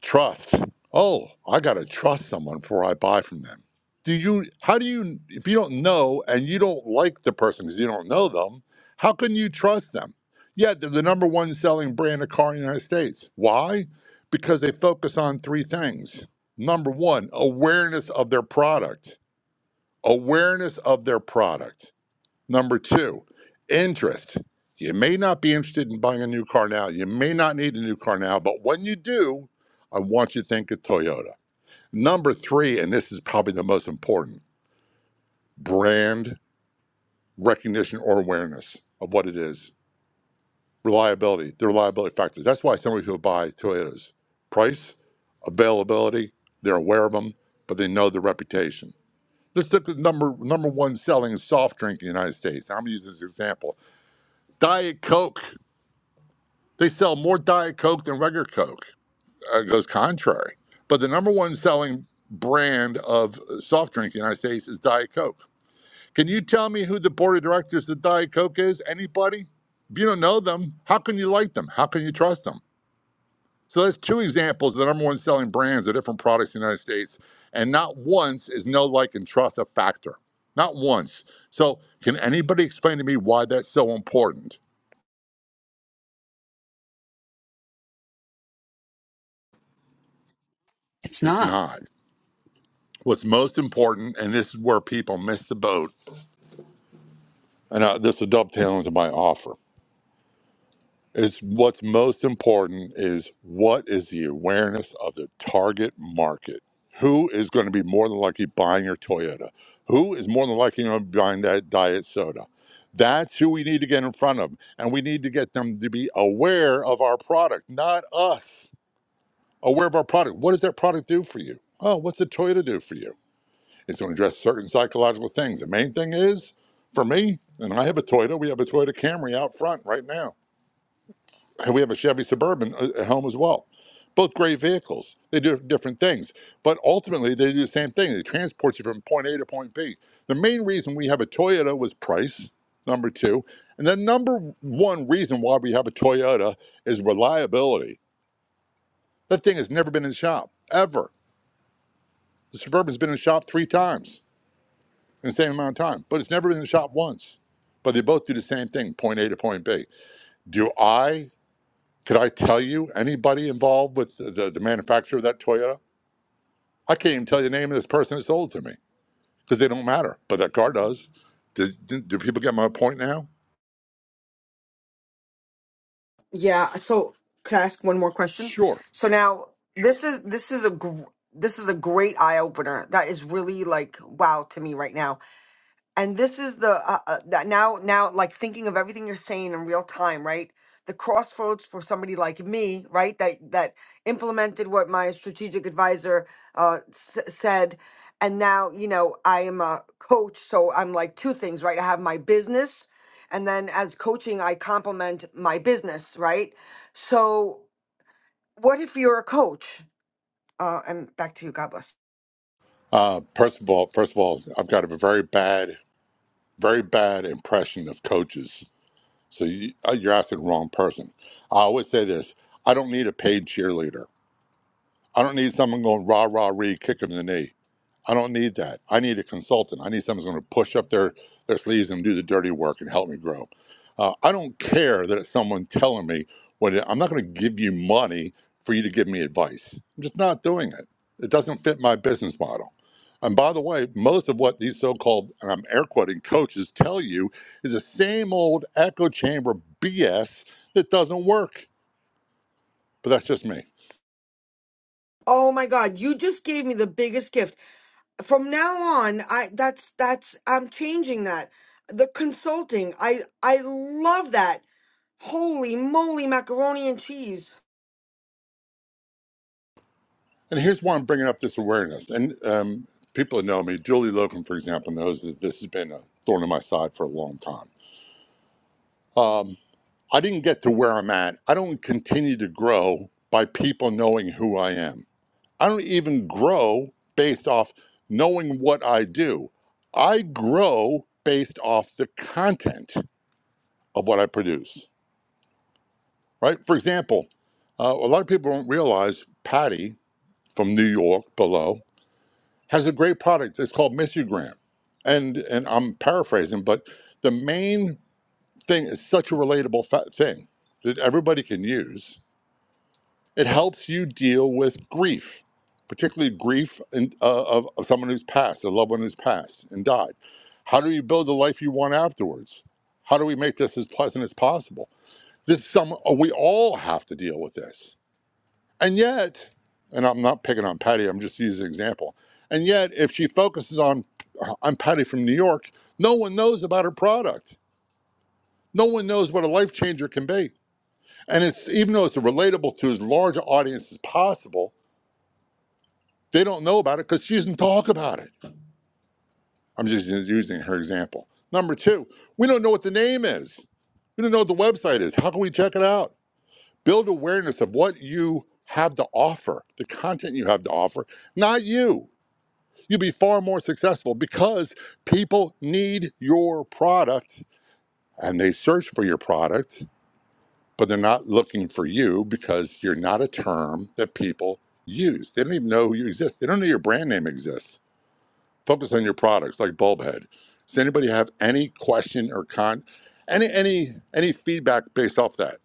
trust oh i got to trust someone before i buy from them do you how do you if you don't know and you don't like the person because you don't know them how can you trust them yeah they're the number one selling brand of car in the united states why because they focus on three things number one awareness of their product awareness of their product Number two, interest. You may not be interested in buying a new car now. You may not need a new car now, but when you do, I want you to think of Toyota. Number three, and this is probably the most important brand recognition or awareness of what it is. Reliability, the reliability factors. That's why so many people buy Toyotas. Price, availability, they're aware of them, but they know the reputation. Let's look at number number one selling soft drink in the United States. I'm gonna use this example. Diet Coke. They sell more Diet Coke than regular Coke. Uh, It goes contrary. But the number one selling brand of uh, soft drink in the United States is Diet Coke. Can you tell me who the board of directors of Diet Coke is? Anybody? If you don't know them, how can you like them? How can you trust them? So that's two examples of the number one selling brands of different products in the United States. And not once is no like and trust a factor. Not once. So can anybody explain to me why that's so important? It's not. What's most important, and this is where people miss the boat, and uh, this will dovetail into my offer, is what's most important is what is the awareness of the target market? Who is going to be more than likely buying your Toyota? Who is more than likely going to be buying that diet soda? That's who we need to get in front of. And we need to get them to be aware of our product, not us. Aware of our product. What does that product do for you? Oh, what's the Toyota do for you? Is to address certain psychological things. The main thing is, for me, and I have a Toyota, we have a Toyota Camry out front right now. And we have a Chevy Suburban uh, at home as well. Both great vehicles. They do different things. But ultimately, they do the same thing. They transport you from point A to point B. The main reason we have a Toyota was price, number two. And the number one reason why we have a Toyota is reliability. That thing has never been in the shop, ever. The Suburban's been in the shop three times in the same amount of time, but it's never been in the shop once. But they both do the same thing, point A to point B. Do I, could I tell you anybody involved with the, the, the manufacturer of that Toyota? I can't even tell you the name of this person that sold it to me because they don't matter, but that car does. Does do, do people get my point now? yeah so could i ask one more question Sure. so now this is this is a gr- this is a great eye opener that is really like wow to me right now and this is the uh, uh, that now now like thinking of everything you're saying in real time right the crossroads for somebody like me right that that implemented what my strategic advisor uh s- said and now you know i am a coach so i'm like two things right i have my business and then as coaching i complement my business right so what if you're a coach uh and back to you god bless Uh, first of all, first of all, I've got a very bad, very bad impression of coaches. So you, uh, you're asking the wrong person. I always say this: I don't need a paid cheerleader. I don't need someone going rah rah ree, kick them in the knee. I don't need that. I need a consultant. I need someone who's going to push up their their sleeves and do the dirty work and help me grow. Uh, I don't care that it's someone telling me what it, I'm not going to give you money for you to give me advice. I'm just not doing it. It doesn't fit my business model. And by the way, most of what these so-called and I'm air quoting coaches tell you is the same old echo chamber BS that doesn't work. But that's just me. oh my god you just gave me the biggest gift from now on i that's that's i'm changing that the consulting i i love that holy moly macaroni and cheese And here's why I'm bringing up this awareness. And um, people that know me, Julie Logan, for example, knows that this has been a thorn in my side for a long time. Um, I didn't get to where I'm at. I don't continue to grow by people knowing who I am. I don't even grow based off knowing what I do. I grow based off the content of what I produce, right? For example, uh, a lot of people don't realize Patty from New York below. has a great product. It's called Missugram. And and I'm paraphrasing, but the main thing is such a relatable fa- thing that everybody can use. It helps you deal with grief, particularly grief in, uh, of, of someone who's passed, a loved one who's passed and died. How do you build the life you want afterwards? How do we make this as pleasant as possible? This is some we all have to deal with this and yet, and I'm not picking on Patty, I'm just using an example. And yet, if she focuses on I'm Patty from New York, no one knows about her product. No one knows what a life changer can be. And it's even though it's relatable to as large an audience as possible, they don't know about it because she doesn't talk about it. I'm just using her example. Number two, we don't know what the name is. We don't know what the website is. How can we check it out? Build awareness of what you have to offer, the content you have to offer, not you. You'll be far more successful because people need your product and they search for your product, but they're not looking for you because you're not a term that people use. They don't even know who you exist. They don't know your brand name exists. Focus on your products like Bulbhead. Does anybody have any question or con any any any feedback based off that?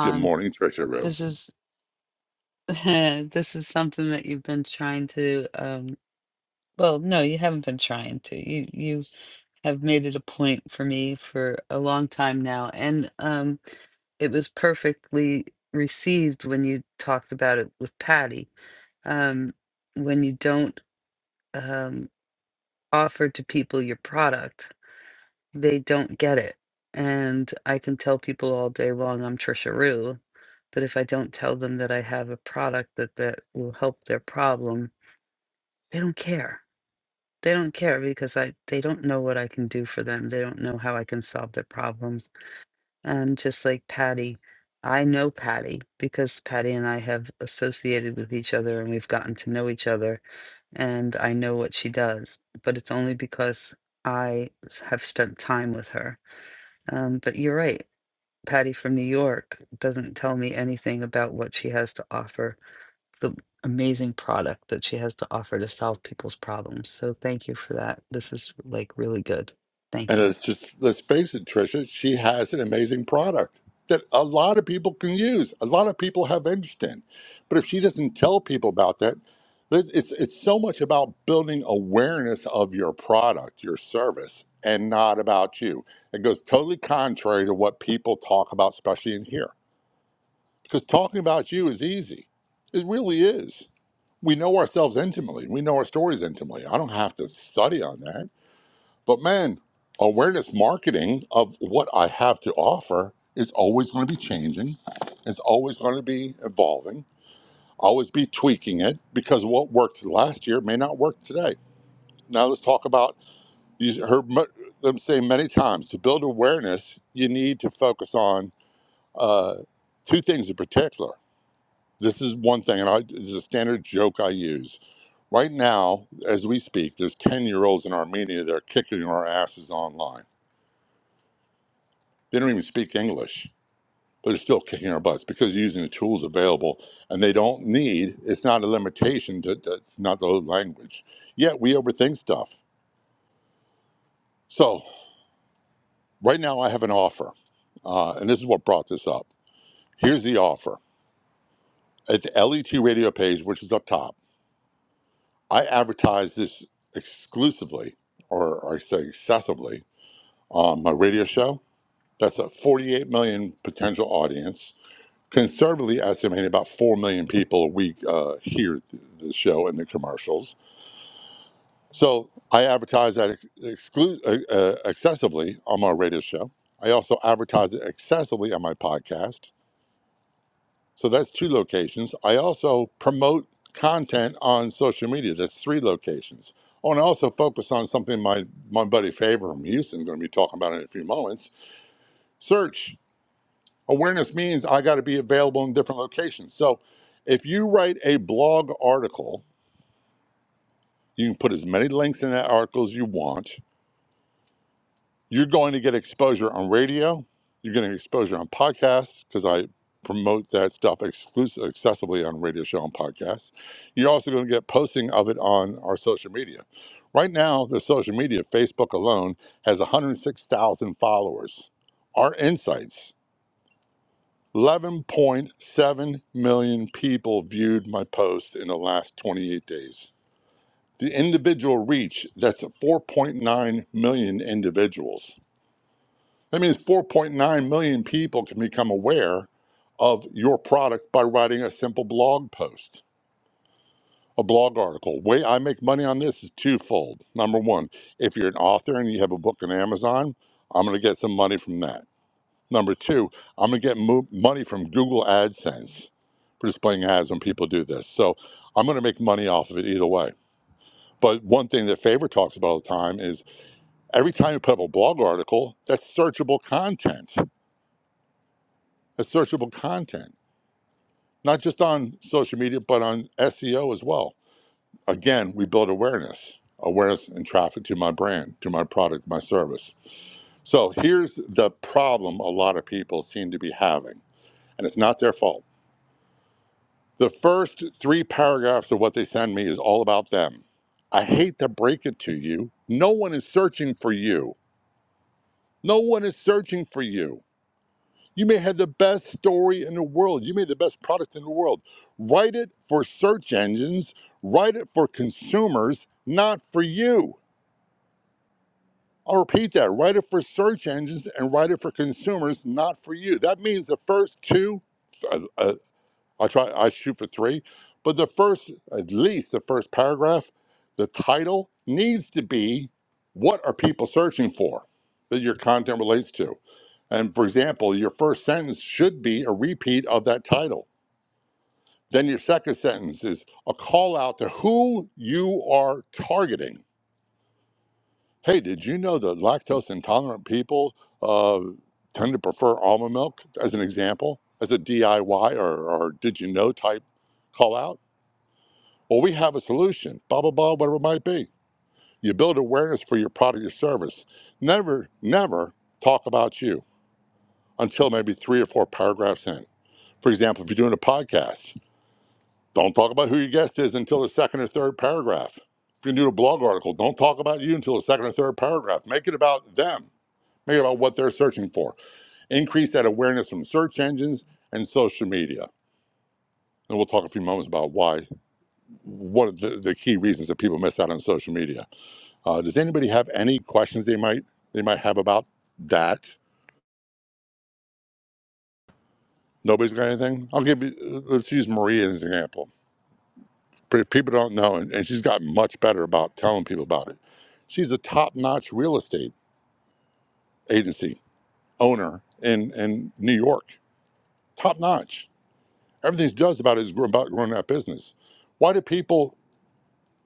Good morning, Trisha Rue. And it's just, let's face it, Tricia, she has an amazing product that a lot of people can use. A lot of people have interest in. But if she doesn't tell people about that, it- it's, it's so much about building awareness of your product, your service, and not about you. It goes totally contrary to what people talk about, especially in here. Because talking about you is easy. It really is. We know ourselves intimately. We know our stories intimately. I don't have to study on that. But man, awareness marketing of what I have to offer is always going to be changing. It's always going to be evolving. Always be tweaking it because what worked last year may not work today. Now let's talk about you heard mu- them say many times to build awareness, you need to focus on uh, two things in particular. This is one thing, and I, this is a standard joke I use. Right now, as we speak, there's 10 year olds in Armenia that are kicking our asses online They don't even speak English, but they're still kicking our butts because they're using the tools available and they don't need, it's not a limitation, to, to- it's not the language. Yet we overthink stuff. So right now I have an offer, uh, and this is what brought this up. Here's the offer. At the LET radio page, which is up top, I advertise this exclusively, or I say excessively, on my radio show. That's a 48 million potential audience conservatively estimated about 4 million people a week uh, hear th- the show and the commercials. So I advertise that ex- exclu- uh, uh, excessively on my radio show. I also advertise it excessively on my podcast. So that's two locations. I also promote content on social media. That's three locations. Oh, and I also focus on something my, my buddy Faber from Houston is going to be talking about in a few moments search. Awareness means I got to be available in different locations. So if you write a blog article, you can put as many links in that article as you want. You're going to get exposure on radio. You're getting exposure on podcasts because I promote that stuff exclusively accessibly on radio show and podcasts. You're also going to get posting of it on our social media. Right now, the social media, Facebook alone, has 106,000 followers. Our insights 11.7 million people viewed my post in the last 28 days. The individual reach, that's 4.9 million individuals. That means 4.9 million people can become aware of your product by writing a simple blog post, a blog article. Way I make money on this is twofold. Number one, if you're an author and you have a book on Amazon, I'm going to get some money from that. Number two, I'm going to get mo- money from Google AdSense for displaying ads when people do this. So I'm going to make money off of it either way. But one thing that Favor talks about all the time is every time you put up a blog article, that's searchable content. That's searchable content, not just on social media, but on SEO as well. Again, we build awareness, awareness and traffic to my brand, to my product, my service. So here's the problem a lot of people seem to be having, and it's not their fault The first three paragraphs of what they send me is all about them. I hate to break it to you. No one is searching for you. No one is searching for you. You may have the best story in the world. You may have the best product in the world. Write it for search engines, write it for consumers, not for you. I'll repeat that. Write it for search engines and write it for consumers, not for you. That means the first two. uh, uh, I try I shoot for three, but the first at least the first paragraph, the title needs to be what are people searching for that your content relates to. And for example, your first sentence should be a repeat of that title. Then your second sentence is a call out to who you are targeting. Hey, did you know that lactose intolerant people uh, tend to prefer almond milk, as an example, as a DIY or, or did you know type call out? Well, we have a solution, blah, blah, blah, whatever it might be. You build awareness for your product or service. Never, never talk about you until maybe three or four paragraphs in. For example, if you're doing a podcast, don't talk about who your guest is until the second or third paragraph. If you're doing a blog article, don't talk about you until the second or third paragraph. Make it about them, make it about what they're searching for. Increase that awareness from search engines and social media. And we'll talk a few moments about why, what are the, the key reasons that people miss out on social media. Uh, does anybody have any questions they might they might have about that? Nobody's got anything. I'll give you. Let's use Maria as an example. Pe- People don't know, and, and she's gotten much better about telling people about it. She's a top-notch real estate agency owner in in New York. Top-notch. Everything she does about it is gr- about growing that business. Why do people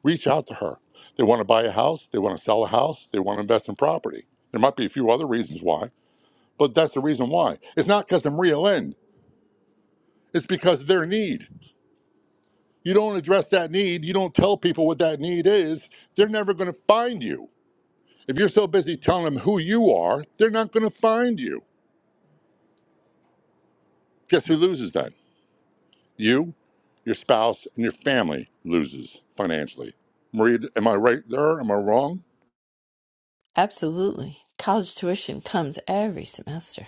reach out to her? They want to buy a house. They want to sell a house. They want to invest in property. There might be a few other reasons why, but that's the reason why. It's not because of Maria Lynn. It's because of their need. You don't address that need, you don't tell people what that need is, they're never going to find you. If you're so busy telling them who you are, they're not going to find you. Guess who loses then? You, your spouse, and your family loses financially. Maria, am I right there? Am I wrong? Absolutely. College tuition comes every semester.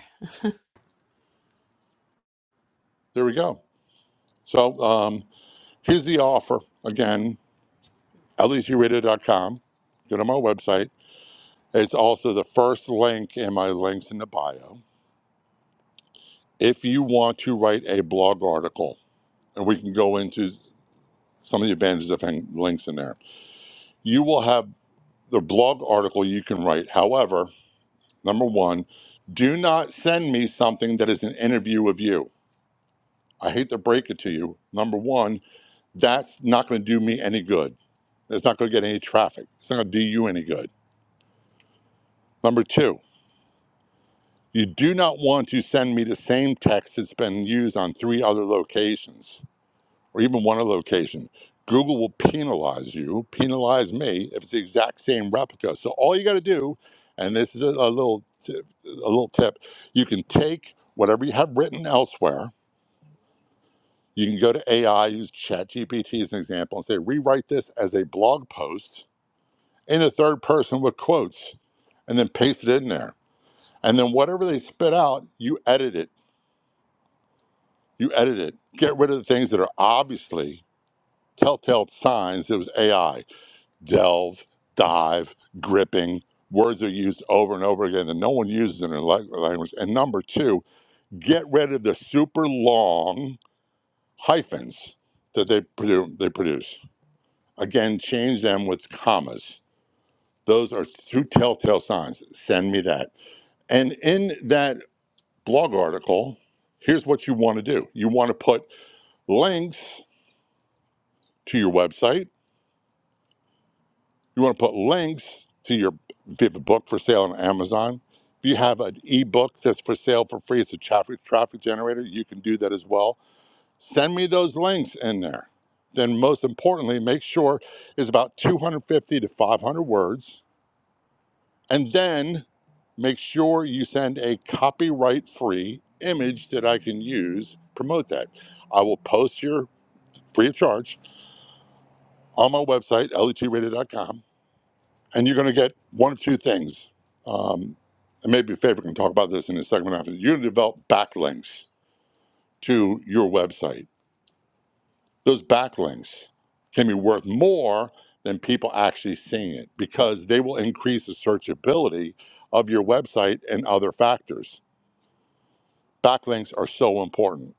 There we go. So um, here's the offer again, letradio.com. Go to my website. It's also the first link in my links in the bio. If you want to write a blog article, and we can go into some of the advantages of having links in there. You will have the blog article you can write. However, number one, do not send me something that is an interview of you. I hate to break it to you. Number one, that's not going to do me any good. It's not going to get any traffic. It's not going to do you any good. Number two, you do not want to send me the same text that's been used on three other locations or even one location, Google will penalize you, penalize me if it's the exact same replica. So all you got to do, and this is a, a little tip, a little tip, you can take whatever you have written elsewhere. You can go to AI, use ChatGPT as an example, and say rewrite this as a blog post in the third person with quotes, and then paste it in there. And then whatever they spit out, you edit it. You edit it. Get rid of the things that are obviously telltale signs that it was AI delve, dive, gripping. Words are used over and over again that no one uses in their language. And number two, get rid of the super long hyphens that they, produ- they produce. Again, change them with commas. Those are two telltale signs. Send me that. And in that blog article, here's what you want to do you want to put links to your website You want to put links to your if you have a book for sale on Amazon. If you have an ebook that's for sale for free, it's a traffic traffic generator. You can do that as well. Send me those links in there. Then most importantly, make sure it's about 250 to 500 words, and then make sure you send a copyright free image that I can use. Promote that. I will post your free of charge on my website letradio.com and you're going to get one of two things. Um, and maybe Favor can talk about this in a segment after. You're going to develop backlinks to your website. Those backlinks can be worth more than people actually seeing it because they will increase the searchability of your website and other factors. Backlinks are so important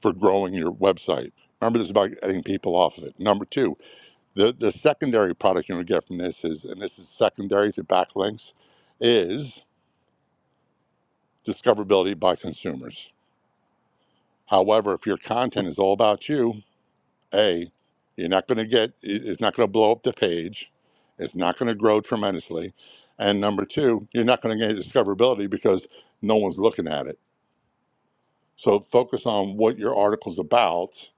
for growing your website. Remember, this is about getting people off of it. Number two, the, the secondary product you're going to get from this is, and this is secondary to backlinks, is discoverability by consumers. However, if your content is all about you, A, you're not going to get, it's not going to blow up the page, it's not going to grow tremendously. And number two, you're not going to get discoverability because no one's looking at it. So focus on what your article's about,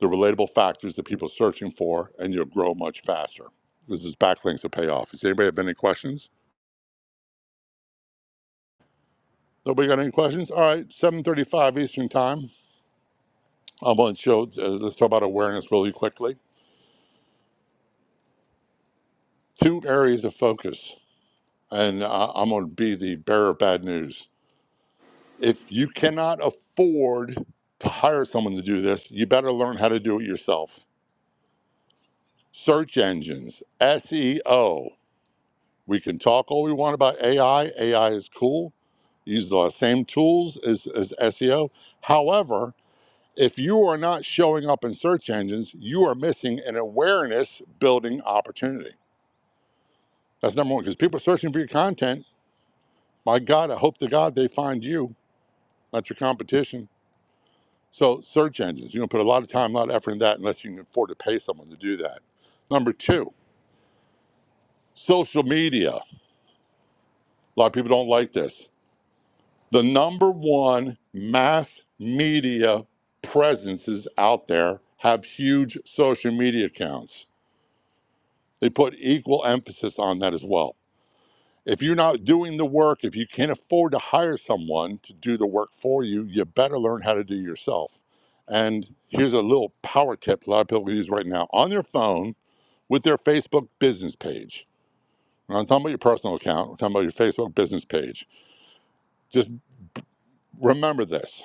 the relatable factors that people are searching for, and you'll grow much faster. This is backlinks to pay off. Does anybody have any questions? Nobody got any questions? All right, 7:35 Eastern Time. I'm going to show. Uh, let's talk about awareness really quickly. two areas of focus, and I, I'm going to be the bearer of bad news. If you cannot afford to hire someone to do this, you better learn how to do it yourself. Search engines, SEO. We can talk all we want about AI. AI is cool. Use the same tools as, as SEO. However, if you are not showing up in search engines, you are missing an awareness building opportunity. That's number one, because people are searching for your content My God, I hope to God they find you, not your competition. So, search engines, you're going to put a lot of time, a lot of effort in that unless you can afford to pay someone to do that. Number two, social media. A lot of people don't like this. The number one mass media presences out there have huge social media accounts. They put equal emphasis on that as well. If you're not doing the work, if you can't afford to hire someone to do the work for you, you better learn how to do it yourself. And here's a little power tip a lot of people use right now on their phone with their Facebook business page. Now, I'm not talking about your personal account, I'm talking about your Facebook business page. Just remember this.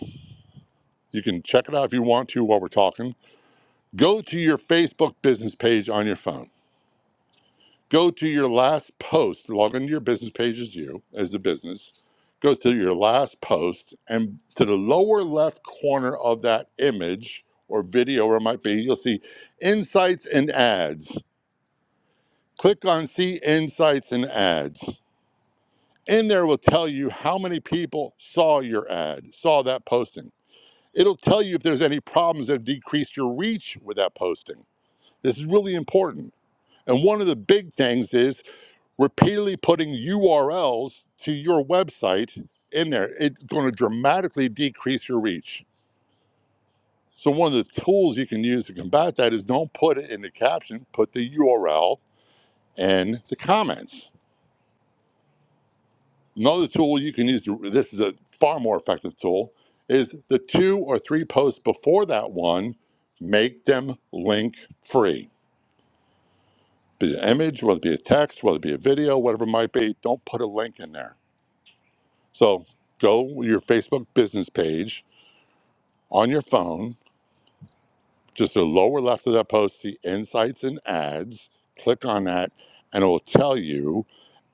You can check it out if you want to while we're talking. Go to your Facebook business page on your phone Go to your last post, log into your business page as you, as the business, go to your last post, and to the lower left corner of that image or video, or it might be, you'll see insights and ads. Click on see insights and ads. In there will tell you how many people saw your ad, saw that posting. It'll tell you if there's any problems that have decreased your reach with that posting. This is really important. And one of the big things is repeatedly putting URLs to your website in there, it's going to dramatically decrease your reach. So, one of the tools you can use to combat that is don't put it in the caption, put the URL in the comments. Another tool you can use, to, this is a far more effective tool, is the two or three posts before that one, make them link free. Be it an image, whether it be a text, whether it be a video, whatever it might be, don't put a link in there So go your Facebook business page on your phone, just the lower left of that post, see insights and ads. Click on that, and it will tell you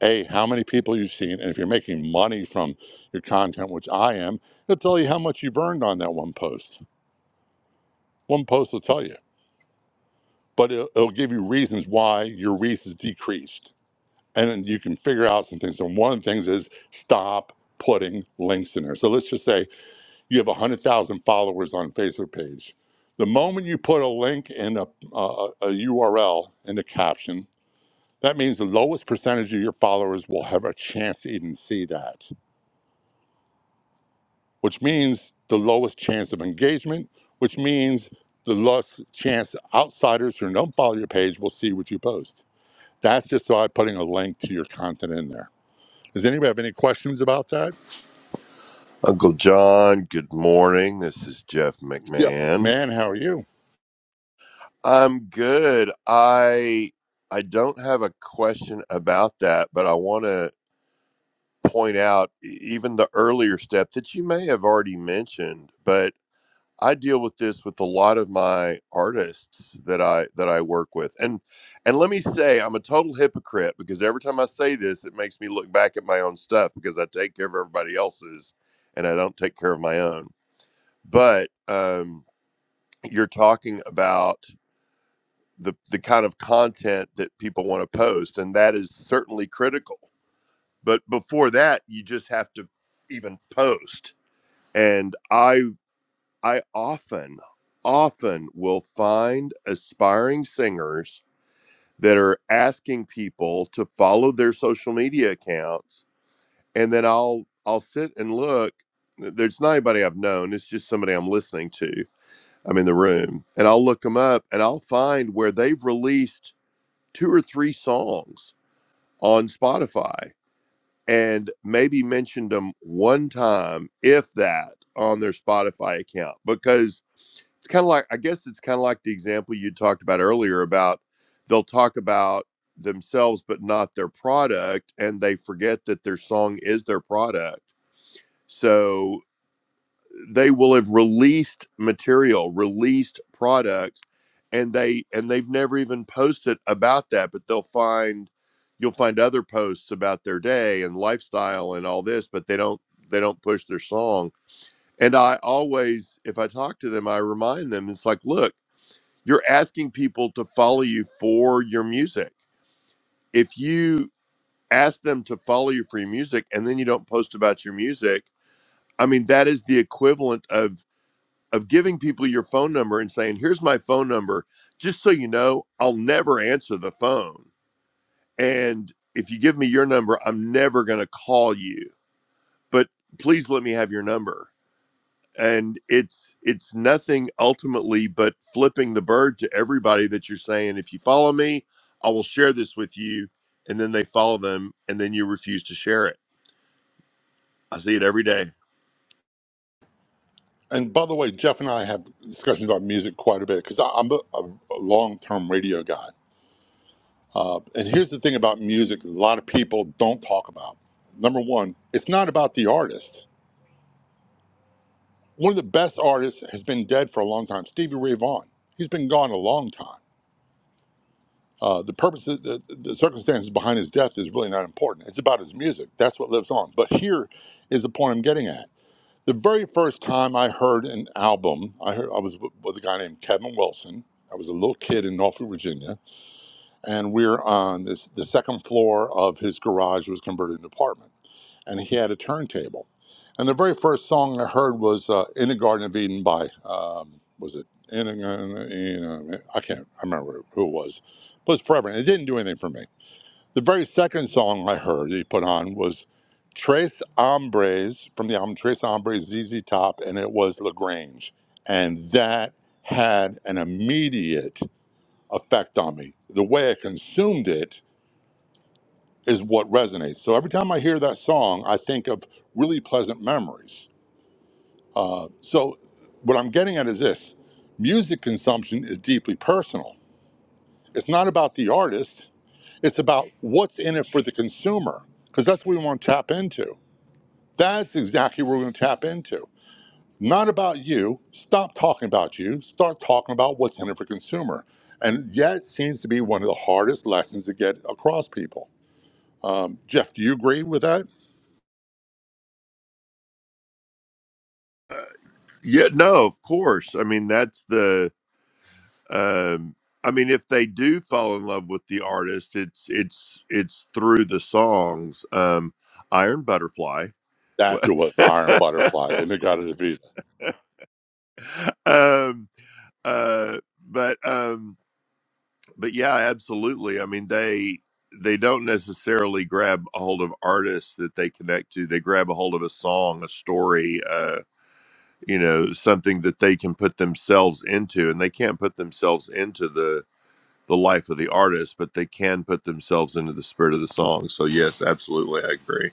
A, how many people you've seen. And if you're making money from your content, which I am, it'll tell you how much you've earned on that one post. One post will tell you, but it'll, it'll give you reasons why your reach is decreased. And then you can figure out some things. And one of the things is stop putting links in there. So let's just say you have 100,000 followers on Facebook page. The moment you put a link in a, a, a URL in the caption, that means the lowest percentage of your followers will have a chance to even see that, which means the lowest chance of engagement, which means the lowest chance outsiders who don't follow your page will see what you post. That's just by putting a link to your content in there. Does anybody have any questions about that? Uncle John, good morning. This is Jeff Jeff McMahon. McMahon, how are you? I'm good. I I don't have a question about that, but I want to point out e- even the earlier step that you may have already mentioned, but I deal with this with a lot of my artists that I that I work with. And and let me say I'm a total hypocrite because every time I say this it makes me look back at my own stuff because I take care of everybody else's and I don't take care of my own but um, you're talking about the the kind of content that people want to post and that is certainly critical but before that you just have to even post and i i often often will find aspiring singers that are asking people to follow their social media accounts and then i'll i'll sit and look there's not anybody i've known it's just somebody i'm listening to I'm in the room, and I'll look them up and I'll find where they've released two or three songs on Spotify and maybe mentioned them one time, if that, on their Spotify account. Because it's kind of like, I guess it's kind of like the example you talked about earlier about they'll talk about themselves, but not their product, and they forget that their song is their product. So they will have released material released products and they and they've never even posted about that but they'll find you'll find other posts about their day and lifestyle and all this but they don't they don't push their song and i always if i talk to them i remind them it's like look you're asking people to follow you for your music if you ask them to follow you for your music and then you don't post about your music i mean that is the equivalent of of giving people your phone number and saying, here's my phone number. Just so you know, I'll never answer the phone. And if you give me your number, I'm never going to call you, but please let me have your number. And it's, it's nothing ultimately but flipping the bird to everybody that you're saying, if you follow me, I will share this with you. And then they follow them and then you refuse to share it. I see it every day. And by the way, Jeff and I have discussions about music quite a bit because I'm a, a long term radio guy. Uh, and here's the thing about music a lot of people don't talk about. Number one, it's not about the artist. One of the best artists has been dead for a long time, Stevie Ray Vaughan. He's been gone a long time. Uh, the purpose, the, the, the circumstances behind his death is really not important. It's about his music. That's what lives on. But here is the point I'm getting at The very first time I heard an album, I heard I was with a guy named Kevin Wilson. I was a little kid in Norfolk, Virginia, and we were on this, the second floor of his garage was converted into an apartment, and he had a turntable. And the very first song I heard was uh, "In the Garden of Eden" by um, was it in a, in in a, I can't I remember who it was, but it was forever. And it didn't do anything for me. The very second song I heard he put on was Trace Hombres from the album Trace Hombres ZZ Top, and it was LaGrange. And that had an immediate effect on me. The way I consumed it is what resonates. So every time I hear that song, I think of really pleasant memories. Uh, so what I'm getting at is this music consumption is deeply personal. It's not about the artist, It's about what's in it for the consumer, because that's what we want to tap into. That's exactly what we're going to tap into. Not about you. Stop talking about you. Start talking about what's in it for consumer. And that seems to be one of the hardest lessons to get across people. Um, Jeff, do you agree with that? Yeah, no, of course. I mean, that's the, um i mean if they do fall in love with the artist it's it's it's through the songs um iron butterfly wa- That's what Iron Butterfly, and they got it. um uh but um but yeah absolutely i mean they they don't necessarily grab a hold of artists that they connect to they grab a hold of a song a story uh you know something that they can put themselves into and they can't put themselves into the the life of the artist, but they can put themselves into the spirit of the song. So yes, absolutely, I agree.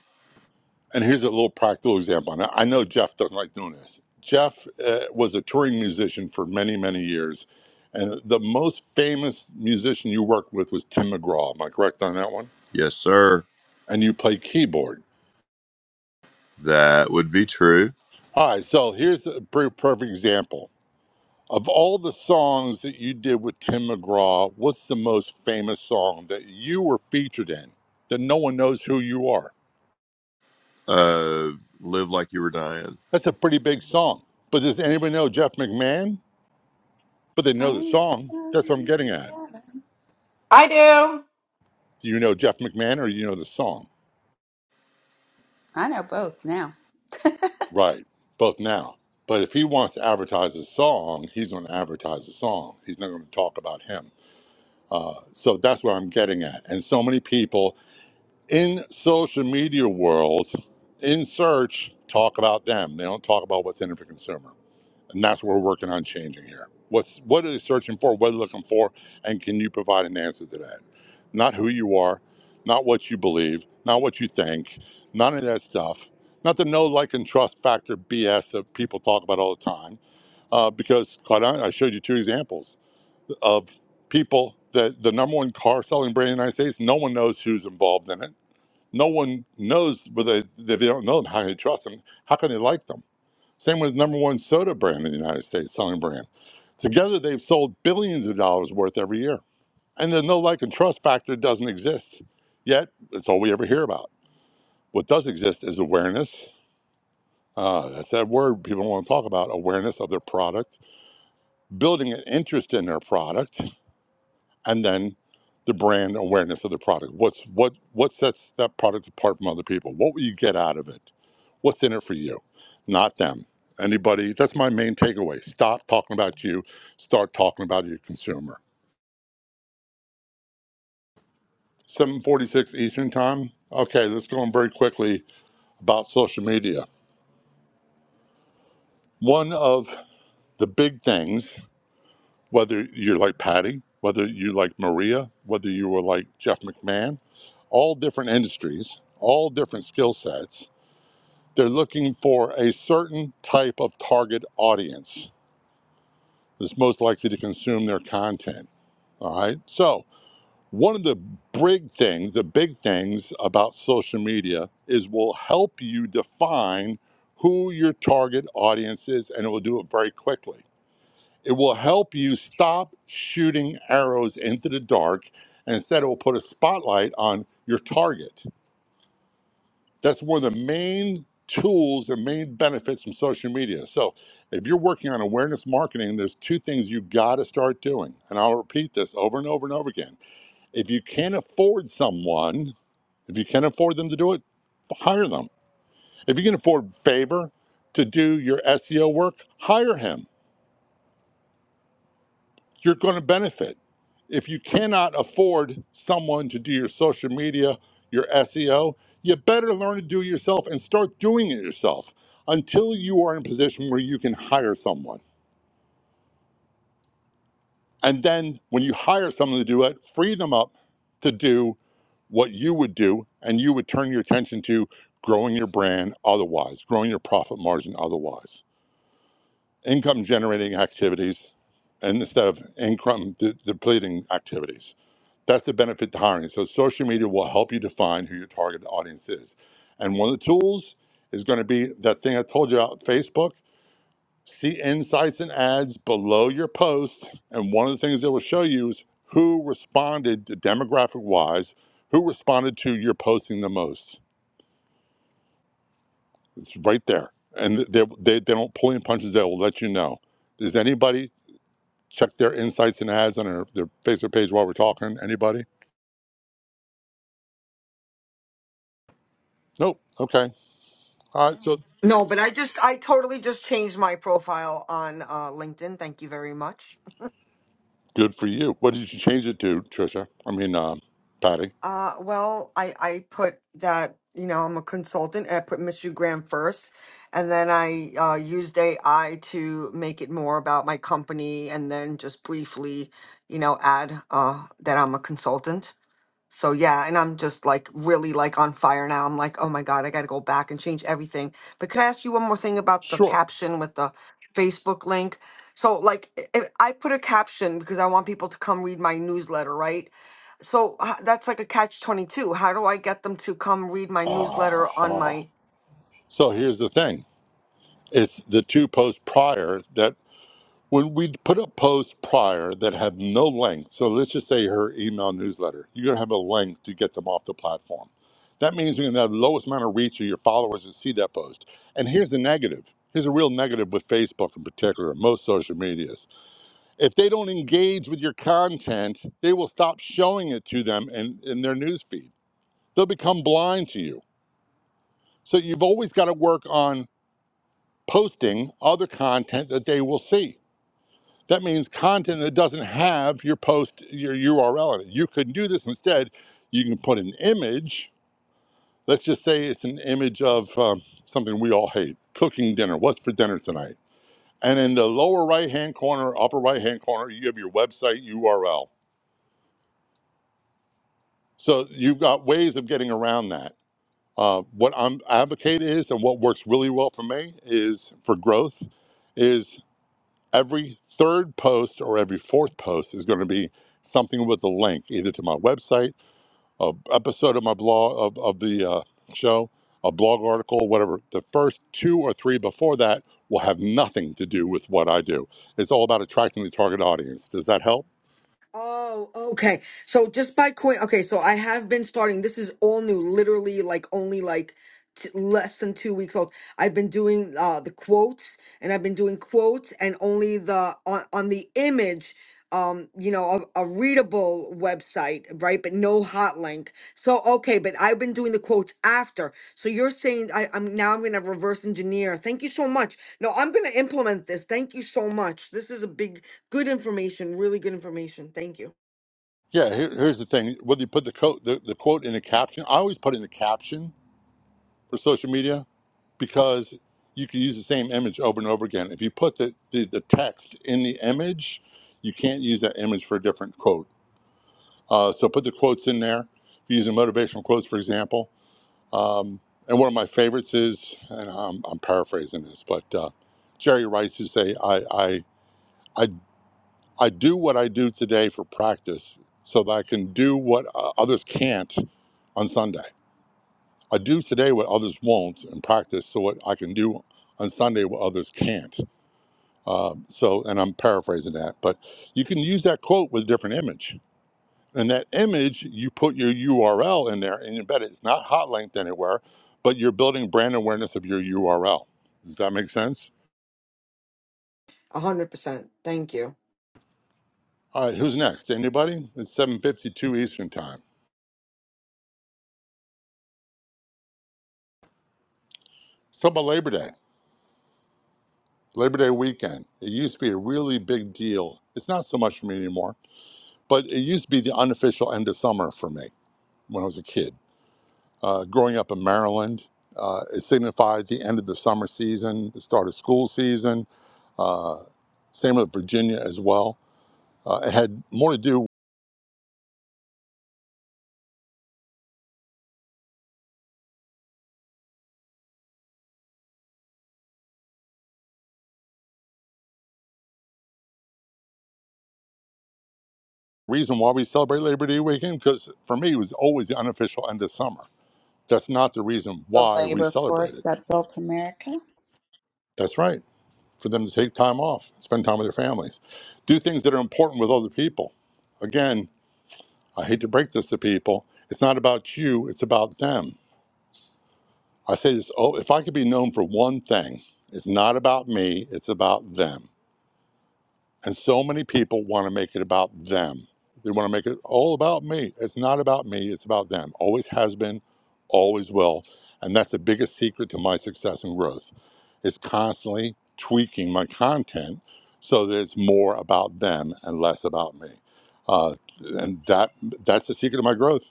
And here's a little practical example. Now, I know Jeff doesn't like doing this. Jeff uh, was a touring musician for many, many years. And the most famous musician you worked with was Tim McGraw. Am I correct on that one? Yes, sir. And you played keyboard. That would be true. All right, so here's a per- perfect example. Of all the songs that you did with Tim McGraw, what's the most famous song that you were featured in that no one knows who you are? Uh, live like you were dying. That's a pretty big song. But does anybody know Jeff McMahon? But they know la- the song. That's what I'm getting at. I do. Do you know Jeff McMahon or do you know the song? I know both now. Right, both now. But if he wants to advertise a song, he's going to advertise a song. He's not going to talk about him. Uh, so that's what I'm getting at. And so many people in social media world, in search, talk about them. They don't talk about what's in it for consumer. and that's what we're working on changing here. What's what are they searching for? What are they looking for? And can you provide an answer to that? Not who you are, not what you believe, not what you think, none of that stuff. Not the no like and trust factor BS that people talk about all the time. Uh, because quite honestly, I showed you two examples of people that the number one car selling brand in the United States. No one knows who's involved in it. No one knows whether they, if they don't know them, how can they trust them? How can they like them? Same with number one soda brand in the United States, selling brand. Together, they've sold billions of dollars worth every year. And the no like and trust factor doesn't exist. Yet, it's all we ever hear about. What does exist is awareness. Uh, that's that word people want to talk about awareness of their product, building an interest in their product, and then the brand awareness of the product. What's what what sets that product apart from other people? What will you get out of it? What's in it for you? Not them. Anybody that's my main takeaway. Stop talking about you, start talking about your consumer. 746 Eastern time. Okay, let's go on very quickly about social media. One of the big things, whether you're like Patty, whether you like Maria, whether you were like Jeff McMahon, all different industries, all different skill sets, They're looking for a certain type of target audience that's most likely to consume their content. All right. So, one of the big things, the big things about social media is will help you define who your target audience is and it will do it very quickly. It will help you stop shooting arrows into the dark and instead it will put a spotlight on your target That's one of the main tools, the main benefits from social media. So, if you're working on awareness marketing, there's two things you got to start doing. And I'll repeat this over and over and over again. If you can't afford someone, if you can't afford them to do it, hire them. If you can afford favor to do your SEO work, hire him you're going to benefit. If you cannot afford someone to do your social media, your SEO, you better learn to do it yourself and start doing it yourself until you are in a position where you can hire someone. And then when you hire someone to do it, free them up to do what you would do and you would turn your attention to growing your brand otherwise, growing your profit margin otherwise. income generating activities and instead of income de- depleting activities. That's the benefit to hiring. So social media will help you define who your target audience is. And one of the tools is going to be that thing I told you about Facebook. See insights and ads below your post. And one of the things that will show you is who responded to demographic wise, who responded to your posting the most. It's right there. And they, they, they don't pull any punches, they will let you know. Is anybody check their insights and ads on their, their Facebook page while we're talking? Anybody? Nope. Okay. All right. So no but i just i totally just changed my profile on uh linkedin thank you very much good for you. What did you change it to, Trisha? I mean, um, Patty. uh well i i put that you know i'm a consultant and i put mr graham first and then i uh used ai to make it more about my company and then just briefly you know add uh that i'm a consultant So yeah, and I'm just like really like on fire now. I'm like, oh my God, I gotta go back and change everything. But could I ask you one more thing about the Sure. caption with the Facebook link? So like i- if I put a caption because I want people to come read my newsletter, right? So h- that's like a catch 22. How do I get them to come read my newsletter on Aha. my So here's the thing. It's the two posts prior that when we put up posts prior that have no length, so let's just say her email newsletter, you're gonna have a link to get them off the platform. That means you're gonna have the lowest amount of reach of your followers to see that post. And here's the negative. Here's a real negative with Facebook in particular, most social medias. If they don't engage with your content, they will stop showing it to them in, in their newsfeed. They'll become blind to you. So you've always got to work on posting other content that they will see That means content that doesn't have your post, your URL in it. You could do this instead. You can put an image. Let's just say it's an image of um, something we all hate cooking dinner. What's for dinner tonight? And in the lower right hand corner, upper right hand corner, you have your website URL. So you've got ways of getting around that. Uh, what I'm advocate is, and what works really well for me is for growth, is. every third post or every fourth post is going to be something with a link either to my website a episode of my blog of, of the uh, show a blog article whatever the first two or three before that will have nothing to do with what i do it's all about attracting the target audience does that help Oh, okay. So just by coin, okay. So I have been starting. This is all new, literally, like only like t- less than two weeks old. I've been doing uh the quotes, and I've been doing quotes, and only the on on the image, um, you know, a, a readable website, right? But no hot link. So okay, but I've been doing the quotes after. So you're saying I, I'm now I'm gonna reverse engineer. Thank you so much. No, I'm gonna implement this. Thank you so much. This is a big Good information, really good information. Thank you. yeah here, here's the thing whether you put the, co- the, the quote in the caption i always put it in the caption for social media because you can use the same image over and over again. If you put the, the, the text in the image, you can't use that image for a different quote. Uh, so put the quotes in there. If you're using motivational quotes, for example. Um, and one of my favorites is, and I'm, I'm paraphrasing this, but uh, Jerry Rice used to say, I, I, I, I do what I do today for practice so that I can do what uh, others can't on Sunday. I do today what others won't in practice so what I can do on Sunday what others can't. Um, so, and I'm paraphrasing that, but you can use that quote with a different image. And that image, you put your URL in there and you bet it's not hot linked anywhere, but you're building brand awareness of your URL. Does that make sense? A 100%. Thank you. All right, who's next? Anybody? It's 7.52 Eastern Time. Let's talk about Labor Day, Labor Day weekend. It used to be a really big deal. It's not so much for me anymore, but it used to be the unofficial end of summer for me when I was a kid Uh, growing up in Maryland, uh, it signified the end of the summer season, the start of school season. Uh, same with Virginia as well. Uh, it had more to do reason why we celebrate Labor Day weekend because for me it was always the unofficial end of summer. That's not the reason The why we labor celebrate force it. that built America. That's right. For them to take time off, spend time with their families, do things that are important with other people. Again, I hate to break this to people. It's not about you, it's about them I say this, oh, if I could be known for one thing, it's not about me, it's about them. And so many people want to make it about them. They want to make it all about me. It's not about me, it's about them. Always has been, always will. And that's the biggest secret to my success and growth. It's constantly tweaking my content so that it's more about them and less about me. Uh, and that that's the secret of my growth.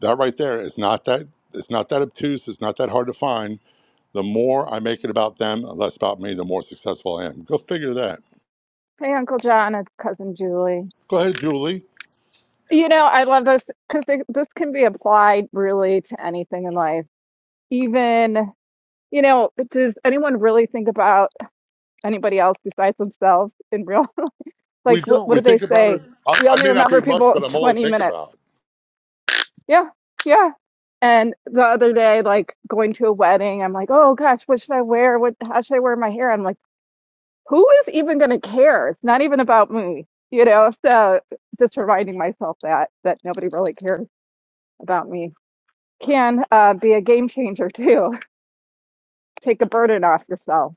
That right there. It's not that it's not that obtuse, it's not that hard to find the more I make it about them and less about me, the more successful I am. Go figure that. Hey, Uncle John, it's Cousin Julie. Go ahead, Julie. You know, I love this because this can be applied really to anything in life. Even, you know, does anyone really think about anybody else besides themselves in real? We Like, what, don't. what We do they think about it. say? I'm, We I only may not be remember much, people but I'm all I 20 think minutes. about. Yeah, yeah. And the other day, like going to a wedding, I'm like, oh gosh, what should I wear? What, how should I wear my hair? I'm like. who is even going to care? It's not even about me, you know. So just reminding myself that that nobody really cares about me can uh, be a game changer too. Take a burden off yourself.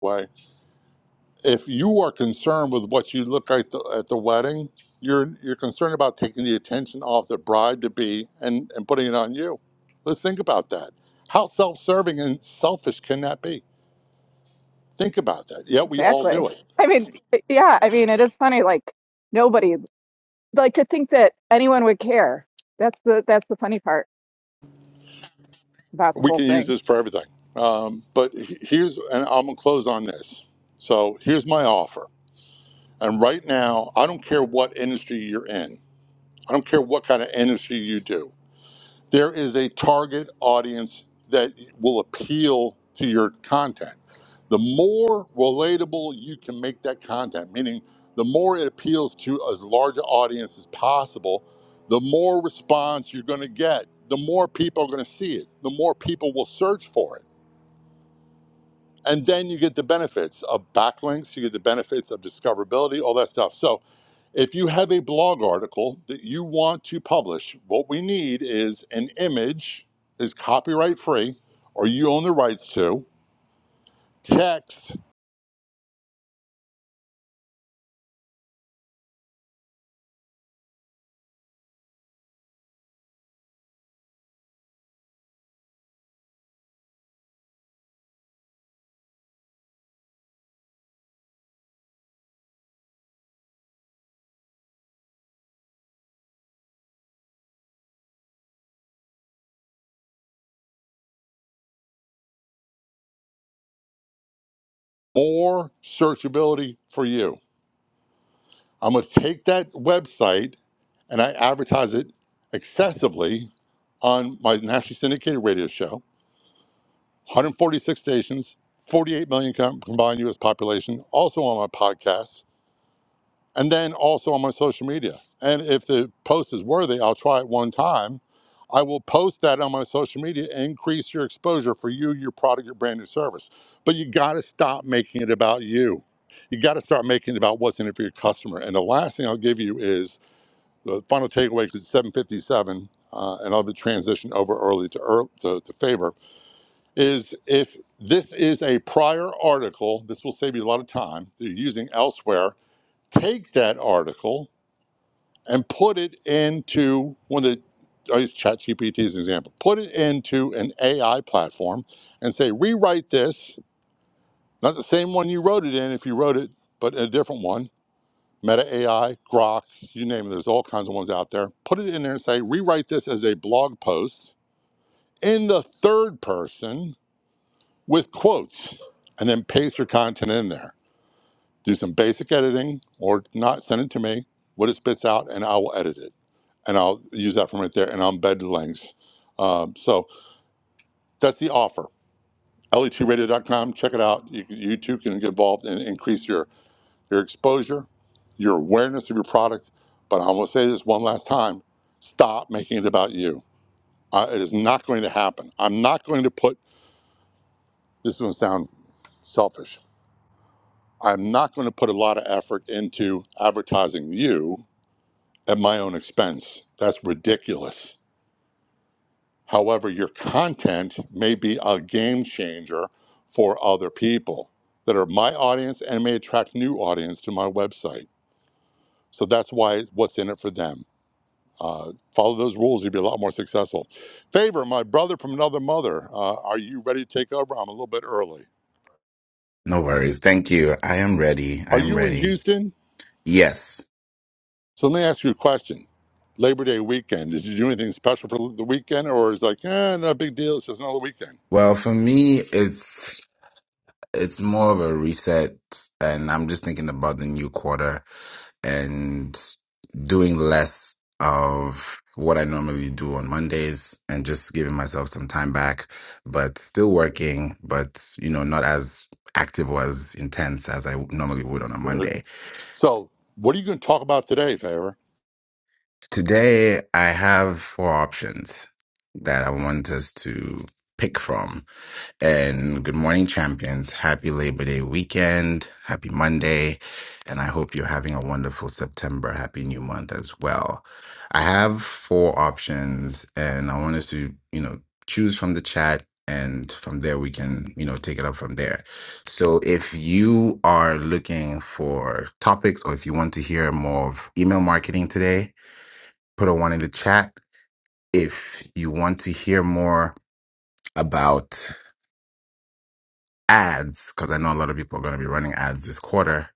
Way. If you are concerned with what you look like the, at the wedding, you're you're concerned about taking the attention off the bride to be and and putting it on you. Let's think about that. How self-serving and selfish can that be? Think about that. Yeah, we all Exactly. do it. I mean, yeah. I mean, it is funny. Like nobody like to think that anyone would care. That's the that's the funny part about the we whole can use thing this for everything. Um, but he- here's, and I'm gonna close on this. So here's my offer. And right now, I don't care what industry you're in. I don't care what kind of industry you do. There is a target audience that will appeal to your content. The more relatable you can make that content, meaning the more it appeals to as large an audience as possible, the more response you're going to get. The more people are going to see it. The more people will search for it And then you get the benefits of backlinks, you get the benefits of discoverability, all that stuff. So if you have a blog article that you want to publish, what we need is an image is copyright free or you own the rights to, text, more searchability for you. I'm going to take that website and I advertise it excessively on my nationally syndicated radio show 146 stations, 48 million com- combined U.S. population. Also on my podcast, and then also on my social media. And if the post is worthy, I'll try it one time. I will post that on my social media. Increase your exposure for you, your product, your brand, your service. But you got to stop making it about you. You got to start making it about what's in it for your customer. And the last thing I'll give you is the final takeaway because it's 7:57, uh, and I'll have to transition over early to, ear to to favor is if this is a prior article, this will save you a lot of time that you're using elsewhere. Take that article and put it into one of the, I use ChatGPT as an example, put it into an AI platform and say, rewrite this, not the same one you wrote it in if you wrote it, but a different one. Meta AI, Grok, you name it, there's all kinds of ones out there. Put it in there and say, rewrite this as a blog post in the third person with quotes and then paste your content in there. Do some basic editing or not, send it to me, what it spits out, and I will edit it. And I'll use that from right there and I'll embed the links. Um, so that's the offer. LE2radio.com, check it out. You, can- you too can get involved and increase your, your exposure, your awareness of your product. But I'm going to say this one last time stop making it about you. Uh, it is not going to happen. I'm not going to put this is going to sound selfish. I'm not going to put a lot of effort into advertising you at my own expense. That's ridiculous. However, your content may be a game changer for other people that are my audience and may attract new audience to my website. So that's why what's in it for them. Uh, follow those rules, you'll be a lot more successful. Favor, my brother from another mother, uh, are you ready to take over? I'm a little bit early. No worries. Thank you. I am ready. I Are am you in ready. Houston? Yes. So let me ask you a question. Labor Day weekend, did you do anything special for the weekend or is it like, eh, not a big deal, it's just another weekend? Well, for me, it's it's more of a reset, and I'm just thinking about the new quarter and doing less of what I normally do on Mondays and just giving myself some time back, but still working, but you know, not as active or as intense as I normally would on a Good. Monday. So what are you going to talk about today, Favor? Today, I have four options that I want us to pick from. And good morning, champions. Happy Labor Day weekend. Happy Monday. And I hope you're having a wonderful September. Happy new month as well. I have four options and I want us to, you know, choose from the chat and from there we can, you know, take it up from there. So if you are looking for topics or if you want to hear more of email marketing today, put a one in the chat if you want to hear more about ads because i know a lot of people are going to be running ads this quarter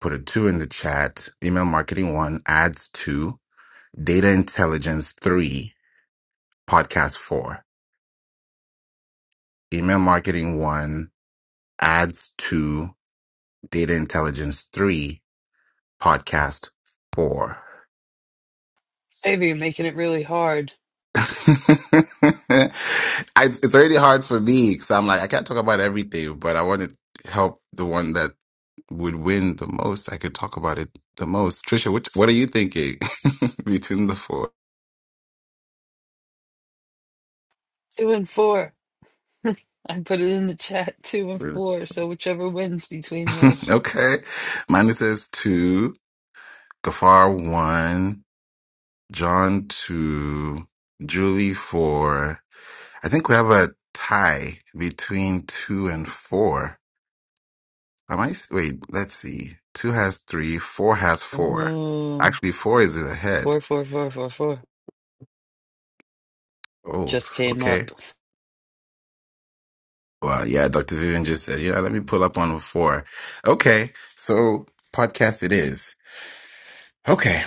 put a two in the chat email marketing one ads two data intelligence three podcast four email marketing one ads two data intelligence three podcast four I, it's already hard for me because I'm like I can't talk about everything, but I want to help the one that would win the most. I could talk about it the most. Trisha, which what are you thinking between the four? Really? okay, mine says two, Gafar one, John two, Julie four. I think we have a tie between two and four. Am I? s- Wait, let's see. Two has three. Four has four. Actually, four is ahead. Oh, okay. Well, yeah, Dr. Vivian just said, yeah, let me pull up on four. Okay. So podcast it is. Okay.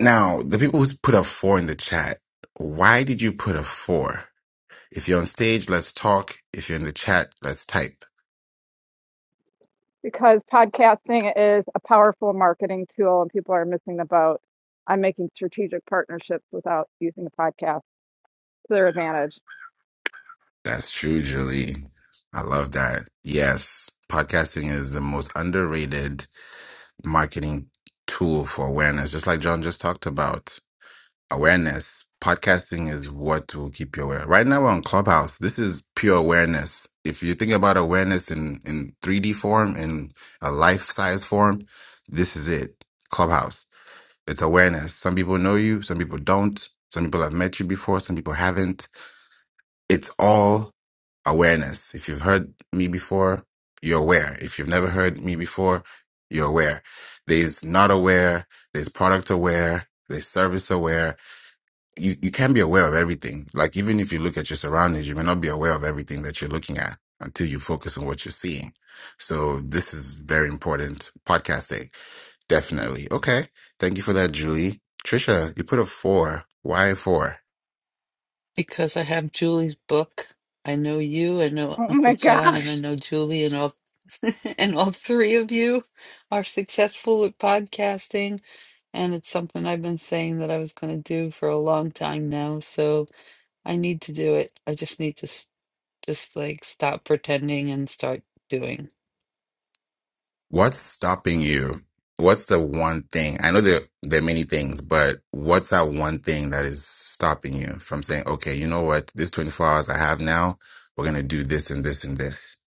Now, the people who's put a four in the chat, why did you put a four? If you're on stage, let's talk. If you're in the chat, let's type. because podcasting is a powerful marketing tool and people are missing the boat on making strategic partnerships without using the podcast to their advantage That's true, Julie. I love that. Yes. Podcasting is the most underrated marketing tool for awareness, just like John just talked about. Awareness, podcasting is what will keep you aware. Right now, we're on Clubhouse. This is pure awareness. If you think about awareness in, in 3D form, in a life size form, this is it Clubhouse. It's awareness. Some people know you, some people don't. Some people have met you before, some people haven't it's all awareness. If you've heard me before, you're aware. If you've never heard me before, you're aware. There's not aware, there's product aware, there's service aware. You, you can not be aware of everything. Like even if you look at your surroundings, you may not be aware of everything that you're looking at until you focus on what you're seeing. So this is very important podcasting. Definitely. Okay. Thank you for that, Julie. Trisha, you put a four. Why four? Oh my gosh. What's stopping you? What's the one thing? I know there there are many things, but what's that one thing that is stopping you from saying, okay, you know what? This 24 hours I have now, we're gonna do this and this and this.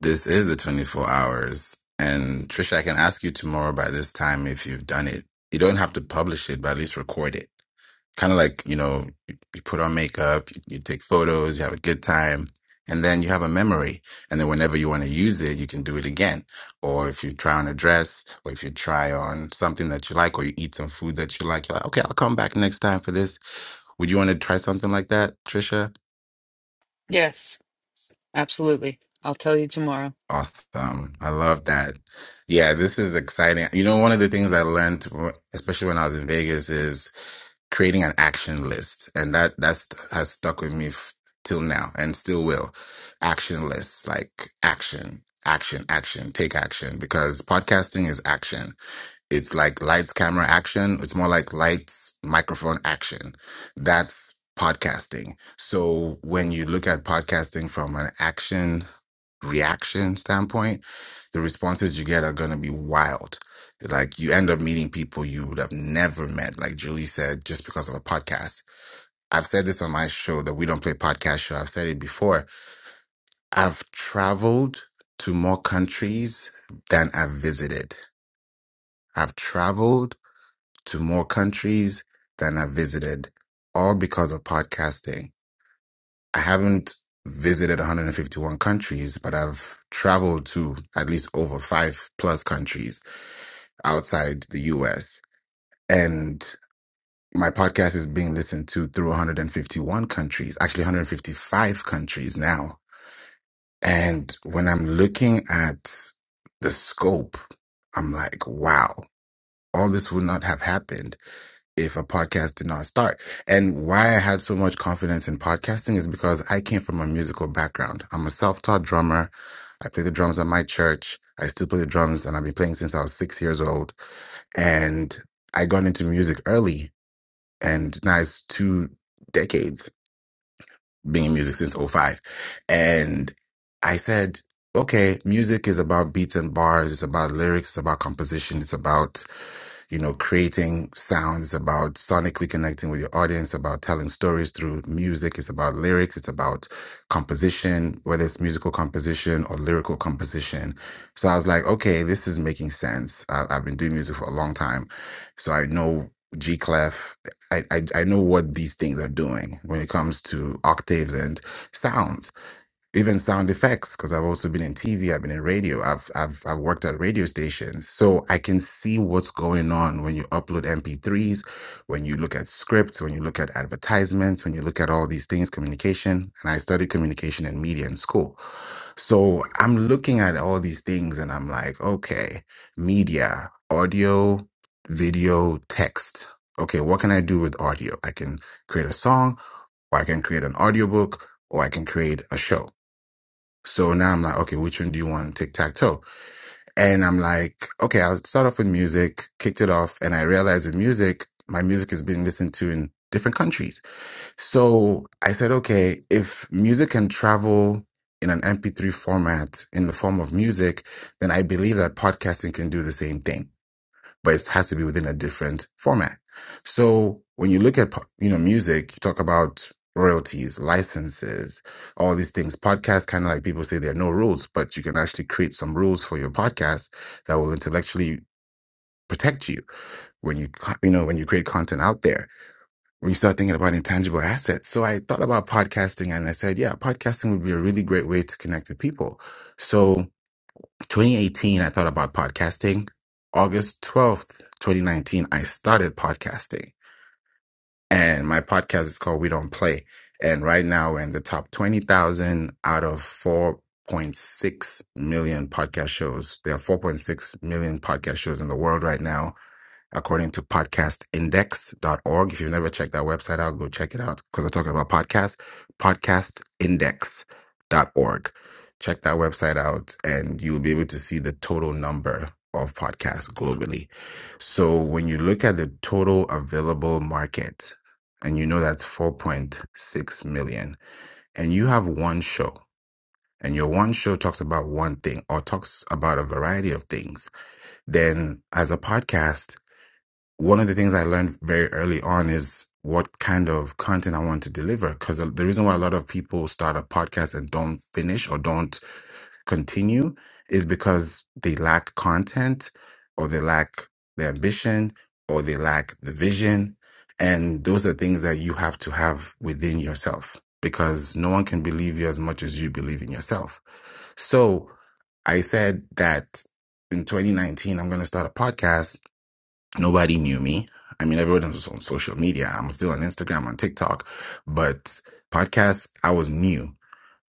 This is the 24 hours. And Trisha, I can ask you tomorrow by this time if you've done it. You don't have to publish it, but at least record it. kind of like you know you, you put on makeup you, you take photos you have a good time and then you have a memory and then whenever you want to use it you can do it again or if you try on a dress or if you try on something that you like or you eat some food that you like you're like okay i'll come back next time for this would you want to try something like that trisha awesome i love that yeah this is exciting you know one of the things i learned especially when i was in vegas is creating an action list and that that's has stuck with me f- till now and still will action lists like action action action take action because podcasting is action it's like lights camera action it's more like lights microphone action that's podcasting so when you look at podcasting from an action reaction standpoint, the responses you get are going to be wild. Like you end up meeting people you would have never met, like Julie said, just because of a podcast. I've said this on my show that we don't play podcast show. I've said it before. I've traveled to more countries than I've visited. I've traveled to more countries than I've visited, all because of podcasting I haven't visited 151 countries, but I've traveled to at least over five plus countries outside the US. And my podcast is being listened to through 151 countries, actually 155 countries now. And when I'm looking at the scope, I'm like, wow, all this would not have happened if a podcast did not start. And why I had so much confidence in podcasting is because I came from a musical background. I'm a self taught drummer. I play the drums at my church. I still play the drums and I've been playing since I was six years old. And I got into music early and now it's two decades being in music since '05. And I said, okay, music is about beats and bars. It's about lyrics. It's about composition. It's about you know, creating sounds about sonically connecting with your audience, about telling stories through music. It's about lyrics. It's about composition, whether it's musical composition or lyrical composition. So I was like, okay, this is making sense. I, I've been doing music for a long time. So I know G clef. I, I, I know what these things are doing when it comes to octaves and sounds even sound effects because i've also been in tv i've been in radio I've, I've i've worked at radio stations so i can see what's going on when you upload mp3s when you look at scripts when you look at advertisements when you look at all these things communication and i studied communication and media in school so i'm looking at all these things and i'm like okay media audio video text okay what can i do with audio i can create a song or I can create an audiobook, or I can create a show. So now I'm like, okay, which one do you want? Tic tac toe. And I'm like, okay, I'll start off with music, kicked it off. And I realized with music, my music is being listened to in different countries. So I said, okay, if music can travel in an MP3 format in the form of music, then I believe that podcasting can do the same thing but it has to be within a different format. So when you look at you know music, you talk about royalties, licenses, all these things. Podcasts kind of like people say there are no rules, but you can actually create some rules for your podcast that will intellectually protect you when you you know when you create content out there. When you start thinking about intangible assets. So I thought about podcasting and I said, yeah, podcasting would be a really great way to connect with people. So 2018, I thought about podcasting. August 12th, 2019, I started podcasting. And my podcast is called We Don't Play. And right now we're in the top 20,000 out of 4.6 million podcast shows. There are 4.6 million podcast shows in the world right now according to podcast index dot org, If you've never checked that website out, go check it out because I'm talking about podcasts. podcast index dot org, Check that website out and you'll be able to see the total number of podcasts globally. So when you look at the total available market, and you know that's 4.6 million, and you have one show, and your one show talks about one thing or talks about a variety of things, then as a podcast, one of the things I learned very early on is what kind of content I want to deliver. Because the reason why a lot of people start a podcast and don't finish or don't continue is because they lack content or they lack the ambition or they lack the vision. And those are things that you have to have within yourself because no one can believe you as much as you believe in yourself. So I said that in 2019, I'm going to start a podcast Nobody knew me. I mean, everyone was on social media. I'm still on Instagram, on TikTok, but podcasts, I was new.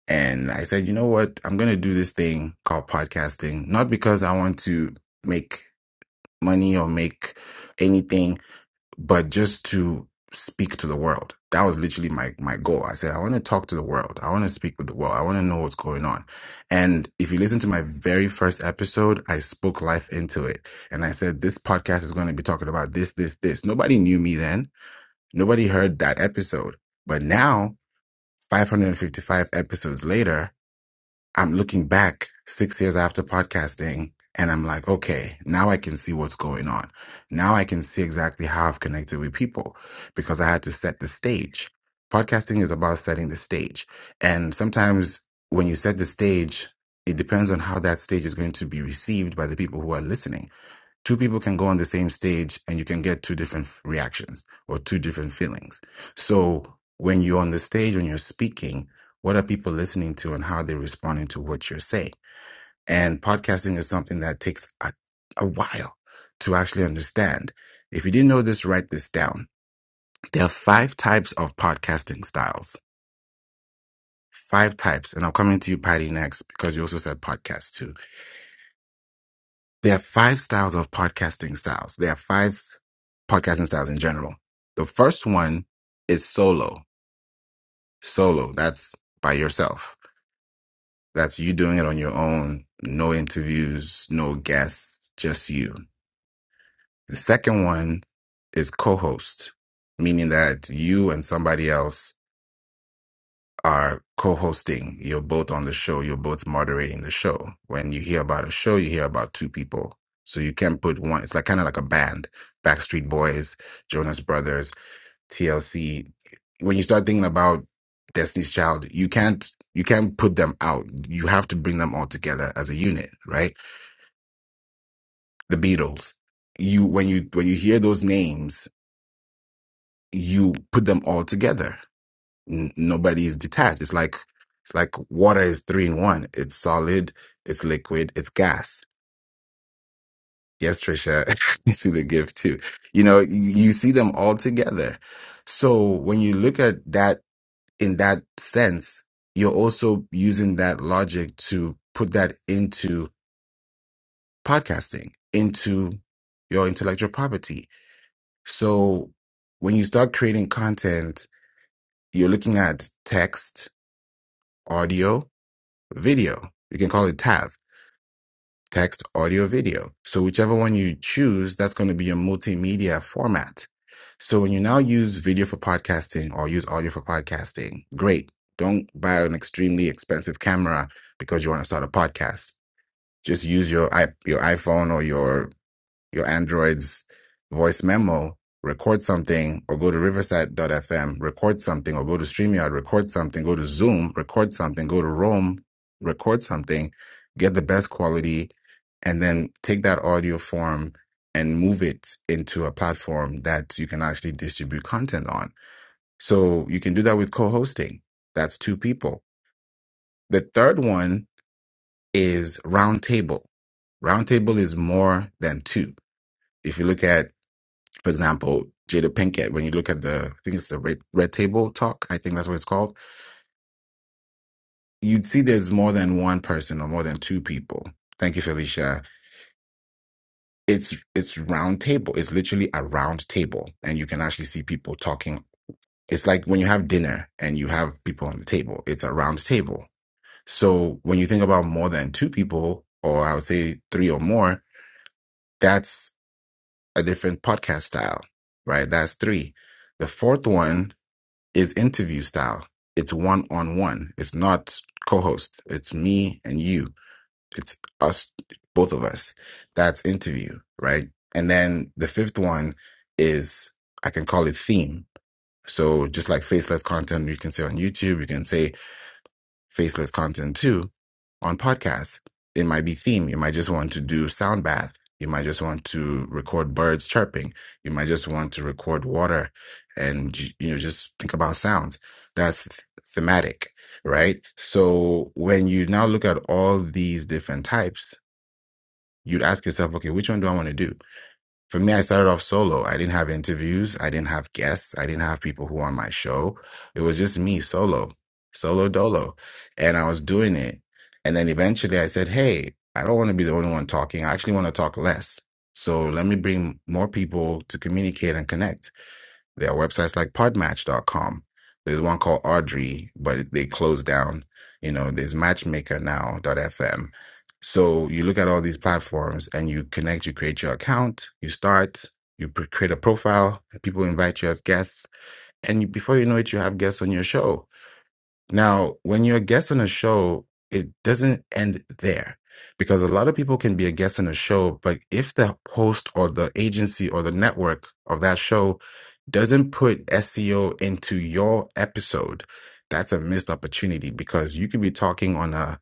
And I said, you know what? I'm going to do this thing called podcasting, not because I want to make money or make anything but just to speak to the world. That was literally my my goal. I said I want to talk to the world. I want to speak with the world. I want to know what's going on. And if you listen to my very first episode, I spoke life into it. And I said this podcast is going to be talking about this this this. Nobody knew me then. Nobody heard that episode. But now 555 episodes later, I'm looking back six years after podcasting and I'm like, okay, now I can see what's going on. Now I can see exactly how I've connected with people because I had to set the stage. Podcasting is about setting the stage. And sometimes when you set the stage, it depends on how that stage is going to be received by the people who are listening two people can go on the same stage and you can get two different f- reactions or two different feelings. So when you're on the stage, when you're speaking, what are people listening to and how they're responding to what you're saying? And podcasting is something that takes a, a while to actually understand. If you didn't know this, write this down. There are five types of podcasting styles. Five types. And I'm coming to you, Patty, next because you also said podcast too There are five styles of podcasting styles. There are five podcasting styles in general. The first one is solo. Solo, that's by yourself. That's you doing it on your own. No interviews, no guests, just you. The second one is co host, meaning that you and somebody else are co-hosting. You're both on the show. You're both moderating the show. When you hear about a show, you hear about two people. So you can't put one. It's like kind of like a band: Backstreet Boys, Jonas Brothers, TLC. When you start thinking about Destiny's Child, you can't you can't put them out. You have to bring them all together as a unit, right? The Beatles. You when you when you hear those names, you put them all together N- nobody is detached. It's like it's like water is three in one. It's solid, it's liquid, it's gas. Yes, Trisha, you see the gift too. You know, you, you see them all together. So when you look at that in that sense, you're also using that logic to put that into podcasting, into your intellectual property. So when you start creating content, you're looking at text, audio. video. You can call it TAV, text, audio, video. So whichever one you choose, that's going to be your multimedia format. So when you now use video for podcasting or use audio for podcasting, great. Don't buy an extremely expensive camera because you want to start a podcast. Just use your i- your iPhone or your your Android's voice memo, record something, or go to Riverside FM record something, or go to StreamYard, record something, go to Zoom, record something, go to Roam, record something, get the best quality, and then take that audio form and move it into a platform that you can actually distribute content on. So you can do that with co hosting. That's two people. The third one is Roundtable. Roundtable is more than two. If you look at for example, Jada Pinkett, when you look at the, I think it's the red, red table talk, I think that's what it's called, you'd see there's more than one person or more than two people. Thank you, Felicia. It's it's round table. It's literally a round table, and you can actually see people talking. It's like when you have dinner and you have people on the table. It's a round table. So when you think about more than two people, or I would say three or more, that's a different podcast style, right? That's three. The fourth one is interview style. It's one on one. It's not co host. It's me and you. It's us, both of us. That's interview, right? And then the fifth one is I can call it theme. So just like faceless content, you can say on YouTube, you can say faceless content too on podcasts. It might be theme. You might just want to do sound bath. You might just want to record birds chirping. You might just want to record water and you know just think about sounds. That's th- thematic, right? So when you now look at all these different types, you'd ask yourself, okay, which one do I want to do? For me, I started off solo. I didn't have interviews. I didn't have guests. I didn't have people who were on my show. It was just me solo, solo dolo. And I was doing it. And then eventually I said, Hey, I don't want to be the only one talking. I actually want to talk less. So let me bring more people to communicate and connect. There are websites like podmatch.com. There's one called Audrey, but they closed down. You know, there's matchmaker now.fm. So you look at all these platforms and you connect, you create your account, you start, you pre- create a profile, people invite you as guests, and you, before you know it, you have guests on your show. Now, when you're a guest on a show, it doesn't end there because a lot of people can be a guest on a show, but if the host or the agency or the network of that show doesn't put SEO into your episode, that's a missed opportunity because you could be talking on a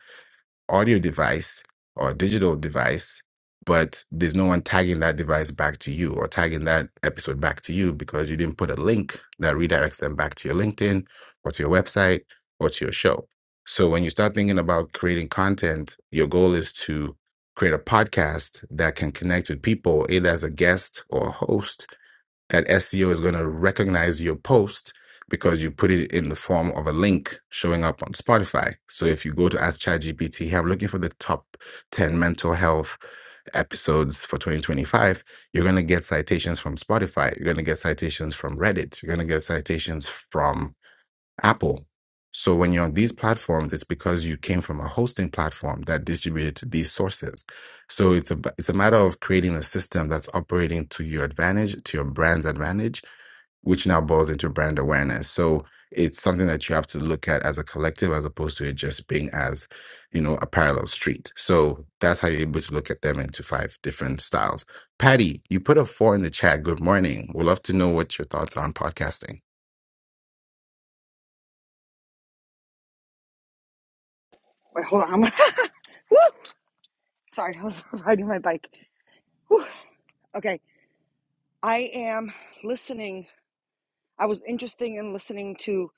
audio device or a digital device, but there's no one tagging that device back to you or tagging that episode back to you because you didn't put a link that redirects them back to your LinkedIn or to your website or to your show. So when you start thinking about creating content, your goal is to create a podcast that can connect with people either as a guest or a host that SEO is going to recognize your post because you put it in the form of a link showing up on Spotify. So if you go to Ask ChatGPT, hey, I'm looking for the top 10 mental health episodes for 2025, you're going to get citations from Spotify. You're going to get citations from Reddit. You're going to get citations from Apple. So when you're on these platforms, it's because you came from a hosting platform that distributed to these sources. So it's a it's a matter of creating a system that's operating to your advantage, to your brand's advantage, which now boils into brand awareness. So it's something that you have to look at as a collective, as opposed to it just being as, you know, a parallel street. So that's how you're able to look at them into five different styles. Patty, you put a four in the chat. Good morning. We'd love to know what your thoughts are on podcasting. Wait, hold on. I'm Woo! Sorry, I was riding my bike. Whew. Okay, I am listening. I was interested in listening to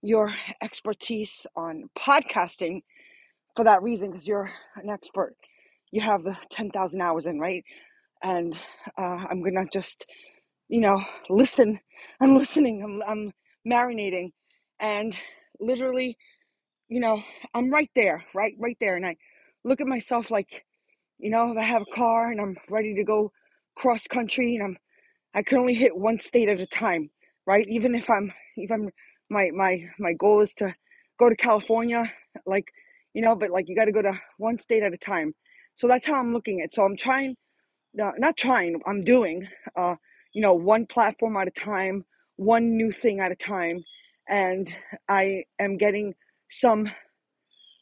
your expertise on podcasting for that reason, because you're an expert. You have the 10,000 hours in, right? And uh, I'm going to just, you know, listen. I'm listening. I'm, I'm marinating. And literally you know, I'm right there, right, right there. And I look at myself like, you know, if I have a car and I'm ready to go cross country and I'm, I can only hit one state at a time, right? Even if I'm, if I'm, my, my, my goal is to go to California, like, you know, but like you got to go to one state at a time. So that's how I'm looking at. it. So I'm trying, no, not trying, I'm doing, uh, you know, one platform at a time, one new thing at a time. And I am getting some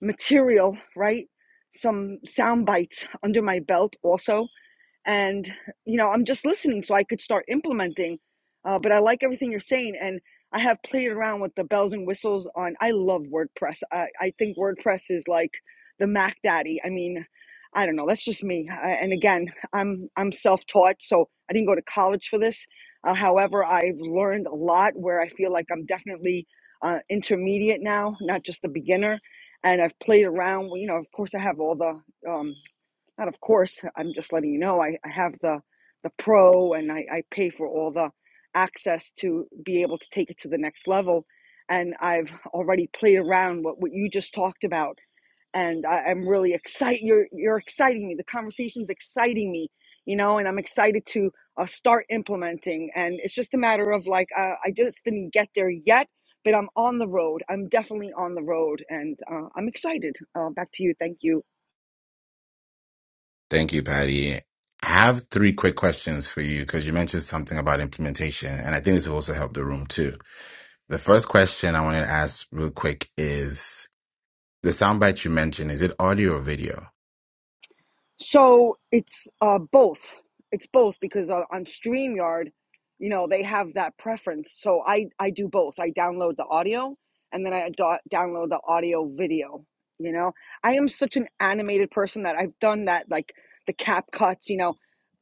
material, right? Some sound bites under my belt also and you know i'm just listening so i could start implementing uh, but i like everything you're saying and i have played around with the bells and whistles on i love wordpress i, I think wordpress is like the mac daddy i mean i don't know that's just me I, and again i'm i'm self-taught so i didn't go to college for this uh, however i've learned a lot where i feel like i'm definitely uh, intermediate now not just a beginner and i've played around you know of course i have all the um, not of course. I'm just letting you know. I, I have the the pro, and I, I pay for all the access to be able to take it to the next level. And I've already played around what what you just talked about, and I, I'm really excited. You're you're exciting me. The conversation's exciting me, you know, and I'm excited to uh, start implementing. And it's just a matter of like uh, I just didn't get there yet. But I'm on the road. I'm definitely on the road, and uh, I'm excited. Uh, back to you. Thank you. Thank you, Patty. I have three quick questions for you because you mentioned something about implementation, and I think this will also help the room too. The first question I wanted to ask real quick is the soundbite you mentioned, is it audio or video? So it's uh, both. It's both because uh, on StreamYard, you know, they have that preference. So I, I do both. I download the audio and then I do- download the audio video. You know, I am such an animated person that I've done that, like the cap cuts, you know.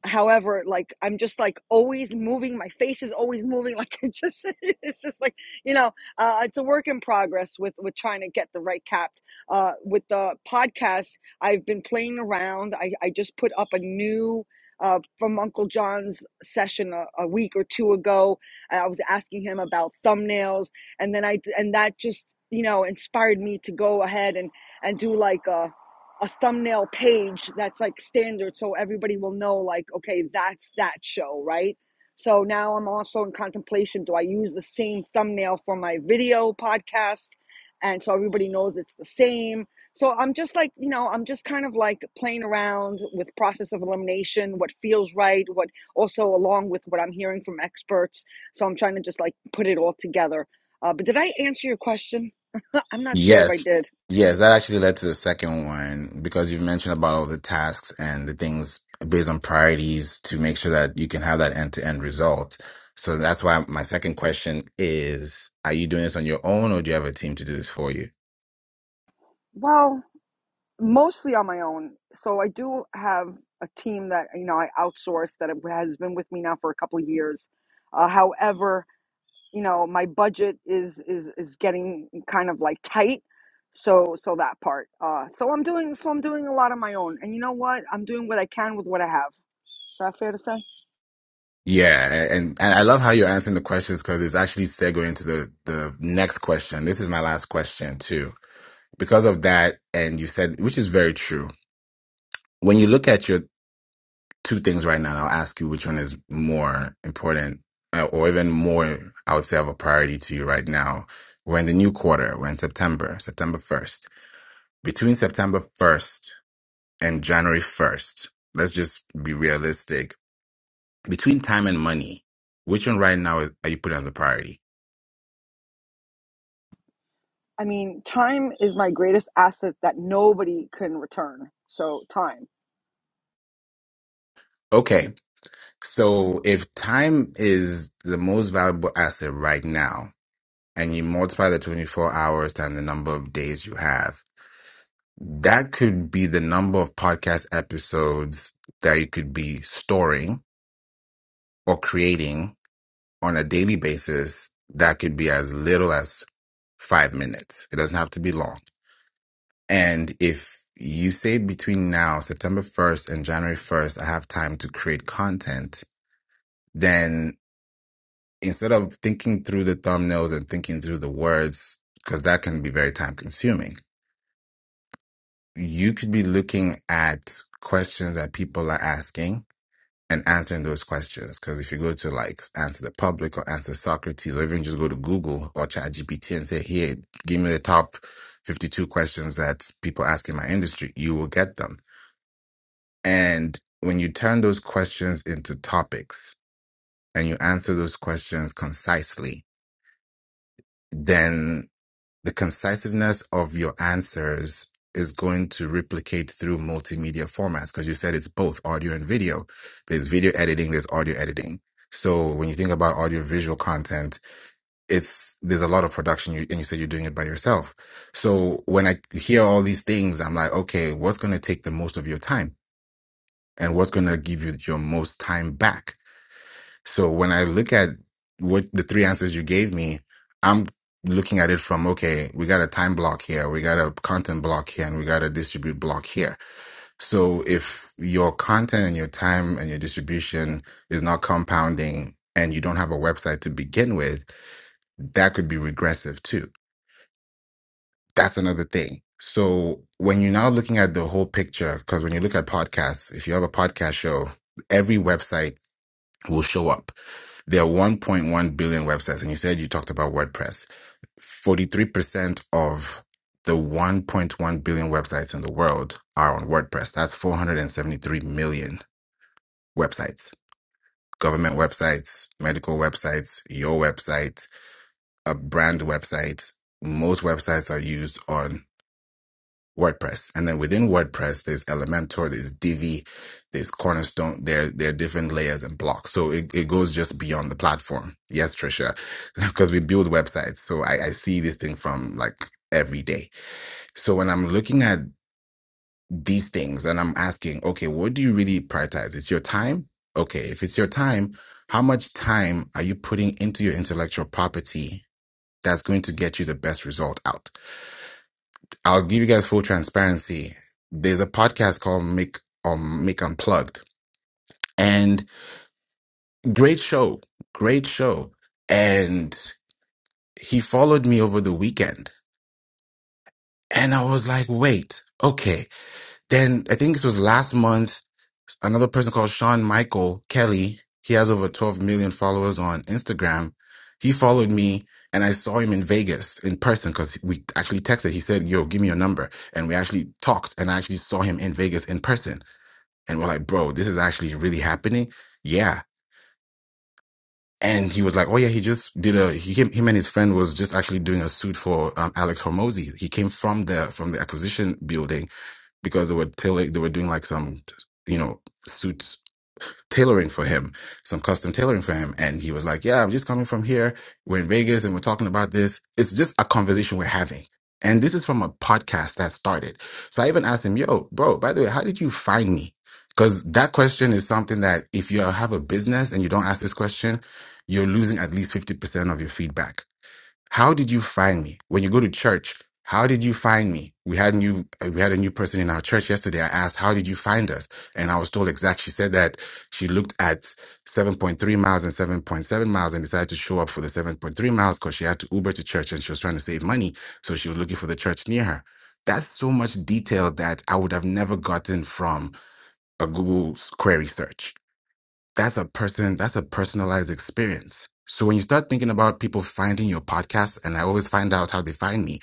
However, like I'm just like always moving. My face is always moving. Like it just, it's just like you know, uh, it's a work in progress with with trying to get the right cap. Uh, with the podcast I've been playing around. I, I just put up a new uh, from Uncle John's session a, a week or two ago. I was asking him about thumbnails, and then I and that just you know inspired me to go ahead and and do like a a thumbnail page that's like standard, so everybody will know like okay that's that show right. So now I'm also in contemplation. Do I use the same thumbnail for my video podcast? And so everybody knows it's the same so i'm just like you know i'm just kind of like playing around with process of elimination what feels right what also along with what i'm hearing from experts so i'm trying to just like put it all together uh, but did i answer your question i'm not sure if i Yes. did Yes, that actually led to the second one because you've mentioned about all the tasks and the things based on priorities to make sure that you can have that end to end result. So that's why my second question is Are you doing this on your own or do you have a team to do this for you? well mostly on my own so i do have a team that you know i outsource that has been with me now for a couple of years uh, however you know my budget is is is getting kind of like tight so so that part uh so i'm doing so i'm doing a lot on my own and you know what i'm doing what i can with what i have is that fair to say Yeah, and, and I love how you're answering the questions because it's actually segue into the the next question. This is my last question too. Because of that, and you said, which is very true. When you look at your two things right now, and I'll ask you which one is more important, uh, or even more, I would say, of a priority to you right now. We're in the new quarter. We're in September, September first. Between September first and January first, let's just be realistic. Between time and money, which one right now is- are you putting as a priority? i mean time is my greatest asset that nobody can return so time Okay. So if time is the most valuable asset right now, and you multiply the 24 hours times the number of days you have, that could be the number of podcast episodes that you could be storing or creating on a daily basis. That could be as little as five minutes. It doesn't have to be long. And if you say between now, September 1st and January 1st, I have time to create content, then instead of thinking through the thumbnails and thinking through the words, because that can be very time consuming, you could be looking at questions that people are asking and answering those questions. Because if you go to like Answer the Public or Answer Socrates, or even just go to Google or ChatGPT and say, here, give me the top 52 questions that people ask in my industry, you will get them. And when you turn those questions into topics and you answer those questions concisely, then The concisiveness of your answers is going to replicate through multimedia formats because you said it's both audio and video. There's video editing, there's audio editing. So when you think about audio visual content, it's there's a lot of production you, and you said you're doing it by yourself. So when I hear all these things, I'm like, okay, what's going to take the most of your time and what's going to give you your most time back? So when I look at what the three answers you gave me, I'm looking at it from, okay, we got a time block here, we got a content block here, and we got a distribute block here. So if your content and your time and your distribution is not compounding and you don't have a website to begin with, that could be regressive too. That's another thing. So when you're now looking at the whole picture, because when you look at podcasts, if you have a podcast show, every website will show up there are 1.1 billion websites, and you said you talked about WordPress. 43% of the 1.1 billion websites in the world are on WordPress. That's 473 million websites. Government websites, medical websites, your website, a brand website. Most websites are used on WordPress. And then within WordPress, there's Elementor, there's Divi, there's Cornerstone. There, there are different layers and blocks. So it, it goes just beyond the platform. Yes, Trisha, because we build websites. So I, I see this thing from like every day. So when I'm looking at these things and I'm asking, okay, what do you really prioritize? It's your time. Okay. If it's your time, how much time are you putting into your intellectual property that's going to get you the best result out? I'll give you guys full transparency. There's a podcast called Make um Make Unplugged, and great show, great show. And he followed me over the weekend, and I was like, wait, okay. Then I think this was last month. Another person called Sean Michael Kelly. He has over 12 million followers on Instagram. He followed me, and I saw him in Vegas in person because we actually texted. He said, "Yo, give me your number," and we actually talked, and I actually saw him in Vegas in person. And we're like, bro, this is actually really happening. Yeah. And he was like, oh yeah, he just did a, he, him, him and his friend was just actually doing a suit for um, Alex Hormozy. He came from the, from the acquisition building because they were telling, they were doing like some, you know, suits tailoring for him, some custom tailoring for him. And he was like, Yeah, I'm just coming from here. We're in Vegas and we're talking about this. It's just a conversation we're having. And this is from a podcast that started. So I even asked him, Yo, bro, by the way, how did you find me? Because that question is something that if you have a business and you don't ask this question, you're losing at least 50% of your feedback how did you find me? When you go to church, how did you find me? We had new uh, we had a new person in our church yesterday. I asked, "How did you find us?" And I was told exact. She said that she looked at 7.3 miles and 7.7 miles and decided to show up for the 7.3 miles because she had to Uber to church and she was trying to save money, so she was looking for the church near her. That's so much detail that I would have never gotten from a Google query search that's a person that's a personalized experience so when you start thinking about people finding your podcast and i always find out how they find me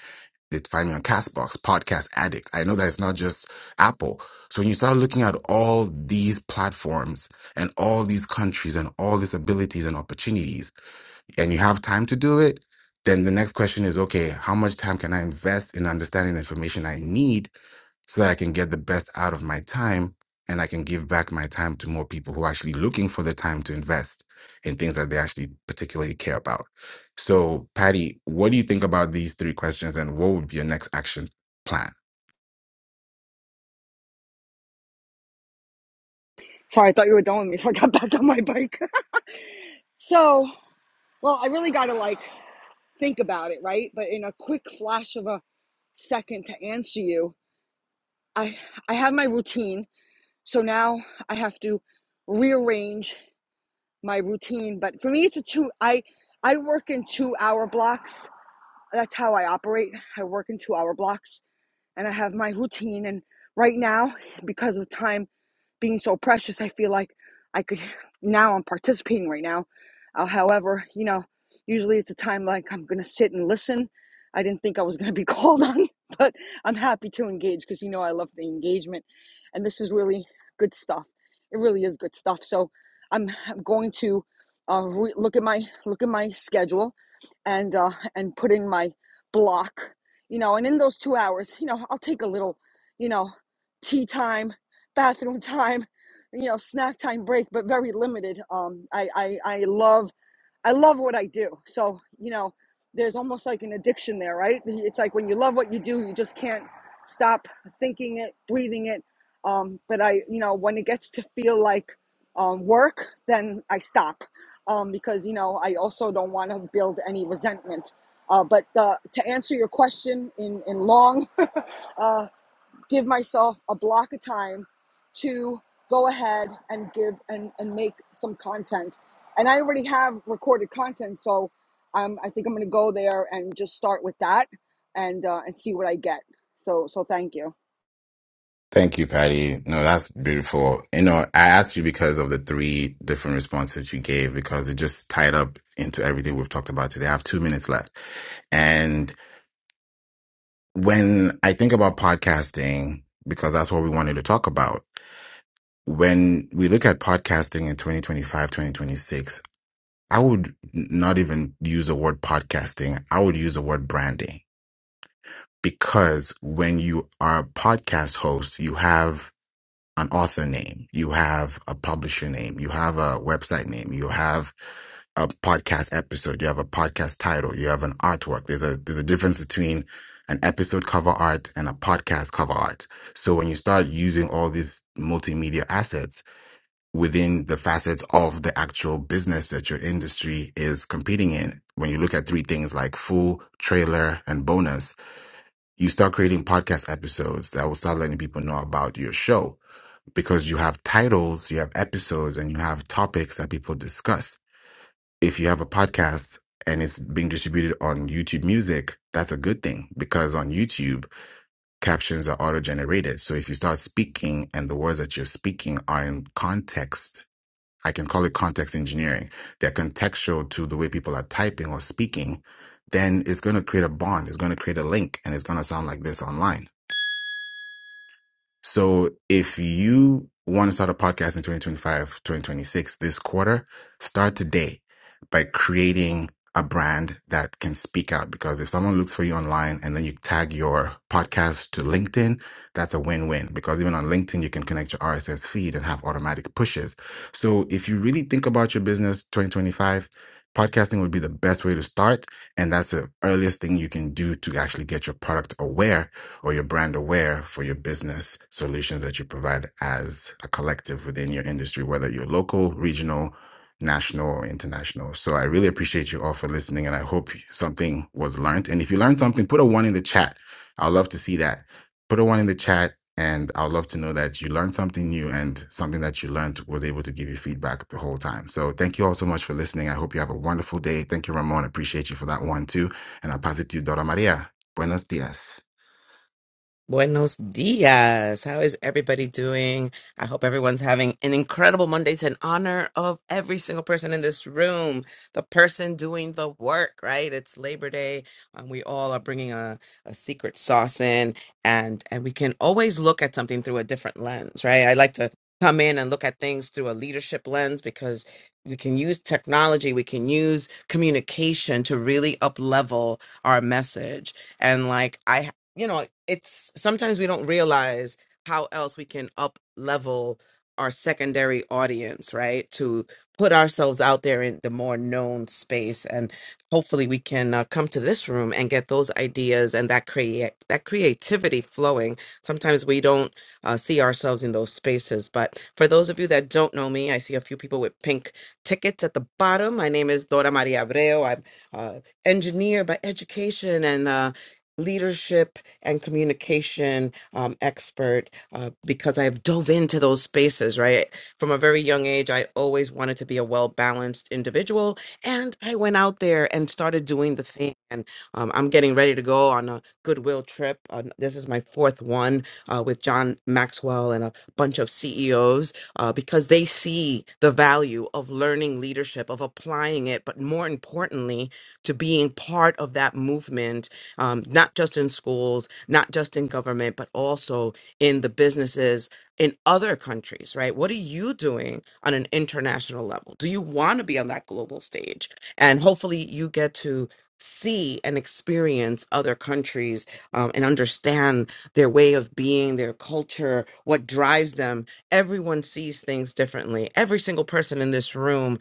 they find me on castbox podcast addict i know that it's not just apple so when you start looking at all these platforms and all these countries and all these abilities and opportunities and you have time to do it, then the next question is okay, how much time can I invest in understanding the information I need so that I can get the best out of my time and I can give back my time to more people who are actually looking for the time to invest in things that they actually particularly care about. So, Patty, what do you think about these three questions and what would be your next action plan? sorry i thought you were done with me so i got back on my bike so well i really gotta like think about it right but in a quick flash of a second to answer you i i have my routine so now i have to rearrange my routine but for me it's a two i i work in two hour blocks that's how i operate i work in two hour blocks and i have my routine and right now because of time being so precious. I feel like I could now I'm participating right now. Uh, however, you know, usually it's a time like I'm gonna sit and listen. I didn't think I was gonna be called on, but I'm happy to engage because you know I love the engagement, and this is really good stuff. It really is good stuff. So I'm, I'm going to uh, re- look at my look at my schedule and uh, and put in my block, you know, and in those two hours, you know, I'll take a little, you know, tea time bathroom time, you know, snack time break, but very limited. Um, I, I, I love, I love what I do. So, you know, there's almost like an addiction there, right? It's like when you love what you do, you just can't stop thinking it, breathing it. Um, but I, you know, when it gets to feel like um, work, then I stop um, because, you know, I also don't want to build any resentment. Uh, but uh, to answer your question in, in long, uh, give myself a block of time to go ahead and give and, and make some content. And I already have recorded content, so um, I think I'm going to go there and just start with that and uh, and see what I get. So so thank you. Thank you, Patty. No, that's beautiful. You know, I asked you because of the three different responses you gave because it just tied up into everything we've talked about today. I have two minutes left. And when I think about podcasting, because that's what we wanted to talk about, when we look at podcasting in 2025, 2026, I would not even use the word podcasting. I would use the word branding because when you are a podcast host, you have an author name, you have a publisher name, you have a website name, you have a podcast episode, you have a podcast title, you have an artwork. There's a there's a difference between an episode cover art and a podcast cover art. So when you start using all these multimedia assets within the facets of the actual business that your industry is competing in, when you look at three things like full, trailer, and bonus, you start creating podcast episodes that will start letting people know about your show because you have titles, you have episodes, and you have topics that people discuss. If you have a podcast and it's being distributed on YouTube Music, that's a good thing because on YouTube, captions are auto generated. So if you start speaking and the words that you're speaking are in context, I can call it context engineering, they're contextual to the way people are typing or speaking, then it's going to create a bond, it's going to create a link, and it's going to sound like this online So if you want to start a podcast in 2025, 2026, this quarter, start today by creating a brand that can speak out because if someone looks for you online and then you tag your podcast to LinkedIn, that's a win-win because even on LinkedIn, you can connect your RSS feed and have automatic pushes. So if you really think about your business 2025, podcasting would be the best way to start. And that's the earliest thing you can do to actually get your product aware or you're brand aware for your business solutions that you provide as a collective within your industry, whether you're local, regional, national, or international. So I really appreciate you all for listening, and I hope something was learned. And if you learned something, put a one in the chat. I'd love to see that. Put a one in the chat. And I'd love to know that you learned something new and something that you learned was able to give you feedback the whole time. So thank you all so much for listening. I hope you have a wonderful day. Thank you, Ramon. Appreciate you for that one too. And I'll pass it to you, Dora Maria. Buenos dias. Buenos dias. How is everybody doing? I hope everyone's having an incredible Monday. It's in honor of every single person in this room, the person doing the work, right? It's Labor Day, and we all are bringing a, a secret sauce in, and and we can always look at something through a different lens, right? I like to come in and look at things through a leadership lens because we can use technology, we can use communication to really up level our message and like I you know, it's sometimes we don't realize how else we can up level our secondary audience, right? To put ourselves out there in the more known space, and hopefully we can uh, come to this room and get those ideas and that create that creativity flowing. Sometimes we don't uh, see ourselves in those spaces, but for those of you that don't know me, I see a few people with pink tickets at the bottom. My name is Dora Maria Abreu. I'm uh, engineer by education and. Uh, leadership and communication um, expert uh, because I've dove into those spaces, right? From a very young age, I always wanted to be a well balanced individual. And I went out there and started doing the thing. And um, I'm getting ready to go on a goodwill trip. Uh, this is my fourth one uh, with John Maxwell and a bunch of CEOs uh, because they see the value of learning leadership, of applying it, but more importantly, to being part of that movement um, not just in schools, not just in government, but also in the businesses in other countries, right? What are you doing on an international level? Do you want to be on that global stage? And hopefully you get to see and experience other countries um, and understand their way of being, their culture, what drives them. Everyone sees things differently. Every single person in this room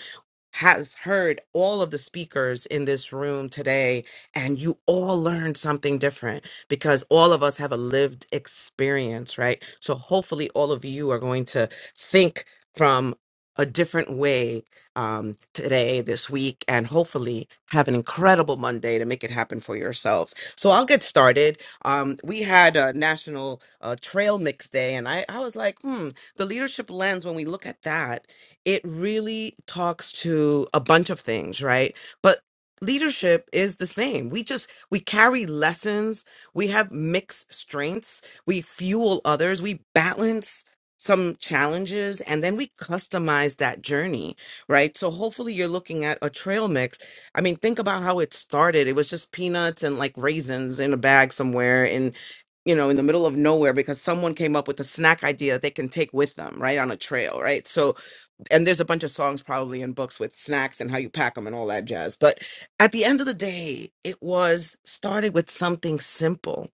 has heard all of the speakers in this room today, and you all learned something different because all of us have a lived experience, right? So hopefully, all of you are going to think from a different way um, today, this week, and hopefully have an incredible Monday to make it happen for yourselves. So I'll get started. Um, we had a National uh, Trail Mix Day, and I, I was like, hmm, the leadership lens, when we look at that, it really talks to a bunch of things, right? But leadership is the same. We just we carry lessons, we have mixed strengths, we fuel others, we balance some challenges and then we customize that journey, right? So hopefully you're looking at a trail mix. I mean, think about how it started. It was just peanuts and like raisins in a bag somewhere in you know, in the middle of nowhere because someone came up with a snack idea that they can take with them, right, on a trail, right? So and there's a bunch of songs probably in books with snacks and how you pack them and all that jazz. But at the end of the day, it was started with something simple,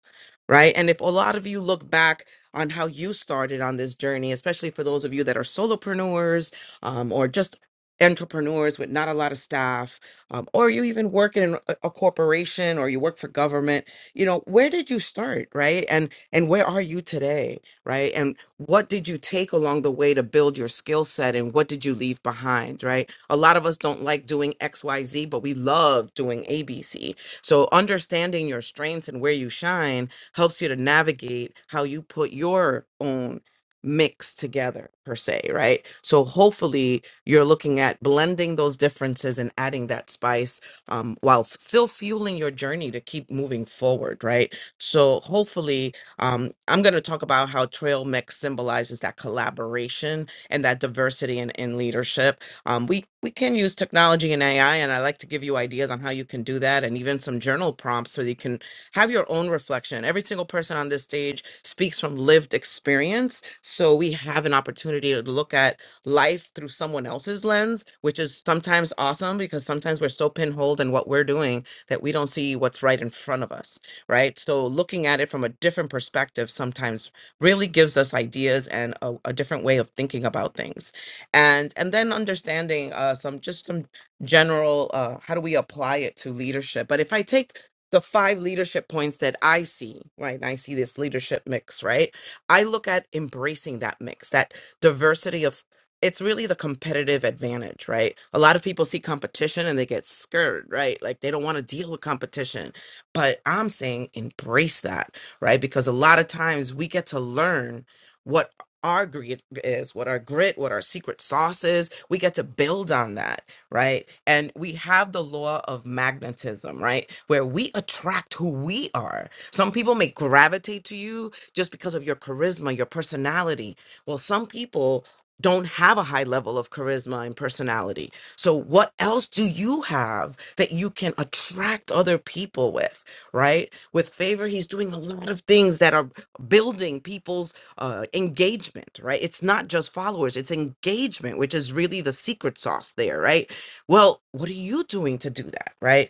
right? And if a lot of you look back on how you started on this journey, especially for those of you that are solopreneurs um, or just entrepreneurs with not a lot of staff, um, or you even work in a, a corporation or you work for government, you know, where did you start, right? And and where are you today? right? And what did you take along the way to build your skill set and what did you leave behind, right? A lot of us don't like doing XYZ, but we love doing ABC. So understanding your strengths and where you shine helps you to navigate how you put your own mix together per se right so hopefully you're looking at blending those differences and adding that spice um, while f- still fueling your journey to keep moving forward right so hopefully um, I'm going to talk about how Trail Mix symbolizes that collaboration and that diversity in, in leadership. Um, we we can use technology and AI, and I like to give you ideas on how you can do that, and even some journal prompts so that you can have your own reflection. Every single person on this stage speaks from lived experience, so we have an opportunity to look at life through someone else's lens, which is sometimes awesome because sometimes we're so pinholed in what we're doing that we don't see what's right in front of us right? So looking at it from a different perspective sometimes really gives us ideas and a, a different way of thinking about things. And and then understanding uh, some just some general uh, how do we apply it to leadership? But if I take the five leadership points that I see, right? And I see this leadership mix, right? I look at embracing that mix, that diversity of it's really the competitive advantage, right? A lot of people see competition and they get scared, right? Like they don't want to deal with competition but I'm saying embrace that, right? Because a lot of times we get to learn what our grit is, what our grit, what our secret sauce is. We get to build on that, right? And we have the law of magnetism, right? Where we attract who we are. Some people may gravitate to you just because of your charisma, your personality. Well, some people don't have a high level of charisma and personality. So, what else do you have that you can attract other people with? right? With favor, he's doing a lot of things that are building people's uh, engagement, right? It's not just followers, it's engagement, which is really the secret sauce there, right? Well, what are you doing to do that, right?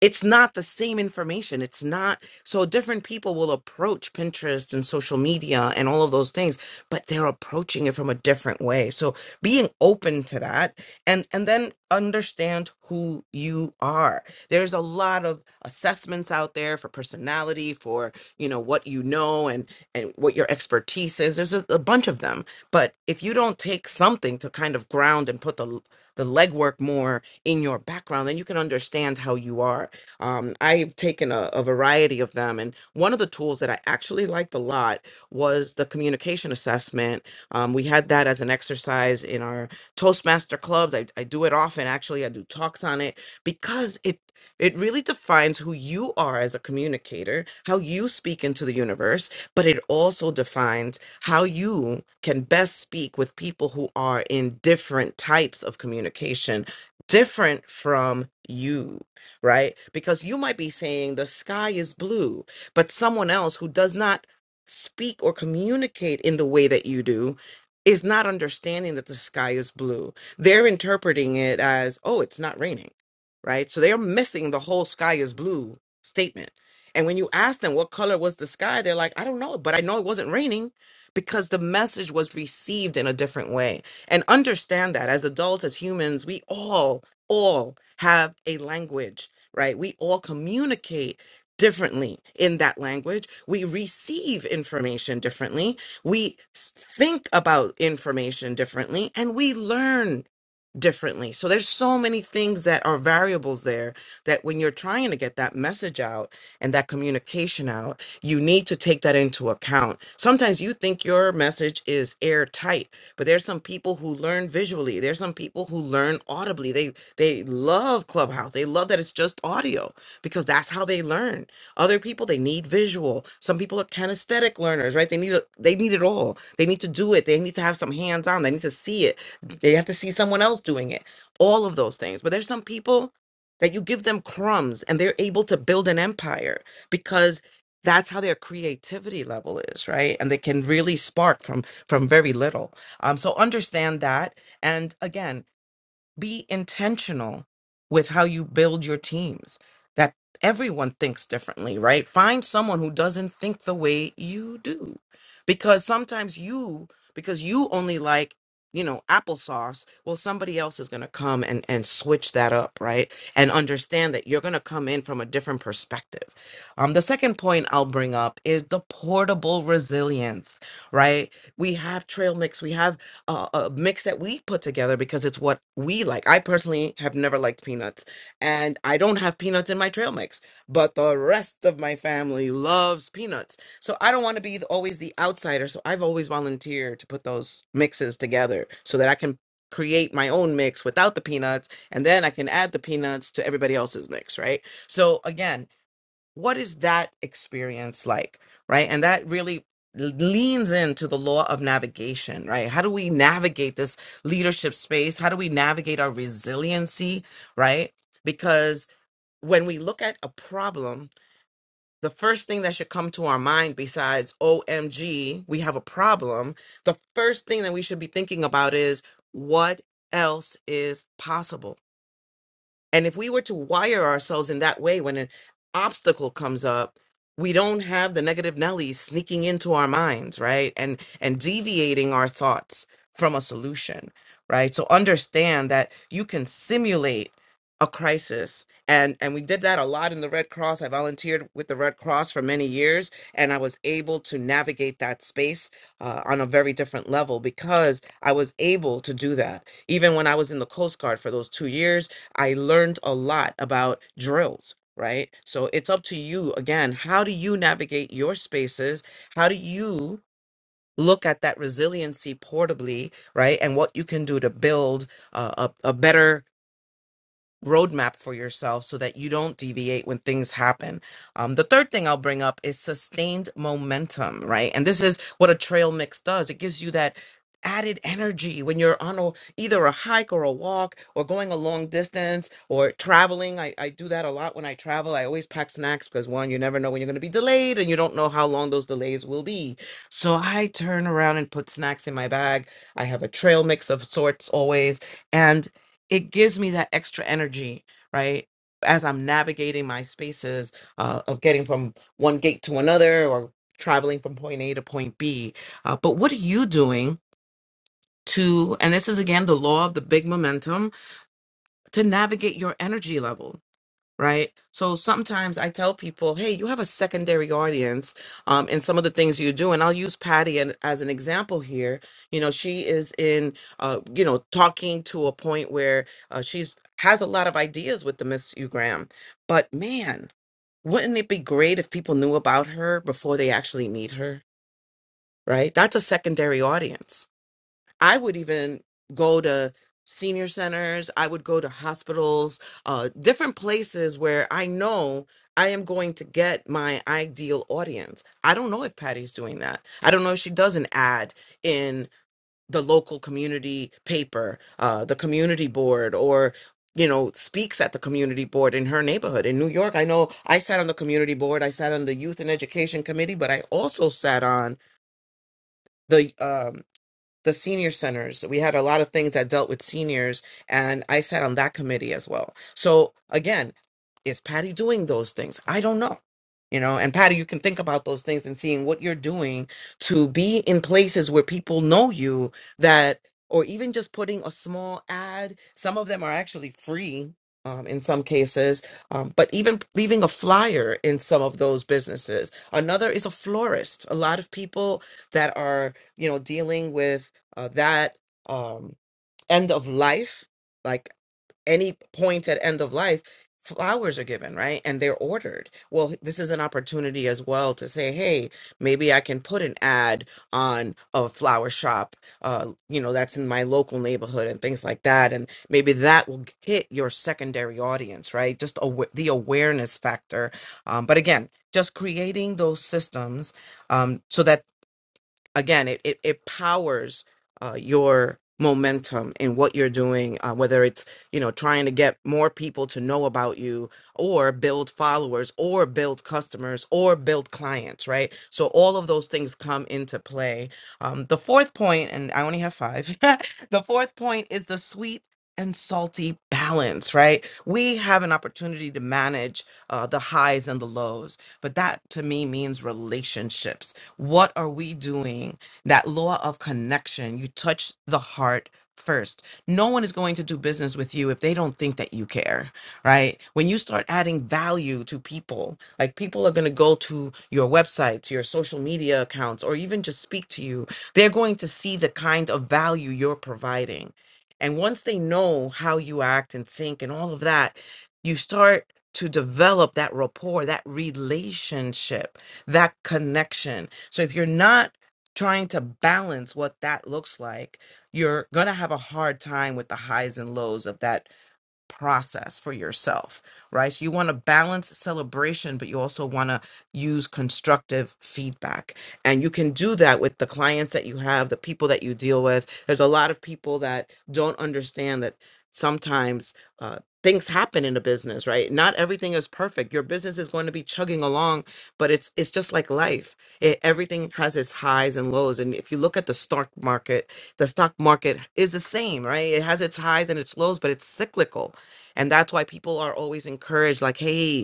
it's not the same information. It's not so different people will approach Pinterest and social media and all of those things, but they're approaching it from a different way. So being open to that and and then understand who you are. There's a lot of assessments out there for personality, for you know what you know and and what your expertise is. There's a, a bunch of them, but if you don't take something to kind of ground and put the the legwork more in your background, then you can understand how you are um, I've taken a, a variety of them, and one of the tools that I actually liked a lot was the communication assessment. Um, we had that as an exercise in our Toastmaster clubs. I, I do it often, actually. I do talks on it because it it really defines who you are as a communicator, how you speak into the universe, but it also defines how you can best speak with people who are in different types of communication, different from you right? Because you might be saying the sky is blue, but someone else who does not speak or communicate in the way that you do is not understanding that the sky is blue. They're interpreting it as, oh, it's not raining, right? So they're missing the whole sky is blue statement. And when you ask them what color was the sky, they're like, I don't know, but I know it wasn't raining because the message was received in a different way. And understand that as adults, as humans, we all, all have a language right? We all communicate differently in that language. We receive information differently. We s- think about information differently and we learn differently. So there's so many things that are variables there that when you're trying to get that message out and that communication out, you need to take that into account. Sometimes you think your message is airtight, but there's some people who learn visually. There's some people who learn audibly. They they love Clubhouse. They love that it's just audio because that's how they learn. Other people they need visual. Some people are kinesthetic learners, right? They need a, they need it all. They need to do it. They need to have some hands on. They need to see it. They have to see someone else doing it. All of those things. But there's some people that you give them crumbs and they're able to build an empire because that's how their creativity level is right and they can really spark from from very little um so understand that and again be intentional with how you build your teams that everyone thinks differently right find someone who doesn't think the way you do because sometimes you because you only like you know applesauce well somebody else is going to come and and switch that up right and understand that you're going to come in from a different perspective um the second point i'll bring up is the portable resilience right we have trail mix we have uh, a mix that we put together because it's what we like. I personally have never liked peanuts, and I don't have peanuts in my trail mix, but the rest of my family loves peanuts. So I don't want to be the, always the outsider. So I've always volunteered to put those mixes together so that I can create my own mix without the peanuts and then I can add the peanuts to everybody else's mix, right? So again, what is that experience like right and that really leans into the law of navigation right how do we navigate this leadership space how do we navigate our resiliency right because when we look at a problem the first thing that should come to our mind besides omg we have a problem the first thing that we should be thinking about is what else is possible and if we were to wire ourselves in that way, when an obstacle comes up, we don't have the negative Nellies sneaking into our minds, right? And and deviating our thoughts from a solution, right? So understand that you can simulate a crisis and and we did that a lot in the red cross i volunteered with the red cross for many years and i was able to navigate that space uh, on a very different I learned a lot about drills, right? So it's up to you again. How do you navigate your spaces? How do you look at that resiliency portably, right? And what you can do to build uh, a, a better roadmap for yourself so that you don't deviate when things happen. Um, the third thing I'll bring up is sustained momentum, right? And this is what a trail mix does. It gives you that added energy when you're on a, either a hike or a walk or going a long distance or traveling. I, I do that a lot when I travel. I always pack snacks because one, you never know when you're going to be delayed and you don't know how long those delays will be. So I turn around and put snacks in my bag. I have a trail mix of sorts always. And it gives me that extra energy, right? As I'm navigating my spaces uh, of getting from one gate to another or traveling from point A to point B. Uh, but what are you doing to, and this is again the law of the big momentum, to navigate your energy level? right? So sometimes I tell people, hey, you have a secondary audience um, in some of the things you do. And I'll use Patty an- as an example here. You know, she is in, uh, you know, talking to a point where uh, she's has a lot of ideas with the Miss U Graham. But man, wouldn't it be great if people knew about her before they actually meet her, right? That's a secondary audience I would even go to senior centers, I would go to hospitals, uh, different places where I know I am going to get my ideal audience. I don't know if Patty's doing that. I don't know if she does an ad in the local community paper, uh, the community board, or you know, speaks at the community board in her neighborhood. In New York, I know I sat on the community board, I sat on the youth and education committee, but I also sat on the um the senior centers. We had a lot of things that dealt with seniors, and I sat on that committee as well. So again, is Patty doing those things? I don't know. You know, and Patty, you can think about those things and seeing what you're doing to be in places where people know you that, or even just putting a small ad. Some of them are actually free um, in some cases, um, but even leaving a flyer in some of those businesses. Another is a florist. A lot of people that are you know dealing with uh, that um, end of life, like any point at end of life, flowers are given, right? And they're ordered. Well, this is an opportunity as well to say, hey, maybe I can put an ad on a flower shop, uh, you know, that's in my local neighborhood and things like that. And maybe that will hit your secondary audience, right? Just awa- the awareness factor. Um, but again, just creating those systems um, so that again, it it, it powers uh, your momentum in what you're doing, uh, whether it's you know trying to get more people to know about you, or build followers, or build customers, or build clients, right? So all of those things come into play. Um, the fourth point, and I only have five. the fourth point is the sweet. And salty balance, right? We have an opportunity to manage uh, the highs and the lows, but that to me means relationships what are we doing? That law of connection, you touch the heart first. No one is going to do business with you if they don't think that you care, right? When you start adding value to people, like people are going to go to your website, to your social media accounts, or even just speak to you, they're going to see the kind of value you're providing. And once they know how you act and think and all of that, you start to develop that rapport, that relationship that connection. So if you're not trying to balance what that looks like, you're going to have a hard time with the highs and lows of that process for yourself, right? So you want to balance celebration, but you also want to use constructive feedback. And you can do that with the clients that you have, the people that you deal with. There's a lot of people that don't understand that sometimes uh, things happen in a business, right? Not everything is perfect. Your business is going to be chugging along, but it's it's just like life. It, everything has its highs and lows. And if you look at the stock market, the stock market is the same, right? It has its highs and its lows, but it's cyclical and that's why people are always encouraged, like, hey,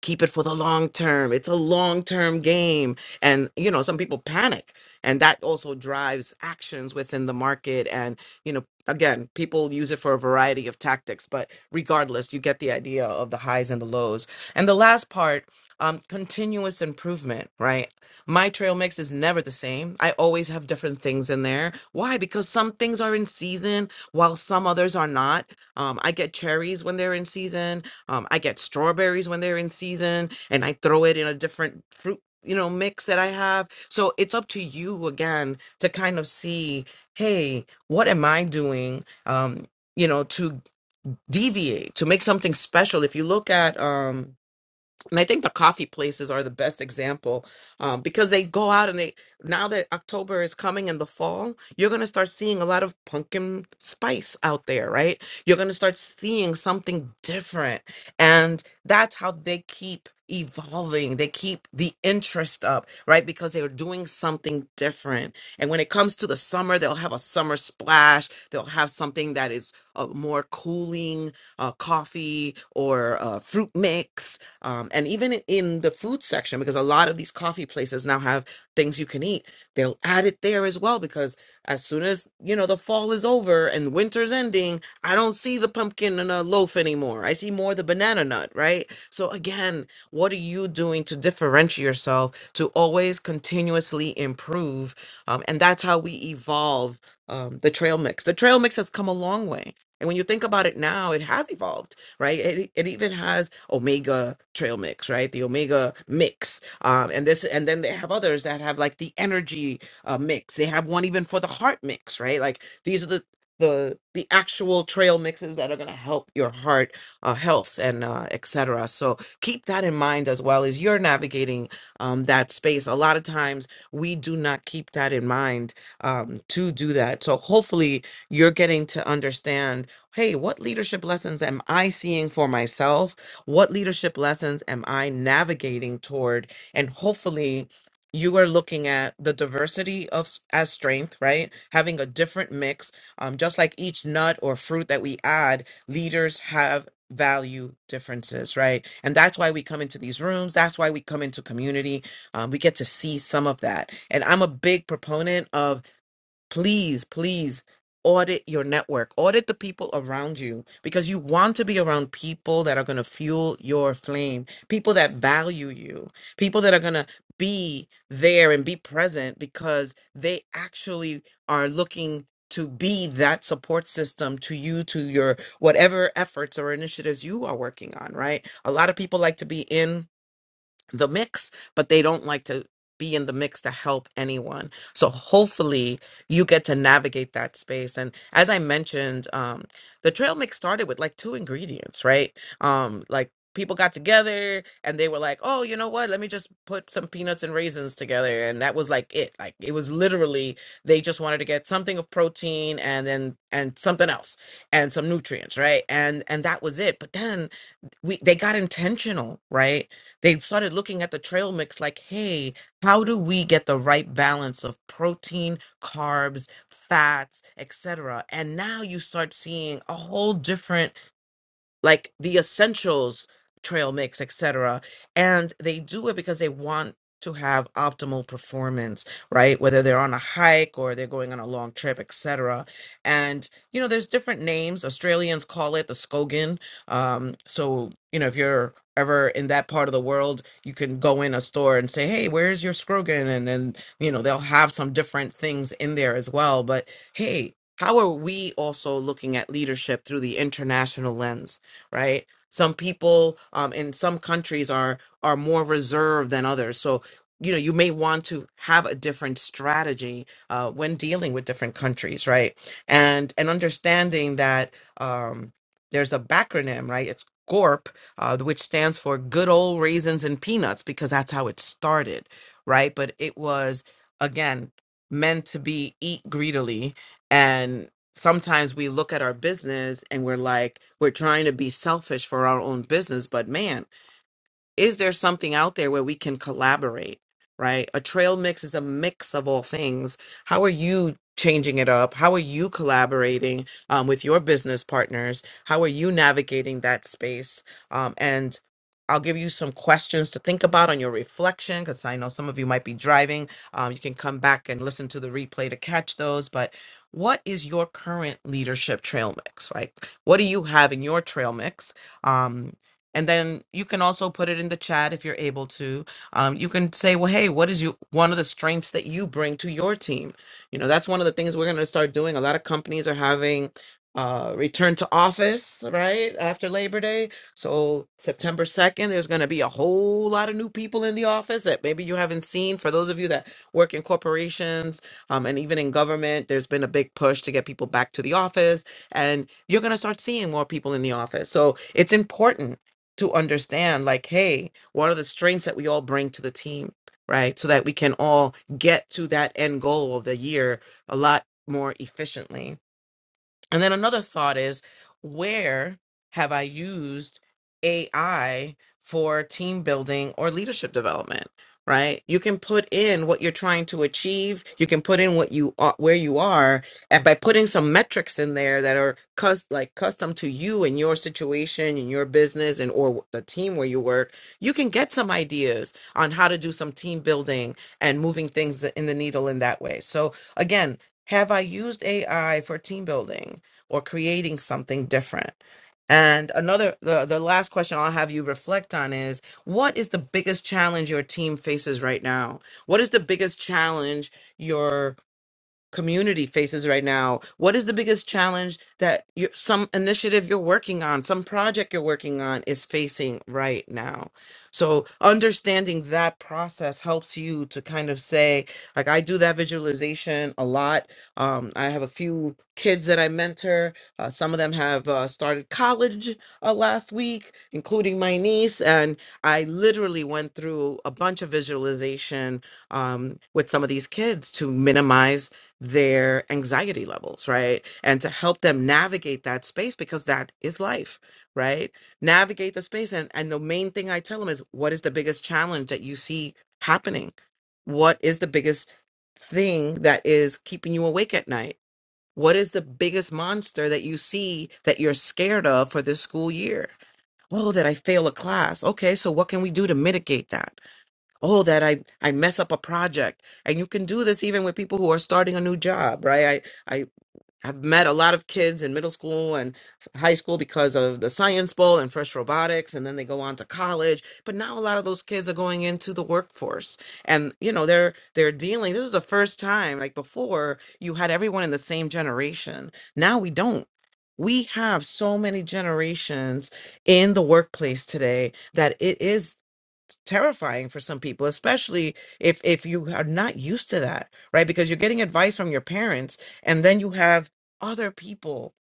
keep it for the long term. It's a long term game. And, you know, some people panic. And that also drives actions within the market. And, you know, again, people use it for a variety of tactics. But regardless, you get the idea of the highs and the lows. And the last part um, continuous improvement, right? My trail mix is never the same. I always have different things in there. Why? Because some things are in season while some others are not. Um, I get cherries when they're in season. Um, I get strawberries when they're in season and I throw it in a different fruit, you know, mix that I have. So it's up to you again to kind of see, hey, what am I doing? Um, you know, to deviate, to make something special. If you look at um and I think the coffee places are the best example um, because they go out and they now that October is coming in the fall, you're gonna start seeing a lot of pumpkin spice out there, right? You're gonna start seeing something different, and that's how they keep evolving. They keep the interest up, right? Because they are doing something different. And when it comes to the summer, they'll have a summer splash. They'll have something that is uh, more cooling, uh, coffee or uh, fruit mix um, and even in the food section, because a lot of these coffee places now have things you can eat, they'll add it there as well. Because as soon as, you know, the fall is over and winter's ending, I don't see the pumpkin in a loaf anymore. I see more the banana nut, right? So again, what are you doing to differentiate yourself to always continuously improve? Um, and that's how we evolve um, the trail mix. The trail mix has come a long way. And when you think about it now, it has evolved right? It, e, it even has Omega trail mix, right? The Omega mix, um, and this, and then they have others that have like the energy uh, mix. They have one even for the heart mix, right? Like these are the the the actual trail mixes that are going to help your heart uh, health and uh, etc. So keep that in mind as well as you're navigating um, that space. A lot of times we do not keep that in mind um, to do that. So hopefully you're getting to understand hey, what leadership lessons am I seeing for myself? What leadership lessons am I navigating toward? And hopefully, you are looking at the diversity of s- as strength, right? Having a different mix, um, just like each nut or fruit that we add, leaders have value differences, right? And that's why we come into these rooms. That's why we come into community. Um, we get to see some of that. And I'm a big proponent of please, please audit your network, audit the people around you because you want to be around people that are going to fuel your flame, people that value you, people that are going to be there and be present because they actually are looking to be that support system to you to your whatever efforts or initiatives you are working on right a lot of people like to be in the mix, but they don't like to be in the mix to help anyone. So hopefully you get to navigate that space. And as I mentioned, um, the trail mix started with like two ingredients, right? Um, like people got together and they were like, oh, you know what? Let me just put some peanuts and raisins together. And that was like it. Like it was literally they just wanted to get something of protein and then and something else and some nutrients, right? And and that was it. But then we they got intentional, right? They started looking at the trail mix like, hey, how do we get the right balance of protein, carbs, fats, etc. And now you start seeing a whole different like the essentials trail mix etc and they do it because they want to have optimal performance right whether they're on a hike or they're going on a long trip etc and you know there's different names australians call it the skogan um so you know if you're ever in that part of the world you can go in a store and say hey where's your skrogan and then you know they'll have some different things in there as well but hey how are we also looking at leadership through the international lens right? Some people um, in some countries are are more reserved than others. So you know you may want to have a different strategy uh, when dealing with different countries, right? And and understanding that um, there's a backronym, right? It's GORP, uh, which stands for Good Old Raisins and Peanuts, because that's how it started, right? But it was again meant to be eat greedily sometimes we look at our business and we're like we're trying to be selfish for our own business but man is there something out there where we can collaborate right a trail mix is a mix of all things how are you changing it up how are you collaborating um, with your business partners how are you navigating that space um, and i'll give you some questions to think about on your reflection because i know some of you might be driving um, you can come back and listen to the replay to catch those but what is your current leadership trail mix right what do you have in your trail mix Um, and then you can also put it in the chat if you're able to. Um, you can say, well, hey, what is you one of the strengths that you bring to your team? You know, that's one of the things we're going to start doing. A lot of companies are having uh, return to office right after Labor Day. So September 2nd, there's going to be a whole lot of new people in the office that maybe you haven't seen. For those of you that work in corporations um, and even in government, there's been a big push to get people back to the office and you're going to start seeing more people in the office. So it's important to understand like hey what are the strengths that we all bring to the team right so that we can all get to that end goal of the year a lot more efficiently and then another thought is where have I used AI for team building or leadership development, right? You can put in what you're trying to achieve, you can put in what you are, where you are, and by putting some metrics in there that are cus- like custom to you and your situation and your business and or the team where you work, you can get some ideas on how to do some team building and moving things in the needle in that way. So again, have I used AI for team building? or creating something different. And another the, the last question I'll have you reflect on is what is the biggest challenge your team faces right now? What is the biggest challenge your community faces right now what is the biggest challenge that you some initiative you're working on some project you're working on is facing right now so understanding that process helps you to kind of say like i do that visualization a lot um, i have a few kids that i mentor uh, some of them have uh, started college uh, last week including my niece and i literally went through a bunch of visualization um, with some of these kids to minimize their anxiety levels, right? And to help them navigate that space because that is life, right? Navigate the space. And, and the main thing I tell them is what is the biggest challenge that you see happening? What is the biggest thing that is keeping you awake at night? What is the biggest monster that you see that you're scared of for this school year? Oh, that I fail a class. Okay, so what can we do to mitigate that? oh that i i mess up a project and you can do this even with people who are starting a new job right i i have met a lot of kids in middle school and s- high school because of the science bowl and fresh robotics and then they go on to college but now a lot of those kids are going into the workforce and you know they're they're dealing this is the first time like before you had everyone in the same generation now we don't we have so many generations in the workplace today that it is terrifying for some people especially if if you are not used to that right because you're getting advice from your parents and then you have other people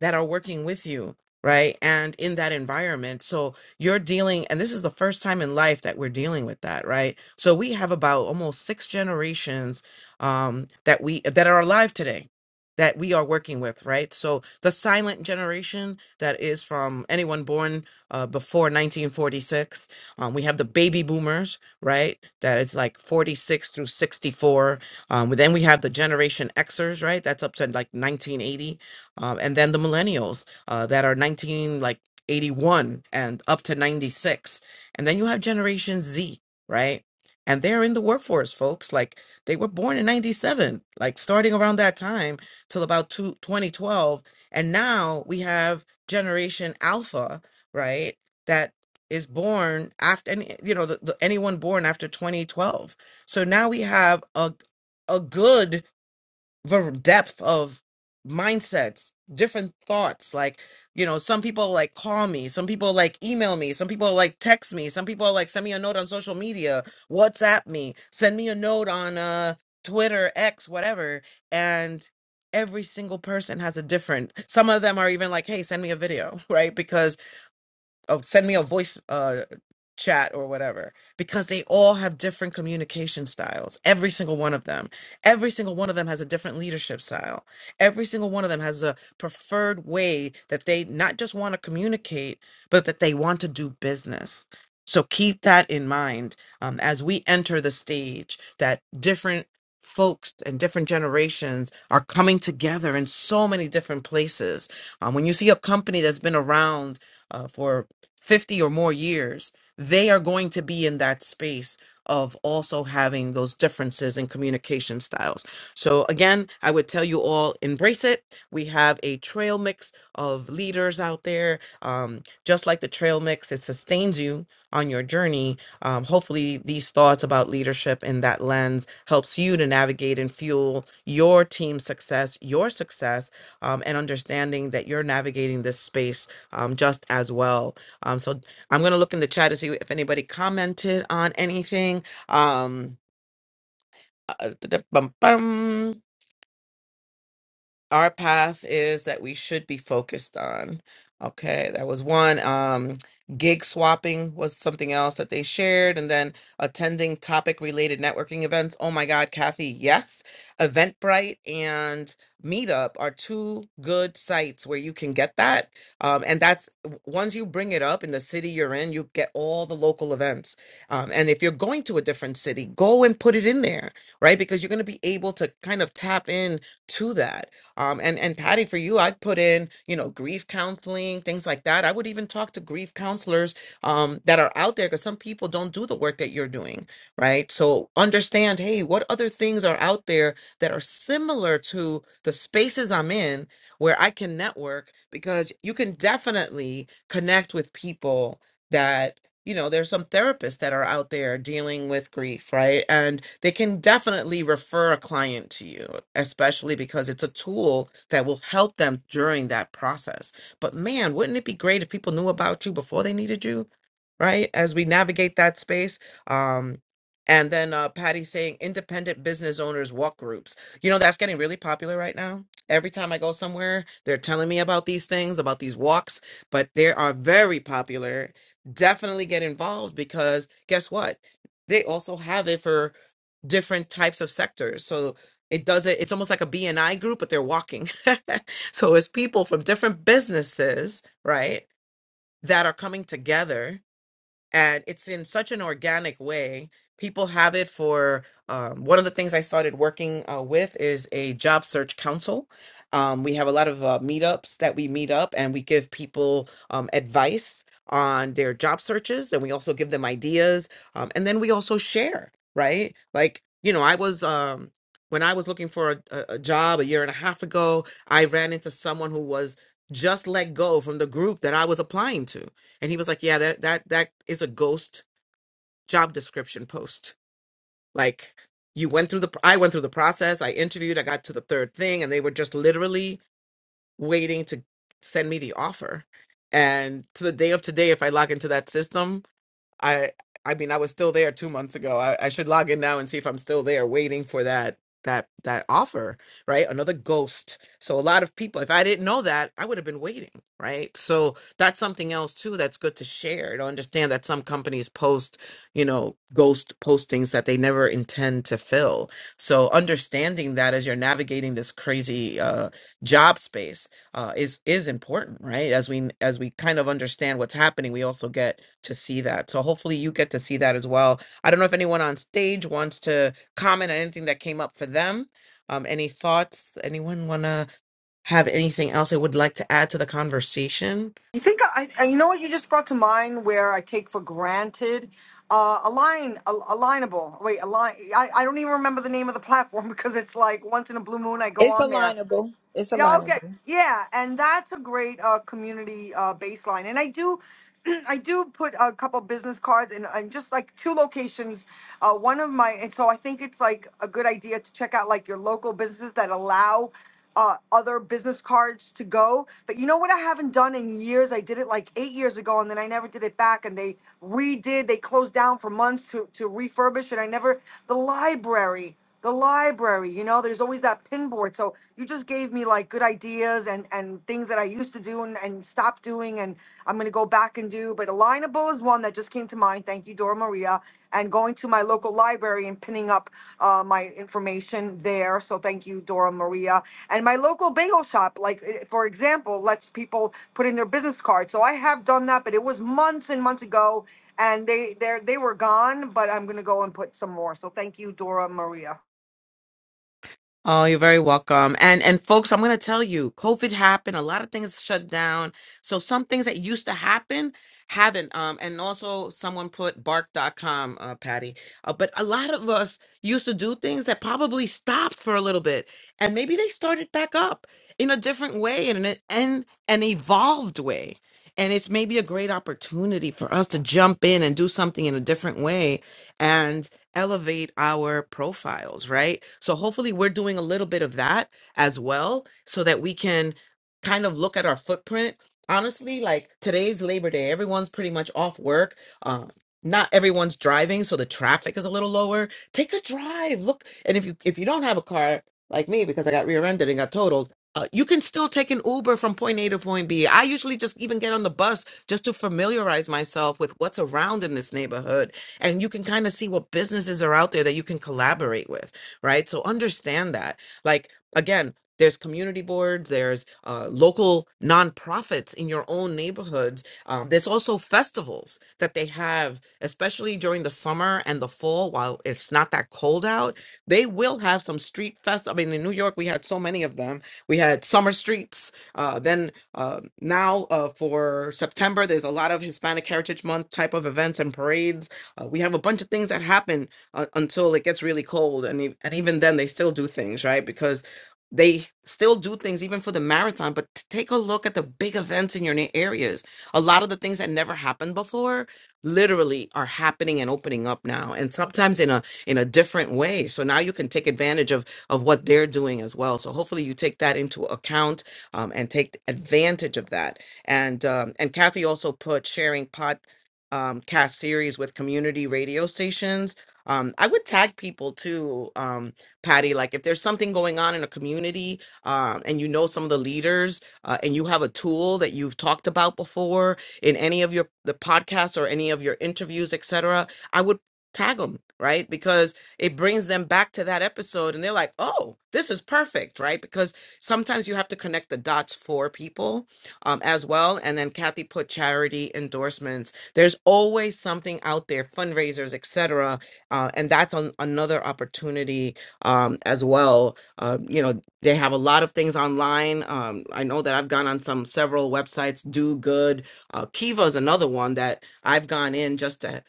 that are working with you right and in that environment so you're dealing and this is the first time in life that we're dealing with that right so we have about almost six generations um that we that are alive today that we are working with right so the silent generation that is from anyone born uh, before 1946 um, we have the baby boomers, right? That is like 46 through 64. Um, but then we have the Generation Xers, right? That's up to like 1980. Um, and then the millennials uh, that are 19, like 81 and up to 96. And then you have Generation Z, right? And they're in the workforce, folks. Like they were born in 97, like starting around that time till about two twenty twelve. And now we have Generation Alpha, right? That is born after any you know the, the, anyone born after 2012 so now we have a a good ver- depth of mindsets different thoughts like you know some people like call me some people like email me some people like text me some people like send me a note on social media whatsapp me send me a note on uh twitter x whatever and every single person has a different some of them are even like hey send me a video right because oh, send me a voice uh, chat or whatever because they all have different communication styles every single one of them every single one of them has a different leadership style every single one of them has a preferred way that they not just want to communicate but that they want to do business so keep that in mind um, as we enter the stage that different folks and different generations are coming together in so many different places um, when you see a company that's been around uh, for 50 or more years, they are going to be in that space of also having those differences in communication styles. So, again, I would tell you all embrace it. We have a trail mix of leaders out there. Um, just like the trail mix, it sustains you on your journey. Um, hopefully, these thoughts about leadership in that lens helps you to navigate and fuel your team success, your success, um, and understanding that you're navigating this space um, just as well um, so I'm gonna look in the chat to see if anybody commented on anything. Um, uh, da- da- bum, bum our path is that we should be focused on. Okay, that was one. Um, gig swapping was something else that they shared, and then attending topic related networking events. Oh my God, Kathy, yes. Eventbrite and Meetup are two good sites where you can get that. Um, and that's w- once you bring it up in the city you're in, you get all the local events. Um, and if you're going to a different city, go and put it in there, right? Because you're going to be able to kind of tap in to that um, and and Patty, for you, I'd put in you know grief counseling, things like that. I would even talk to grief counselors um, that are out there because some people don't do the work that you're doing, right? So understand, hey, what other things are out there that are similar to the spaces I'm in where I can network because you can definitely connect with people. that you know, there's some therapists that are out there dealing with grief, right? And they can definitely refer a client to you, especially because it's a tool that will help them during that process. But man, wouldn't it be great if people knew about you before they needed you? right? As we navigate that space. Um, and then uh, Patty saying independent business owners walk groups. You know, that's getting really popular right now. Every time I go somewhere, they're telling me about these things, about these walks, but they are very popular. Definitely get involved because guess what? They also have it for different types of sectors. So it does it, it's almost like a BNI group, but they're walking. so it's people from different businesses, right, that are coming together and it's in such an organic way. People have it for um, one of the things I started working uh, with is a job search council. Um, we have a lot of uh, meetups that we meet up and we give people um, advice on their job searches and we also give them ideas. Um, and then we also share, right? Like, you know, I was. Um, when I was looking for a, a a job a year and a half ago, I ran into someone who was just let go from the group that I was applying to and he was like, "Yeah, that that that is a ghost job description post. Like you went through the pr- I went through the process. I interviewed. I got to the third thing, and they were just literally waiting to send me the offer. And to the day of today, if I log into that system, I I mean I was still there two months ago. I, I should log in now and see if I'm still there waiting for that that that offer, right? Another ghost. So a lot of people, if I didn't know that, I would have been waiting, right? So that's something else too that's good to share. To understand that some companies post, you know, ghost postings that they never intend to fill. So understanding that as you're navigating this crazy uh job space uh, is is important, right? As we as we kind of understand what's happening, we also get to see that. So hopefully you get to see that as well. I don't know if anyone on stage wants to comment on anything that came up for them. Um, any thoughts? Anyone want to have anything else they would like to add to the conversation? You think I, I? You know what you just brought to mind, where I take for granted, uh, align, al- alignable. Wait, align. I, I don't even remember the name of the platform because it's like once in a blue moon I go It's on there. alignable. It's Yeah, okay. alignable. Yeah, and that's a great uh, community uh, baseline. And I do, I do put a couple business cards and and just like two locations. Uh, one of my and so I think it's like a good idea to check out like your local businesses that allow uh, other business cards to go. But you know what I haven't done in years? I did it like eight years ago, and then I never did it back. And they redid. They closed down for months to to refurbish, and I never the library the library you know there's always that pin board so you just gave me like good ideas and and things that i used to do and, and stop doing and i'm going to go back and do but alignable is one that just came to mind thank you dora maria and going to my local library and pinning up uh, my information there so thank you dora maria and my local bagel shop like eh, for example lets people put in their business card so i have done that but it was months and months ago and they they they were gone but i'm going to go and put some more so thank you dora maria Oh, you're very welcome. And and folks, I'm going to tell you, COVID happened, a lot of things shut down. So some things that used to happen haven't um and also someone put bark. bark.com uh Patty. Uh, but a lot of us used to do things that probably stopped for a little bit and maybe they started back up in a different way and an and an evolved way. And it's maybe a great opportunity for us to jump in and do something in a different way elevate our profiles, right? So hopefully we're doing a little bit of that as well so that we can kind of look at our footprint. Honestly, like today's Labor Day, everyone's pretty much off work. Um not everyone's driving, so the traffic is a little lower. Take a drive. Look, and if you if you don't have a car like me because I got rear-ended and got totaled, uh, you can still take an Uber from point A to point B. I usually just even get on the bus just to familiarize myself with what's around in this neighborhood and you can kind of see what businesses are out there that you can collaborate with, right? So understand that. Like again, there's community boards, there's uh, local nonprofits in your own neighborhoods. Um, there's also festivals that they have, especially during the summer and the fall, while it's not that cold out. They will have some street fest. I mean, in New York, we had so many of them. We had summer streets. Uh, then uh, now uh, for September, there's a lot of Hispanic Heritage Month type of events and parades uh, we have a bunch of things that happen uh, until it gets really cold, and e- and even then they still do things, right? Because they still do things even for the marathon. But t- take a look at the big events in your na- areas. A lot of the things that never happened before literally are happening and opening up now, and sometimes in a in a different way. So now you can take advantage of of what they're doing as well. So hopefully you take that into account um, and take advantage of that. And um, and Kathy also put sharing podcasts um, cast series with community radio stations. Um, I would tag people too, um, Patty. Like if there's something going on in a community um, and you know some of the leaders uh, and you have a tool that you've talked about before in any of your the podcasts or any of your interviews, etc. I would tag them right because it brings them back to that episode and they're like, oh, this is perfect, right? Because sometimes you have to connect the dots for people um, as well. And then Kathy put charity endorsements there's always something out there, fundraisers, etc. Uh, and that's an, another opportunity um, as well. Uh, you know, they have a lot of things online. Um, I know that I've gone on some several websites. Do good. Uh, Kiva is another one that I've gone in just to,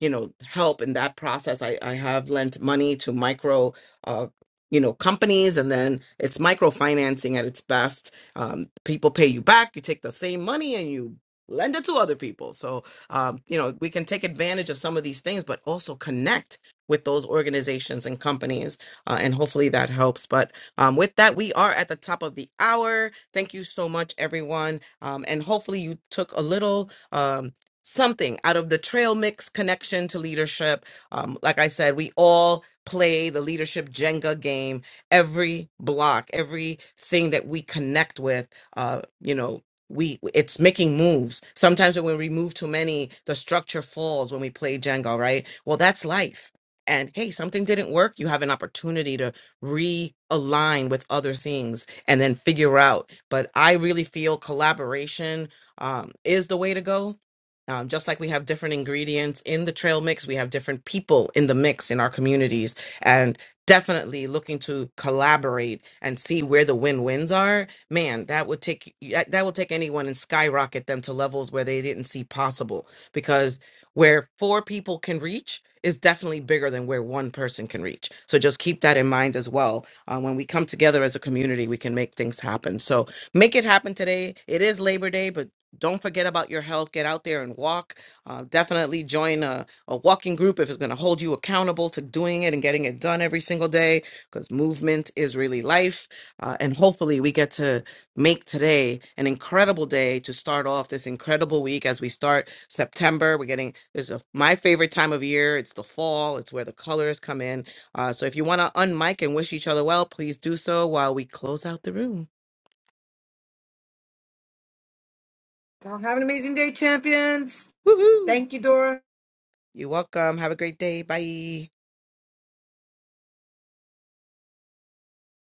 you know, help in that process. I, I have lent money to micro. Uh, you know companies and then it's microfinancing at its best um, people pay you back you take the same money and you lend it to other people so um, you know, we can take advantage of some of these things, but also connect with those organizations and companies. Uh, and hopefully that helps. But um, with that, we are at the top of the hour. Thank you so much, everyone. Um, and hopefully you took a little. Um, Something out of the trail mix connection to leadership. Um, like I said, we all play the leadership Jenga game every block, everything that we connect with, uh, you know, we it's making moves sometimes when we remove too many the structure falls when we play jenga right well that's life and hey something didn't work you have an opportunity to realign with other things and then figure out but i really feel collaboration um, is the way to go um, just like we have different ingredients in the trail mix we have different people in the mix in our communities and definitely looking to collaborate and see where the win-wins are man, that would take yeah, that will take anyone and skyrocket them to levels where they didn't see possible. Because where four people can reach is definitely bigger than where one person can reach. So just keep that in mind as well. Uh, when we come together as a community, we can make things happen. So make it happen today. It is Labor Day, but don't forget about your health. Get out there and walk. Uh, definitely join a, a walking group if it's going to hold you accountable to doing it and getting it done every single day because movement is really life uh, and hopefully, we get to make today an incredible day to start off this incredible week as we start September. We're getting this is my favorite time of year. It's the fall, it's where the colors come in. Uh, so, if you want to unmic and wish each other well, please do so while we close out the room. you have an amazing day, champions. Woohoo! Thank you, Dora. You're welcome. Have a great day. Bye.